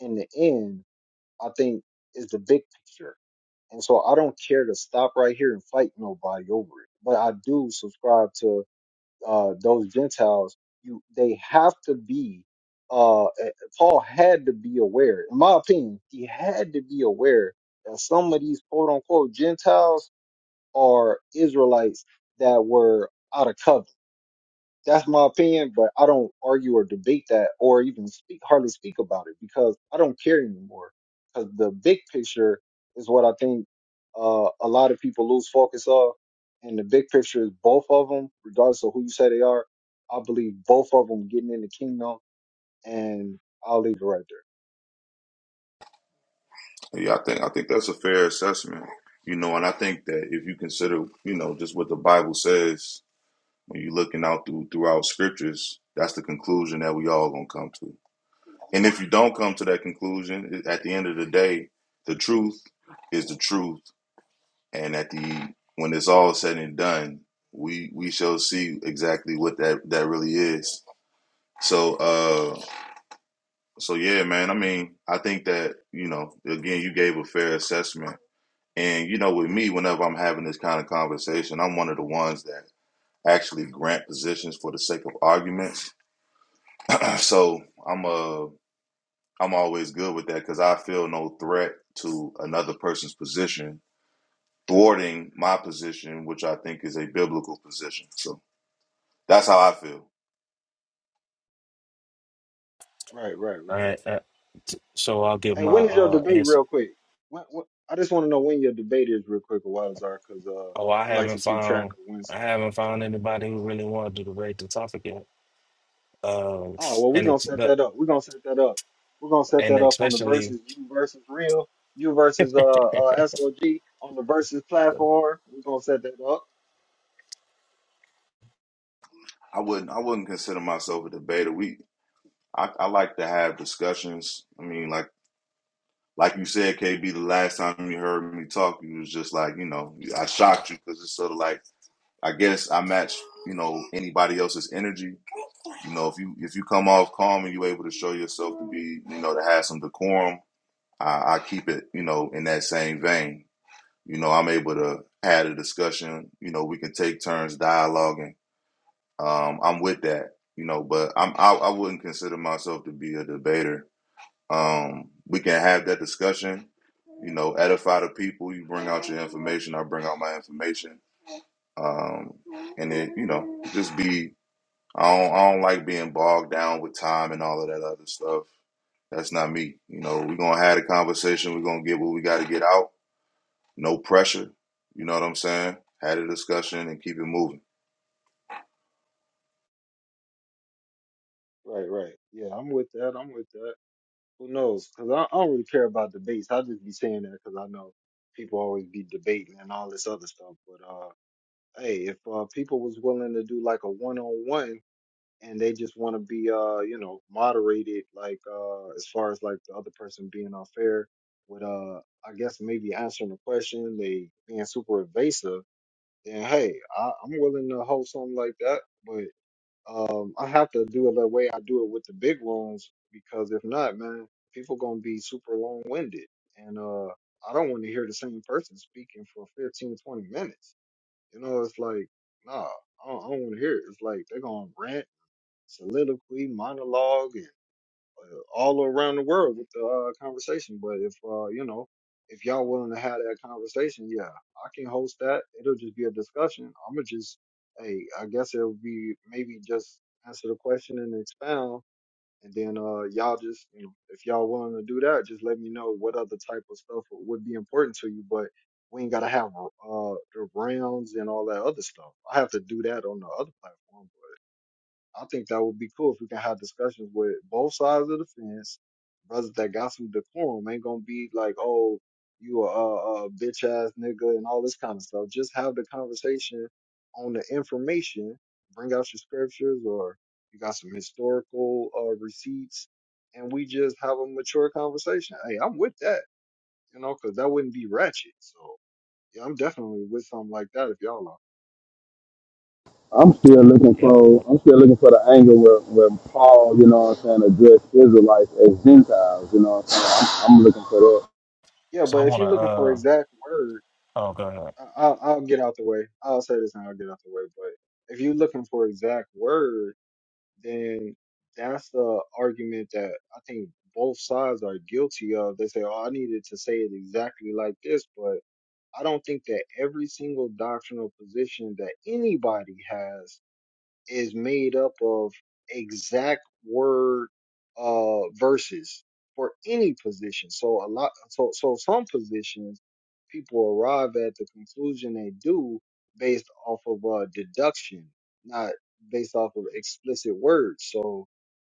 A: in the end, I think is the big picture. And so I don't care to stop right here and fight nobody over it. But I do subscribe to uh, those Gentiles. You, they have to be. Uh, eh, Paul had to be aware, in my opinion, he had to be aware that some of these quote unquote Gentiles are Israelites that were out of covenant that's my opinion, but I don't argue or debate that or even speak hardly speak about it because I don't care anymore. Because the big picture is what I think uh, a lot of people lose focus of, and the big picture is both of them, regardless of who you say they are. I believe both of them getting in the kingdom, and I'll leave it right
L: Yeah, I think I think that's a fair assessment. You know, and I think that if you consider, you know, just what the Bible says when you're looking out through throughout scriptures, that's the conclusion that we all gonna come to. And if you don't come to that conclusion, at the end of the day, the truth is the truth and at the when it's all said and done, we we shall see exactly what that that really is. So uh so yeah, man. I mean, I think that you know, again, you gave a fair assessment, and you know, with me, whenever I'm having this kind of conversation, I'm one of the ones that actually grant positions for the sake of arguments. so I'm uh I'm always good with that because I feel no threat to another person's position thwarting my position, which I think is a biblical position. So. That's how I feel.
A: there. Right, right, right.
G: I, I, t- so I'll give
A: Hey,
G: my
A: when is your
G: uh,
A: debate,
G: answer.
A: real quick? When, when, I just want to know when your debate is, real quick, a while because uh,
G: Oh, I
A: I like to
G: haven't
A: keep track
G: found,
A: of when
G: I
A: some
G: haven't
A: debates are.
G: found anybody who really wanted to debate the topic yet. Um,
A: Oh well, we're
G: and
A: gonna
G: it's
A: set
G: the-
A: that up. We're gonna set that up. We're gonna set
G: and
A: that up on the
G: especially,
A: versus you versus real, you versus uh, uh SOG on the versus platform. We're gonna set that up.
L: I wouldn't I wouldn't consider myself a debater. We I, I like to have discussions. I mean, like like you said, KB, the last time you heard me talk, you was just like, you know, I shocked you because it's sort of like I guess I match, you know, anybody else's energy. You know, if you if you come off calm and you able to show yourself to be, you know, to have some decorum, I, I keep it, you know, in that same vein. You know, I'm able to have a discussion. You know, we can take turns dialoguing Um, I'm with that, you know, but I'm I, I wouldn't consider myself to be a debater. Um, we can have that discussion, you know, edify the people. You bring out your information, I bring out my information, um, and then you know, just be. I don't I don't like being bogged down with time and all of that other stuff. That's not me. You know, we're gonna have a conversation. We're gonna get what we got to get out. No pressure. You know what I'm saying? Had a discussion and keep it moving.
A: Right, right. Yeah, I'm with that. I'm with that. Who knows? Cause I, I don't really care about debates. I just be saying that because I know people always be debating and all this other stuff. But uh, hey, if uh people was willing to do like a one on one and they just want to be uh you know moderated like uh as far as like the other person being unfair with uh I guess maybe answering the question they being super evasive then hey I, I'm willing to hold something like that but um I have to do it the way I do it with the big rooms because if not man people gonna be super long winded and uh I don't want to hear the same person speaking for 15 20 minutes you know it's like nah I don't, I don't want to hear it it's like they're gonna rant soliloquy, monologue, and, uh, all around the world with the uh, conversation. But if uh, you know, if y'all willing to have that conversation, yeah, I can host that. It'll just be a discussion. I'ma just, hey, I guess it'll be maybe just answer the question and expound, and then uh, y'all just, you know, if y'all willing to do that, just let me know what other type of stuff would be important to you. But we ain't gotta have uh the rounds and all that other stuff. I have to do that on the other platform. I think that would be cool if we can have discussions with both sides of the fence. Brothers that got some decorum ain't gonna be like, oh, you a, a, a bitch ass nigga and all this kind of stuff. Just have the conversation on the information. Bring out your scriptures or you got some historical uh, receipts, and we just have a mature conversation. Hey, I'm with that, you know, because that wouldn't be ratchet. So yeah, I'm definitely with something like that if y'all are.
K: I'm still looking
G: yeah.
K: for
G: like,
K: I'm still looking for the angle where, where Paul, you know what I'm saying, addressed Israelites as Gentiles. You know what I'm saying? I'm, I'm looking for that.
A: Yeah,
G: So I
A: but if
G: want to.
A: you're looking for
G: Uh,
A: exact words.
G: oh, go ahead.
A: I- I'll, I'll get out the way. I'll say this and I'll get out the way. But if you're looking for exact word, then that's the argument that I think both sides are guilty of. They say, "Oh, I needed to say it exactly like this," but I don't think that every single doctrinal position that anybody has is made up of exact word uh verses for any position. So a lot so so some positions people arrive at the conclusion they do based off of uh deduction, not based off of explicit words. So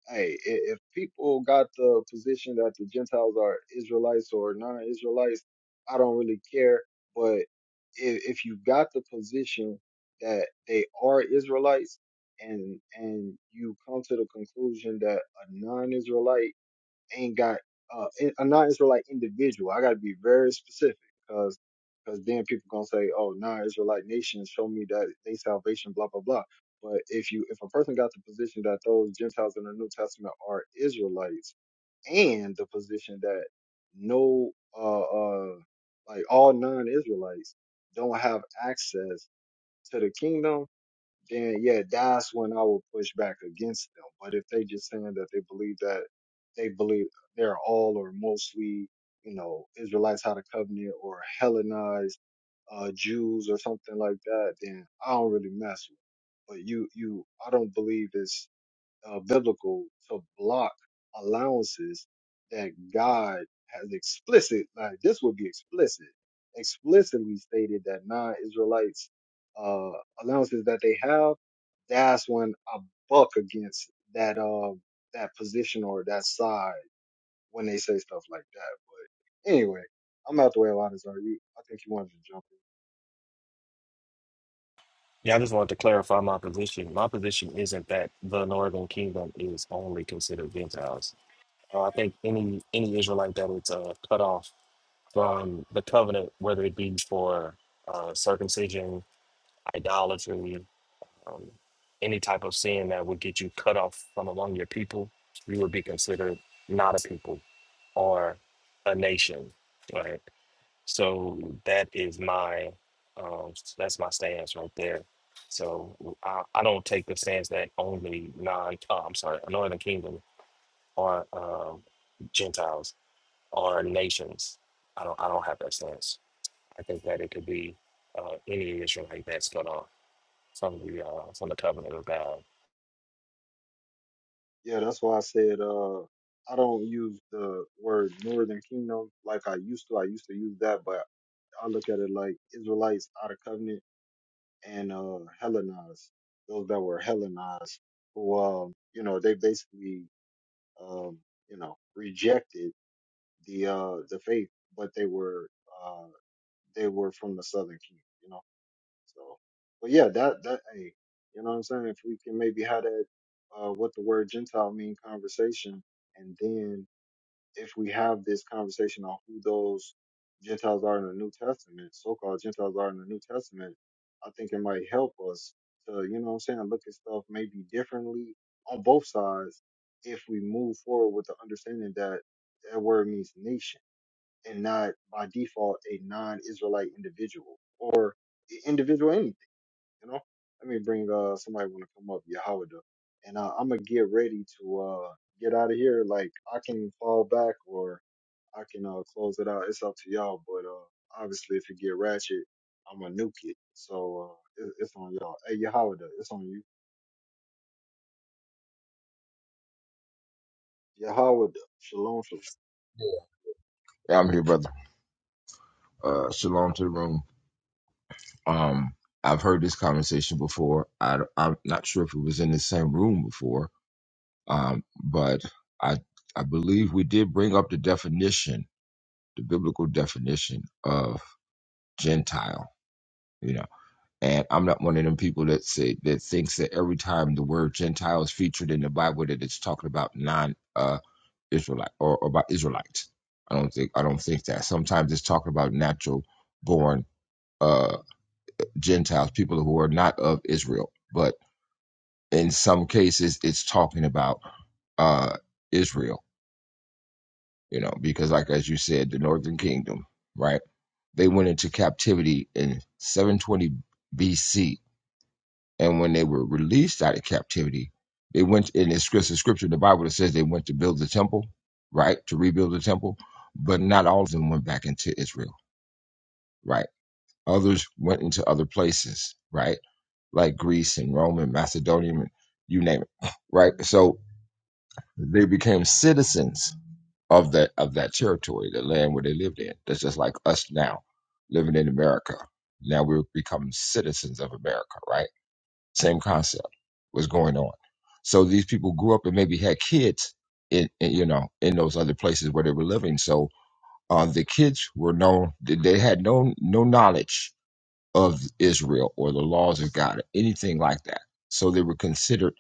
A: hey, i- if people got the position that the Gentiles are Israelites or non-Israelites, I don't really care. But if, if you got the position that they are Israelites, and and you come to the conclusion that a non-Israelite ain't got uh, in- a non-Israelite individual. I got to be very specific because because then people gonna say, oh, non-Israelite nations show me that they salvation, blah blah blah. But if you if a person got the position that those Gentiles in the New Testament are Israelites, and the position that no uh uh like all non-Israelites don't have access to the kingdom, then yeah, that's when I will push back against them. But if they just saying that they believe that they believe they're all or mostly, you know, Israelites out of covenant or Hellenized uh, Jews or something like that, then I don't really mess with. it. But you, you, I don't believe it's uh, biblical to block allowances that God has explicit, like this would be explicit, explicitly stated that non-Israelites uh, allowances that they have. That's when I buck against that uh, that position or that side when they say stuff like that. But anyway, I'm out the way a lot. Is are you? I think you wanted to jump
G: Yeah, I just wanted to clarify my position. My position isn't that the Northern Kingdom is only considered Gentiles. Uh, I think any any Israelite that it's uh, cut off from the covenant, whether it be for uh, circumcision, idolatry, um, any type of sin that would get you cut off from among your people, you would be considered not a people or a nation, right? So that is my um, that's my stance right there. So I, I don't take the stance that only non oh, I'm sorry, Northern Kingdom or um, Gentiles or nations. I don't I don't have that stance. I think that it could be uh, any Israelite that's gonna from the uh, from the covenant of God.
A: in. Yeah, that's why I said. Uh, I don't use the word Northern Kingdom like I used to. I used to use that, but I look at it like Israelites out of covenant and uh Hellenized, those that were Hellenized, who um, you know, they basically um, you know, rejected the uh the faith, but they were uh they were from the southern kingdom, you know. So but yeah, that that hey, you know what I'm saying? If we can maybe have that uh what the word Gentile mean conversation and then if we have this conversation on who those Gentiles are in the New Testament, so-called Gentiles are in the New Testament, I think it might help us to, you know what I'm saying, look at stuff maybe differently on both sides if we move forward with the understanding that that word means nation and not by default a non-Israelite individual or individual anything, you know? Let me bring uh somebody want to come up, Yahweh, and uh, I'm gonna get ready to uh get out of here. Like I can fall back or I can uh, close it out. It's up to y'all, but uh, obviously, if it get ratchet, I'm gonna nuke it. So uh, it, it's on y'all. Hey, Yahweh, it's on you. Yahweh, shalom, shalom.
M: Yeah, I'm here, brother. Uh, shalom to the room. Um, I've heard this conversation before. I, am not sure if it was in the same room before, um, but I I believe we did bring up the definition, the biblical definition of Gentile. You know, and I'm not one of them people that say that thinks that every time the word Gentile is featured in the Bible that it's talking about non uh, Israelite or, or about Israelites. I don't think I don't think that. Sometimes it's talking about natural born Gentiles, people who are not of Israel. But in some cases, it's talking about uh, Israel, you know, because, like as you said, the Northern Kingdom, right? They went into captivity in 720 BC, and when they were released out of captivity, they went in the scripture, in the Bible that says they went to build the temple, right, to rebuild the temple, but not all of them went back into Israel, right? Others went into other places, right? Like Greece and Rome and Macedonia and you name it, right? So they became citizens of that of that territory, the land where they lived in. That's just like us now, living in America. Now we're becoming citizens of America, right? Same concept was going on. So these people grew up and maybe had kids in, in you know in those other places where they were living. So uh, the kids were known; they had no no knowledge of Israel or the laws of God or anything like that. So they were considered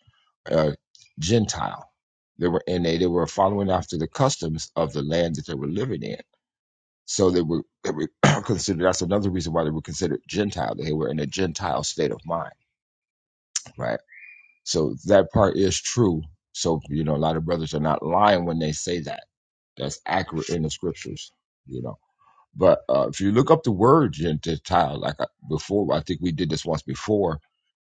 M: uh, Gentile. They were and they, they were following after the customs of the land that they were living in. So they were, they were considered. That's another reason why they were considered Gentile. They were in a Gentile state of mind, right? So that part is true. So you know, a lot of brothers are not lying when they say that. That's accurate in the scriptures. You know. But uh, if you look up the word Gentile, like I, before, I think we did this once before,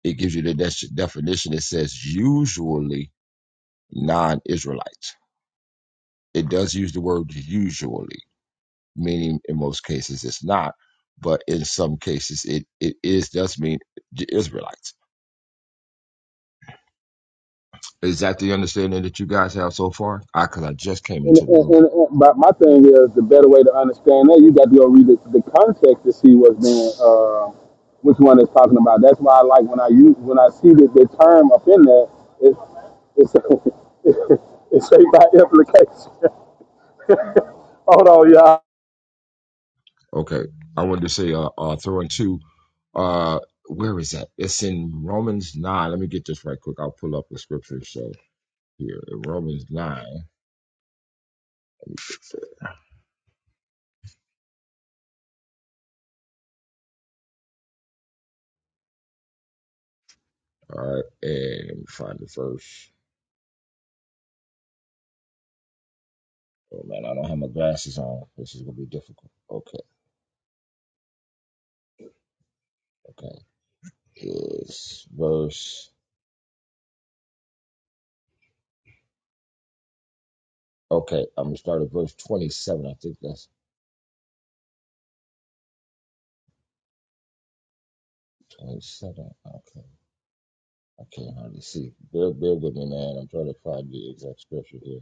M: it gives you the de- definition. It says usually non Israelites. It does use the word usually, meaning in most cases it's not, but in some cases it, it is, does mean the Israelites. Is that the understanding that you guys have so far? Because I, 'cause I just came
K: And,
M: into the
K: and,
M: room.
K: and, and but my thing is the better way to understand that you got to go read the, the context to see what's being uh, which one is talking about. That's why I like when I use when I see that the term up in there, it's it's it's say by implication. Hold on, y'all.
M: Okay. I wanted to say uh, uh throwing two uh where is that? It's in Romans nine. Let me get this right quick. I'll pull up the scripture. So here in Romans nine. All right, and let me find the verse. Oh man, I don't have my glasses on. This is gonna be difficult. Okay, okay. It's verse okay, I'm gonna start at verse twenty seven. I think that's twenty seven. Okay. I can't hardly see. Bear, bear with me, man. I'm trying to find the exact scripture here.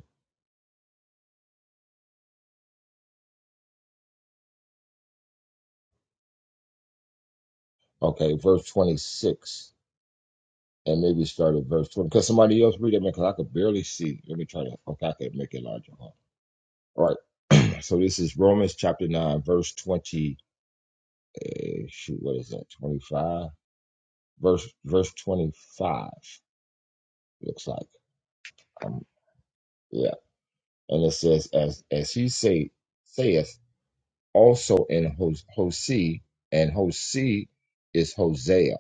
M: Okay, verse twenty six. and maybe start at verse 20. Because somebody else read it, man, because I could barely see. Let me try to, okay, I could make it larger. All right. So this is Romans chapter 9, verse 20. eh, shoot, what is that? 25? Verse, verse 25, looks like. Um, yeah. And it says, as, as he say, saith also in Hos- Hosea, and Hosea is Hosea,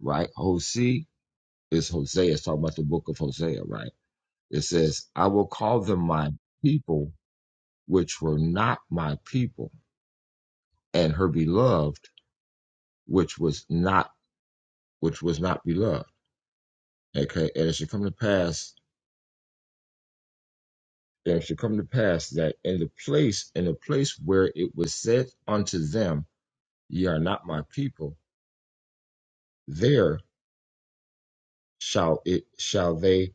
M: right? Hosea is Hosea. It's talking about the book of Hosea, right? It says, I will call them my people which were not my people, and her beloved, which was not which was not beloved. Okay, and it should come to pass, and it should come to pass that in the place in the place where it was said unto them, Ye are not my people, there shall it shall they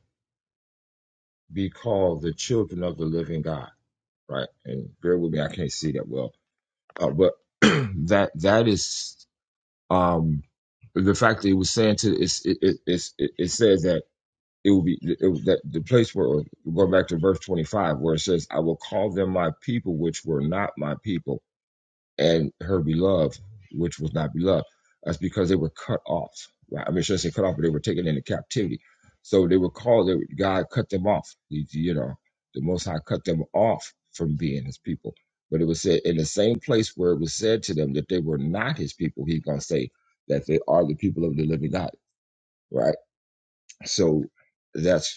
M: be called the children of the living God. Right, and bear with me, I can't see that well, uh, but that that is um the fact that it was saying to it's, it, it, it, it says that it will be it, will- that the place where going back to verse 25 where it says i will call them my people which were not my people and her beloved which was not beloved that's because they were cut off right i mean I shouldn't say cut off but they were taken into captivity so they were called they, were- god cut them off you, you know the most high cut them off from being his people but it was said in the same place where it was said to them that they were not his people he's going to say that they are the people of the living god right so that's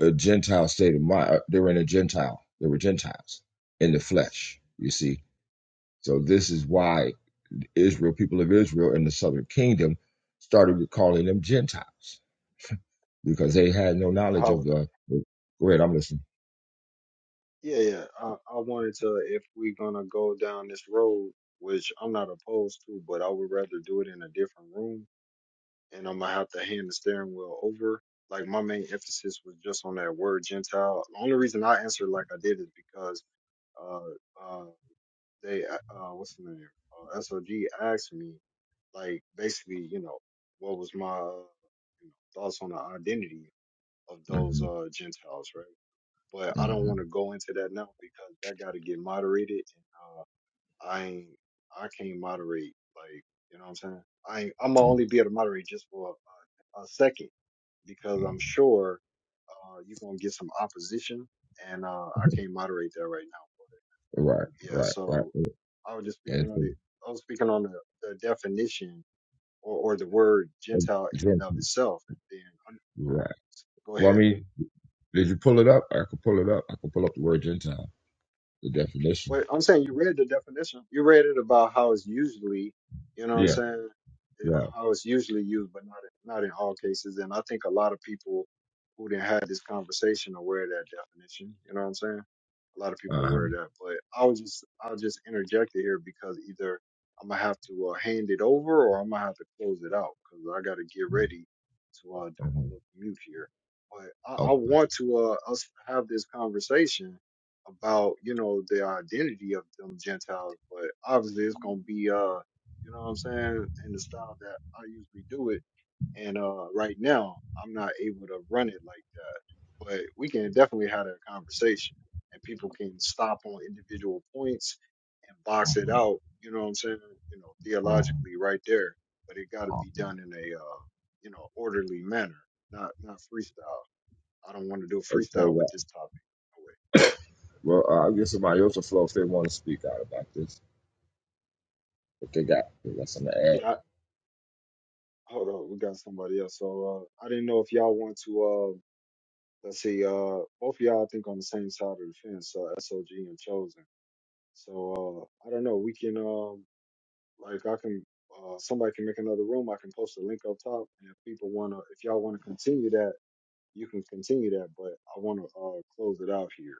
M: a Gentile state of mind. Uh, They were in a Gentile. They were Gentiles in the flesh. You see, so this is why Israel, people of Israel, in the Southern Kingdom, started calling them Gentiles because they had no
A: Hey,
M: knowledge
A: Yahweh.
M: of the. go ahead, I'm listening.
A: Yeah, yeah. I, I wanted to, if we're gonna go down this road, which I'm not opposed to, but I would rather do it in a different room, and I'm gonna have to hand the steering wheel over. Like my main emphasis was just on that word Gentile. The only reason I answered like I did is because. Uh, uh, they uh uh, what's the name uh, SOG asked me like basically you know what was my uh, you know, thoughts on the identity of those
M: hmm
A: uh Gentiles right but I don't want to
M: hmm
A: go into that now because that got to get moderated and uh I ain't I can't moderate like you know what I'm saying I ain't, I'm gonna only be able to moderate just for a, a second because I'm sure uh you're gonna get some opposition and uh I can't moderate that right now
M: Right,
A: yeah,
M: right, right.
A: so I was just
M: And
A: speaking on
M: so,
A: the I was speaking on the, the definition or, or the word
M: uh,
A: Gentile in and
M: Gentile,
A: of itself. And then
M: right.
A: i go
M: Well, I
A: ahead.
M: mean, did you pull it up? I could pull it up. I could pull up the word Gentile, the definition.
A: Wait, I'm saying you read the definition. You read it about how it's usually, you know what I'm
M: Yeah,
A: saying, it-
M: right.
A: how it's usually used, but not not in all cases. And I think a lot of people who didn't have this conversation are aware of that definition. You know what I'm saying? A lot of people are
M: Uh-huh.
A: aware of that. But I was just I'll just interject it here because either I'm gonna have to uh, hand it over or I'm gonna have to close it out because I got to get ready to uh, do
M: uh
A: my little mute here. But I, I
M: Okay.
A: want to uh, us have this conversation about you know the identity of them Gentiles, but obviously it's gonna be uh you know what I'm saying in the style that I usually do it. And uh right now I'm not able to run it like that, but we can definitely have a conversation, and people can stop on individual points and box it
M: uh-huh,
A: out. You know what I'm saying? You know
M: uh-huh.
A: theologically right there, but it got to be
M: Awesome.
A: done in a uh you know orderly manner, not not freestyle. I don't want to do
M: Okay,
A: freestyle with
M: well,
A: this topic.
M: well uh, I'll give somebody else a floor if they want to speak out about this. If they got, they got something to add.
A: Hold on, we got somebody else. So uh, I didn't know if y'all want to. Uh, let's see. Uh, both of y'all I think on the same side of the fence. Uh, SOG and Chosen. So uh, I don't know. We can um, like I can. Uh, somebody can make another room. I can post a link up top, and if people wanna, if y'all wanna continue that, you can continue that. But I wanna uh, close it out here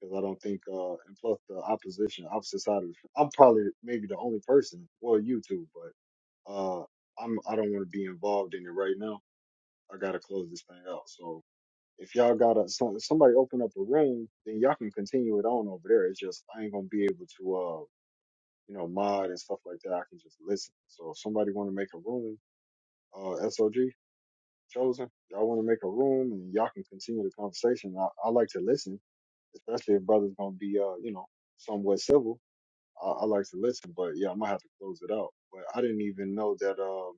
A: because I don't think. Uh, and plus the opposition, opposite side of the. f- I'm probably maybe the only person. Well, you two, but uh, I'm. I don't want to be involved in it right now I gotta close this thing out. So if y'all gotta so, somebody open up a room, then y'all can continue it on over there. It's just I ain't gonna be able to uh you know mod and stuff like that. I can just listen. So if somebody want to make a room, uh SOG chosen, y'all want to make a room and y'all can continue the conversation. I, I like to listen, especially if brothers gonna be uh you know somewhat civil. I, I like to listen, but yeah, I might have to close it out. But I didn't even know that um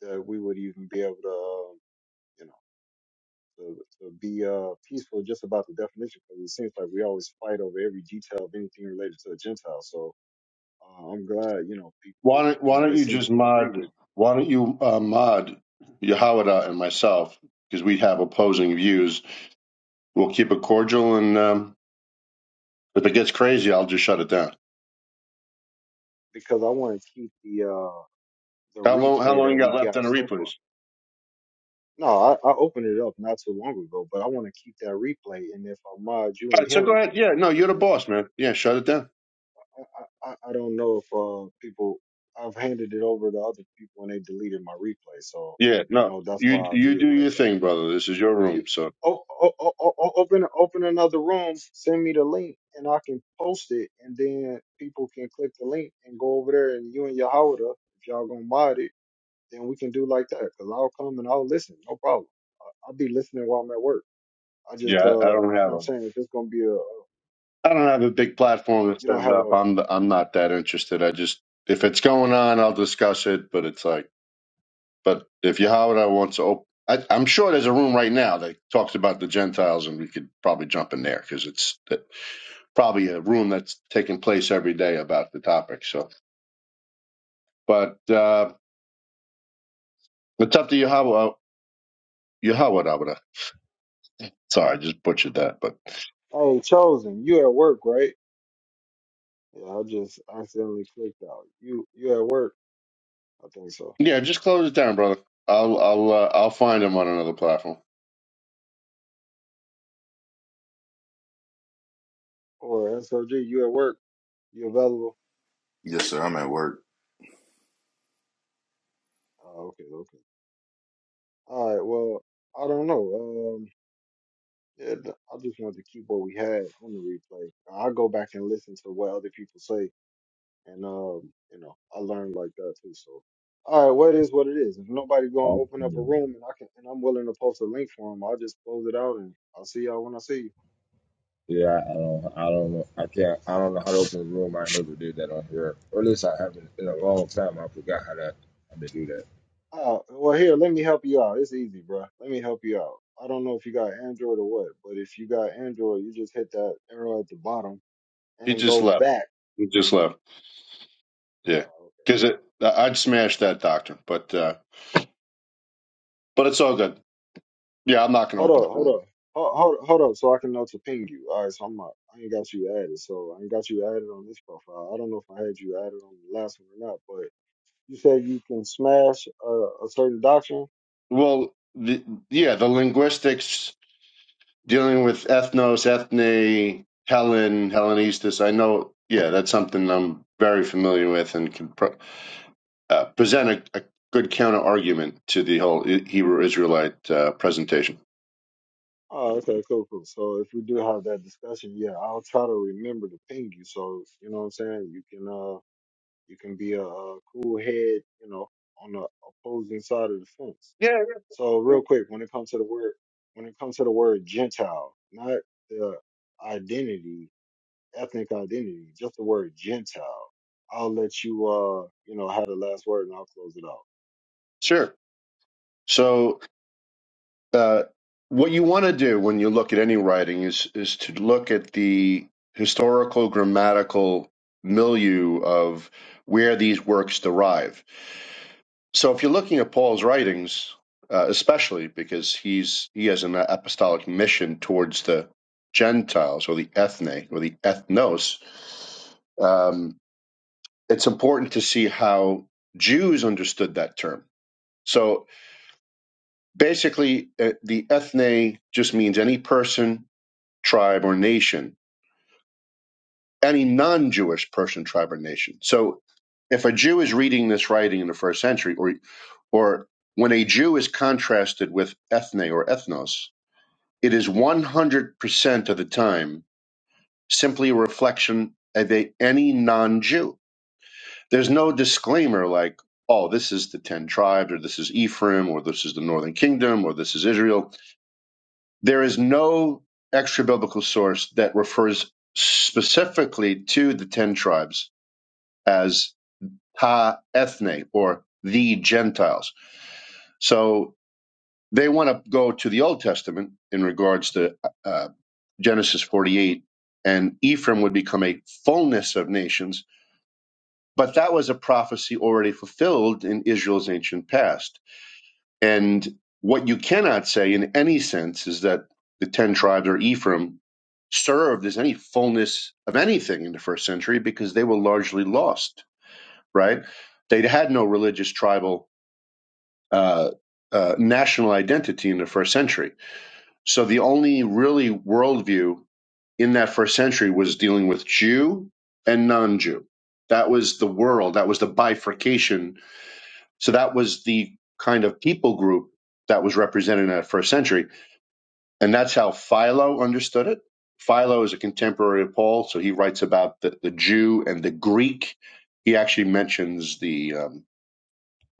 A: that we would even be able to. Uh, you know. to, to be uh, peaceful just about the definition because it seems like we always fight over every detail of anything related to a Gentile. So uh, I'm glad, you know, people,
N: Why don't
A: you
N: Why
A: know, they
N: don't you
A: seem
N: just
A: to agree
N: mod?
A: with
N: Why don't you uh, mod Yahawada and myself because we have opposing views. We'll keep it cordial, and um, if it gets crazy, I'll just shut it down.
A: me because I want to keep the uh, the
N: How long? How
A: replay
N: long
A: that
N: you
A: we
N: got left
A: got
N: on the
A: so far.
N: replays?
A: No, I, I opened it up not too long ago, but I want to keep that replay. And if I mod you
N: All
A: and
N: right, so go
A: him,
N: ahead. Yeah, no, you're the
A: then
N: boss, man. Yeah, shut it down.
A: I, I, I I don't know if uh, people, I've handed it over to other people and they deleted my replay. So,
N: Yeah,
A: you
N: no,
A: know, that's
N: you
A: why I
N: you
A: do it
N: do
A: like
N: your
A: that.
N: thing, brother. This is your
A: If
N: room,
A: you
N: so
A: o- o- o- o- open open another room, send me the link and I can post it, and then people can click the link and go over there, and you and your Yehoda, if y'all gonna mod it, then we can do like that. Cause I'll come and I'll listen, no problem. I- I'll be listening while I'm at work. I
N: yeah,
A: just uh,
N: I, I don't
A: you
N: have
A: know what I'm
N: a
A: saying. If it's gonna be a,
N: I don't have a big platform to
A: you don't
N: stand
A: have
N: up.
A: a,
N: I'm the, I'm not that interested. I just if it's going on, I'll discuss it. But it's like. But if Yahweh wants to open, I, I'm sure there's a room right now that talks about the Gentiles, and we could probably jump in there because it's that- probably a room that's taking place every day about the topic. So, but uh, it's up to Yahweh. Yahweh, sorry, I
A: yeah.
N: just butchered that. But
A: hey chosen, you at work, right? Yeah, I just accidentally clicked out. You you at work? I think so.
N: yeah, just close it down, brother. I'll I'll uh, I'll find him on another platform.
A: Or SOG, you at work? You available?
L: Yes, sir. I'm at work.
A: Oh, okay, okay. All right. Well, I don't know. Um, yeah, I just wanted to keep what we had on the replay. I go back and listen to what other people say, and um, you know, I learned like that too. So, all right. Well, it is what it is. If nobody's gonna open up a
M: Absolutely.
A: room, and I can, and I'm willing to post a link for them, I'll just close it out, and I'll see y'all when I see you.
M: Yeah, I don't, I don't know, I can't, I don't know how to open a room. I never did that on here, or at least I haven't in a long time. I forgot how to how to do that.
A: Uh, well, here, let me help you out. It's easy, bruh. Let me help you out. I don't know if you got Android or what, but if you got Android, you just hit that arrow at the bottom
N: He
A: and
N: just
A: go
N: left.
A: back.
N: He just left. Yeah,
A: uh,
N: because I'd smash that doctrine, but uh, but it's all good. Yeah, I'm not going to
A: Hold
N: open
A: up,
N: up a room.
A: hold up. Hold, hold, hold up, so I can know to ping you. All right, so I'm not, I ain't got you added, so I ain't got you added on this profile. I don't know if I had you added on the last one or not, but you said you can smash a, a certain doctrine.
N: Well, the, yeah, the linguistics dealing with ethnos, ethne, Helen, Hellenistus. I know, yeah, that's something I'm very familiar with and can pro- uh, present a, a good counter argument to the whole I- Hebrew Israelite uh, presentation.
A: Oh, okay, cool, cool. So if we do have that discussion, yeah, I'll try to remember to ping you. So you know what I'm saying? You can, uh, you can be a, uh cool head, you know, on the opposing side of the fence.
N: Yeah,
A: So
N: yeah,
A: real quick, when it comes to the word, when it comes to the word Gentile, not the identity ethnic identity, just the word Gentile. I'll let you, uh, you know, have the last word and I'll close it off.
N: sure. So, uh, what you want to do when you look at any writing is is to look at the historical grammatical milieu of where these works derive So if you're looking at Paul's writings, uh, especially because he's he has an apostolic mission towards the Gentiles or the ethne or the ethnos, um, it's important to see how Jews understood that term. So basically, uh, the ethne just means any person, tribe, or nation any non Jewish person, tribe, or nation. So if a Jew is reading this writing in the first century, or or when a Jew is contrasted with ethne or ethnos, it is 100% of the time simply a reflection of a, any non Jew. There's no disclaimer like, oh, this is the 10 tribes, or this is Ephraim, or this is the northern kingdom, or this is Israel. There is no extra biblical source that refers specifically to the 10 tribes as ha ethne or the Gentiles. So they want to go to the Old Testament in regards to uh, Genesis 48, and Ephraim would become a fullness of nations. But that was a prophecy already fulfilled in Israel's ancient past. And what you cannot say in any sense is that the 10 tribes or Ephraim served as any fullness of anything in the first century because they were largely lost, right? They had no religious tribal uh, uh, national identity in the first century. So the only really worldview in that first century was dealing with Jew and non Jew. That was the world, that was the bifurcation. So that was the kind of people group that was represented in that first century. And that's how Philo understood it. Philo is a contemporary of Paul, so he writes about the, the Jew and the Greek. He actually mentions the, um,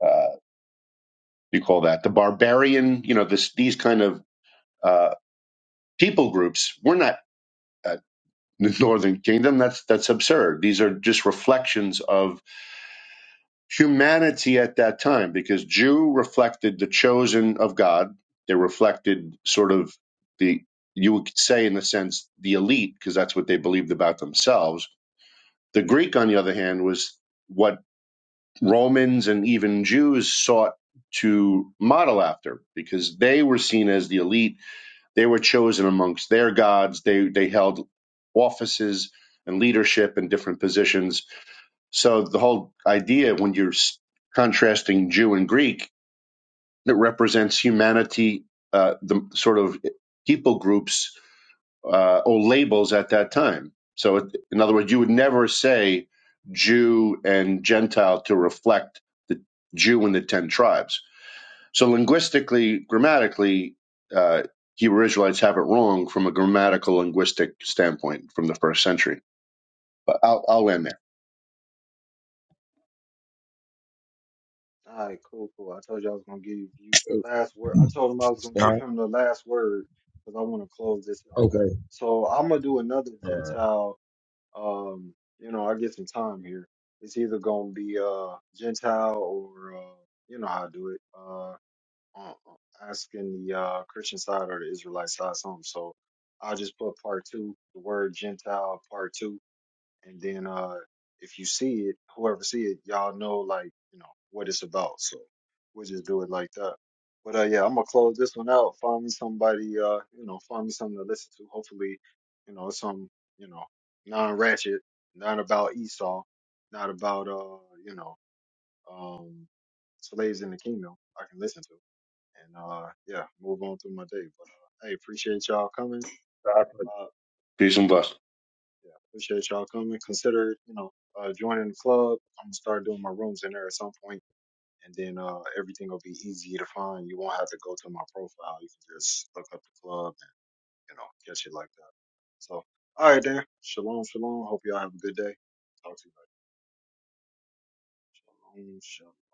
N: uh, what do you call that, the barbarian, you know, this, these kind of uh, people groups. We're not uh, the Northern Kingdom. That's that's absurd. These are just reflections of humanity at that time, because Jew reflected the chosen of God. They reflected sort of the you would say in a sense the elite, because that's what they believed about themselves. The Greek, on the other hand, was what Romans and even Jews sought to model after, because they were seen as the elite They were chosen amongst their gods. They they held offices and leadership in different positions. So the whole idea, when you're contrasting Jew and Greek, that represents humanity, uh, the sort of people groups uh, or labels at that time. So it, in other words, you would never say Jew and Gentile to reflect the Jew and the ten tribes so linguistically, grammatically, uh, Hebrew Israelites have it wrong from a grammatical linguistic standpoint from the first century. But I'll, I'll land there.
A: All right, cool, cool. I told you I was going to give you the last word. I told him I was going to
M: All
A: give
M: right.
A: him the last word because I want to close this out.
M: Okay.
A: So I'm going to do another
M: All right.
A: Gentile. Um, you know, I get some time here. It's either going to be uh, Gentile or, uh, you know how I do it. uh, um, asking the uh, Christian side or the Israelite side something. So I'll just put part two, the word Gentile, part two, and then uh, if you see it, whoever see it, y'all know like you know what it's about. So we'll just do it like that. But uh, yeah, I'm gonna close this one out. Find me somebody, uh, you know, find me something to listen to. Hopefully, you know, some, you know, non-ratchet, not about Esau, not about uh, you know, um, slaves in the kingdom. I can listen to and uh yeah, move on through my day. But uh, hey, appreciate y'all coming.
N: Exactly.
A: Uh
N: Peace and blessings.
A: yeah, appreciate y'all coming. Consider, you know, uh joining the club. I'm gonna start doing my rooms in there at some point and then uh everything will be easy to find. You won't have to go to my profile. You can just look up the club and you know, catch it like that. So all right then. Shalom, shalom. Hope y'all have a good day. Talk to you later. Shalom, shalom.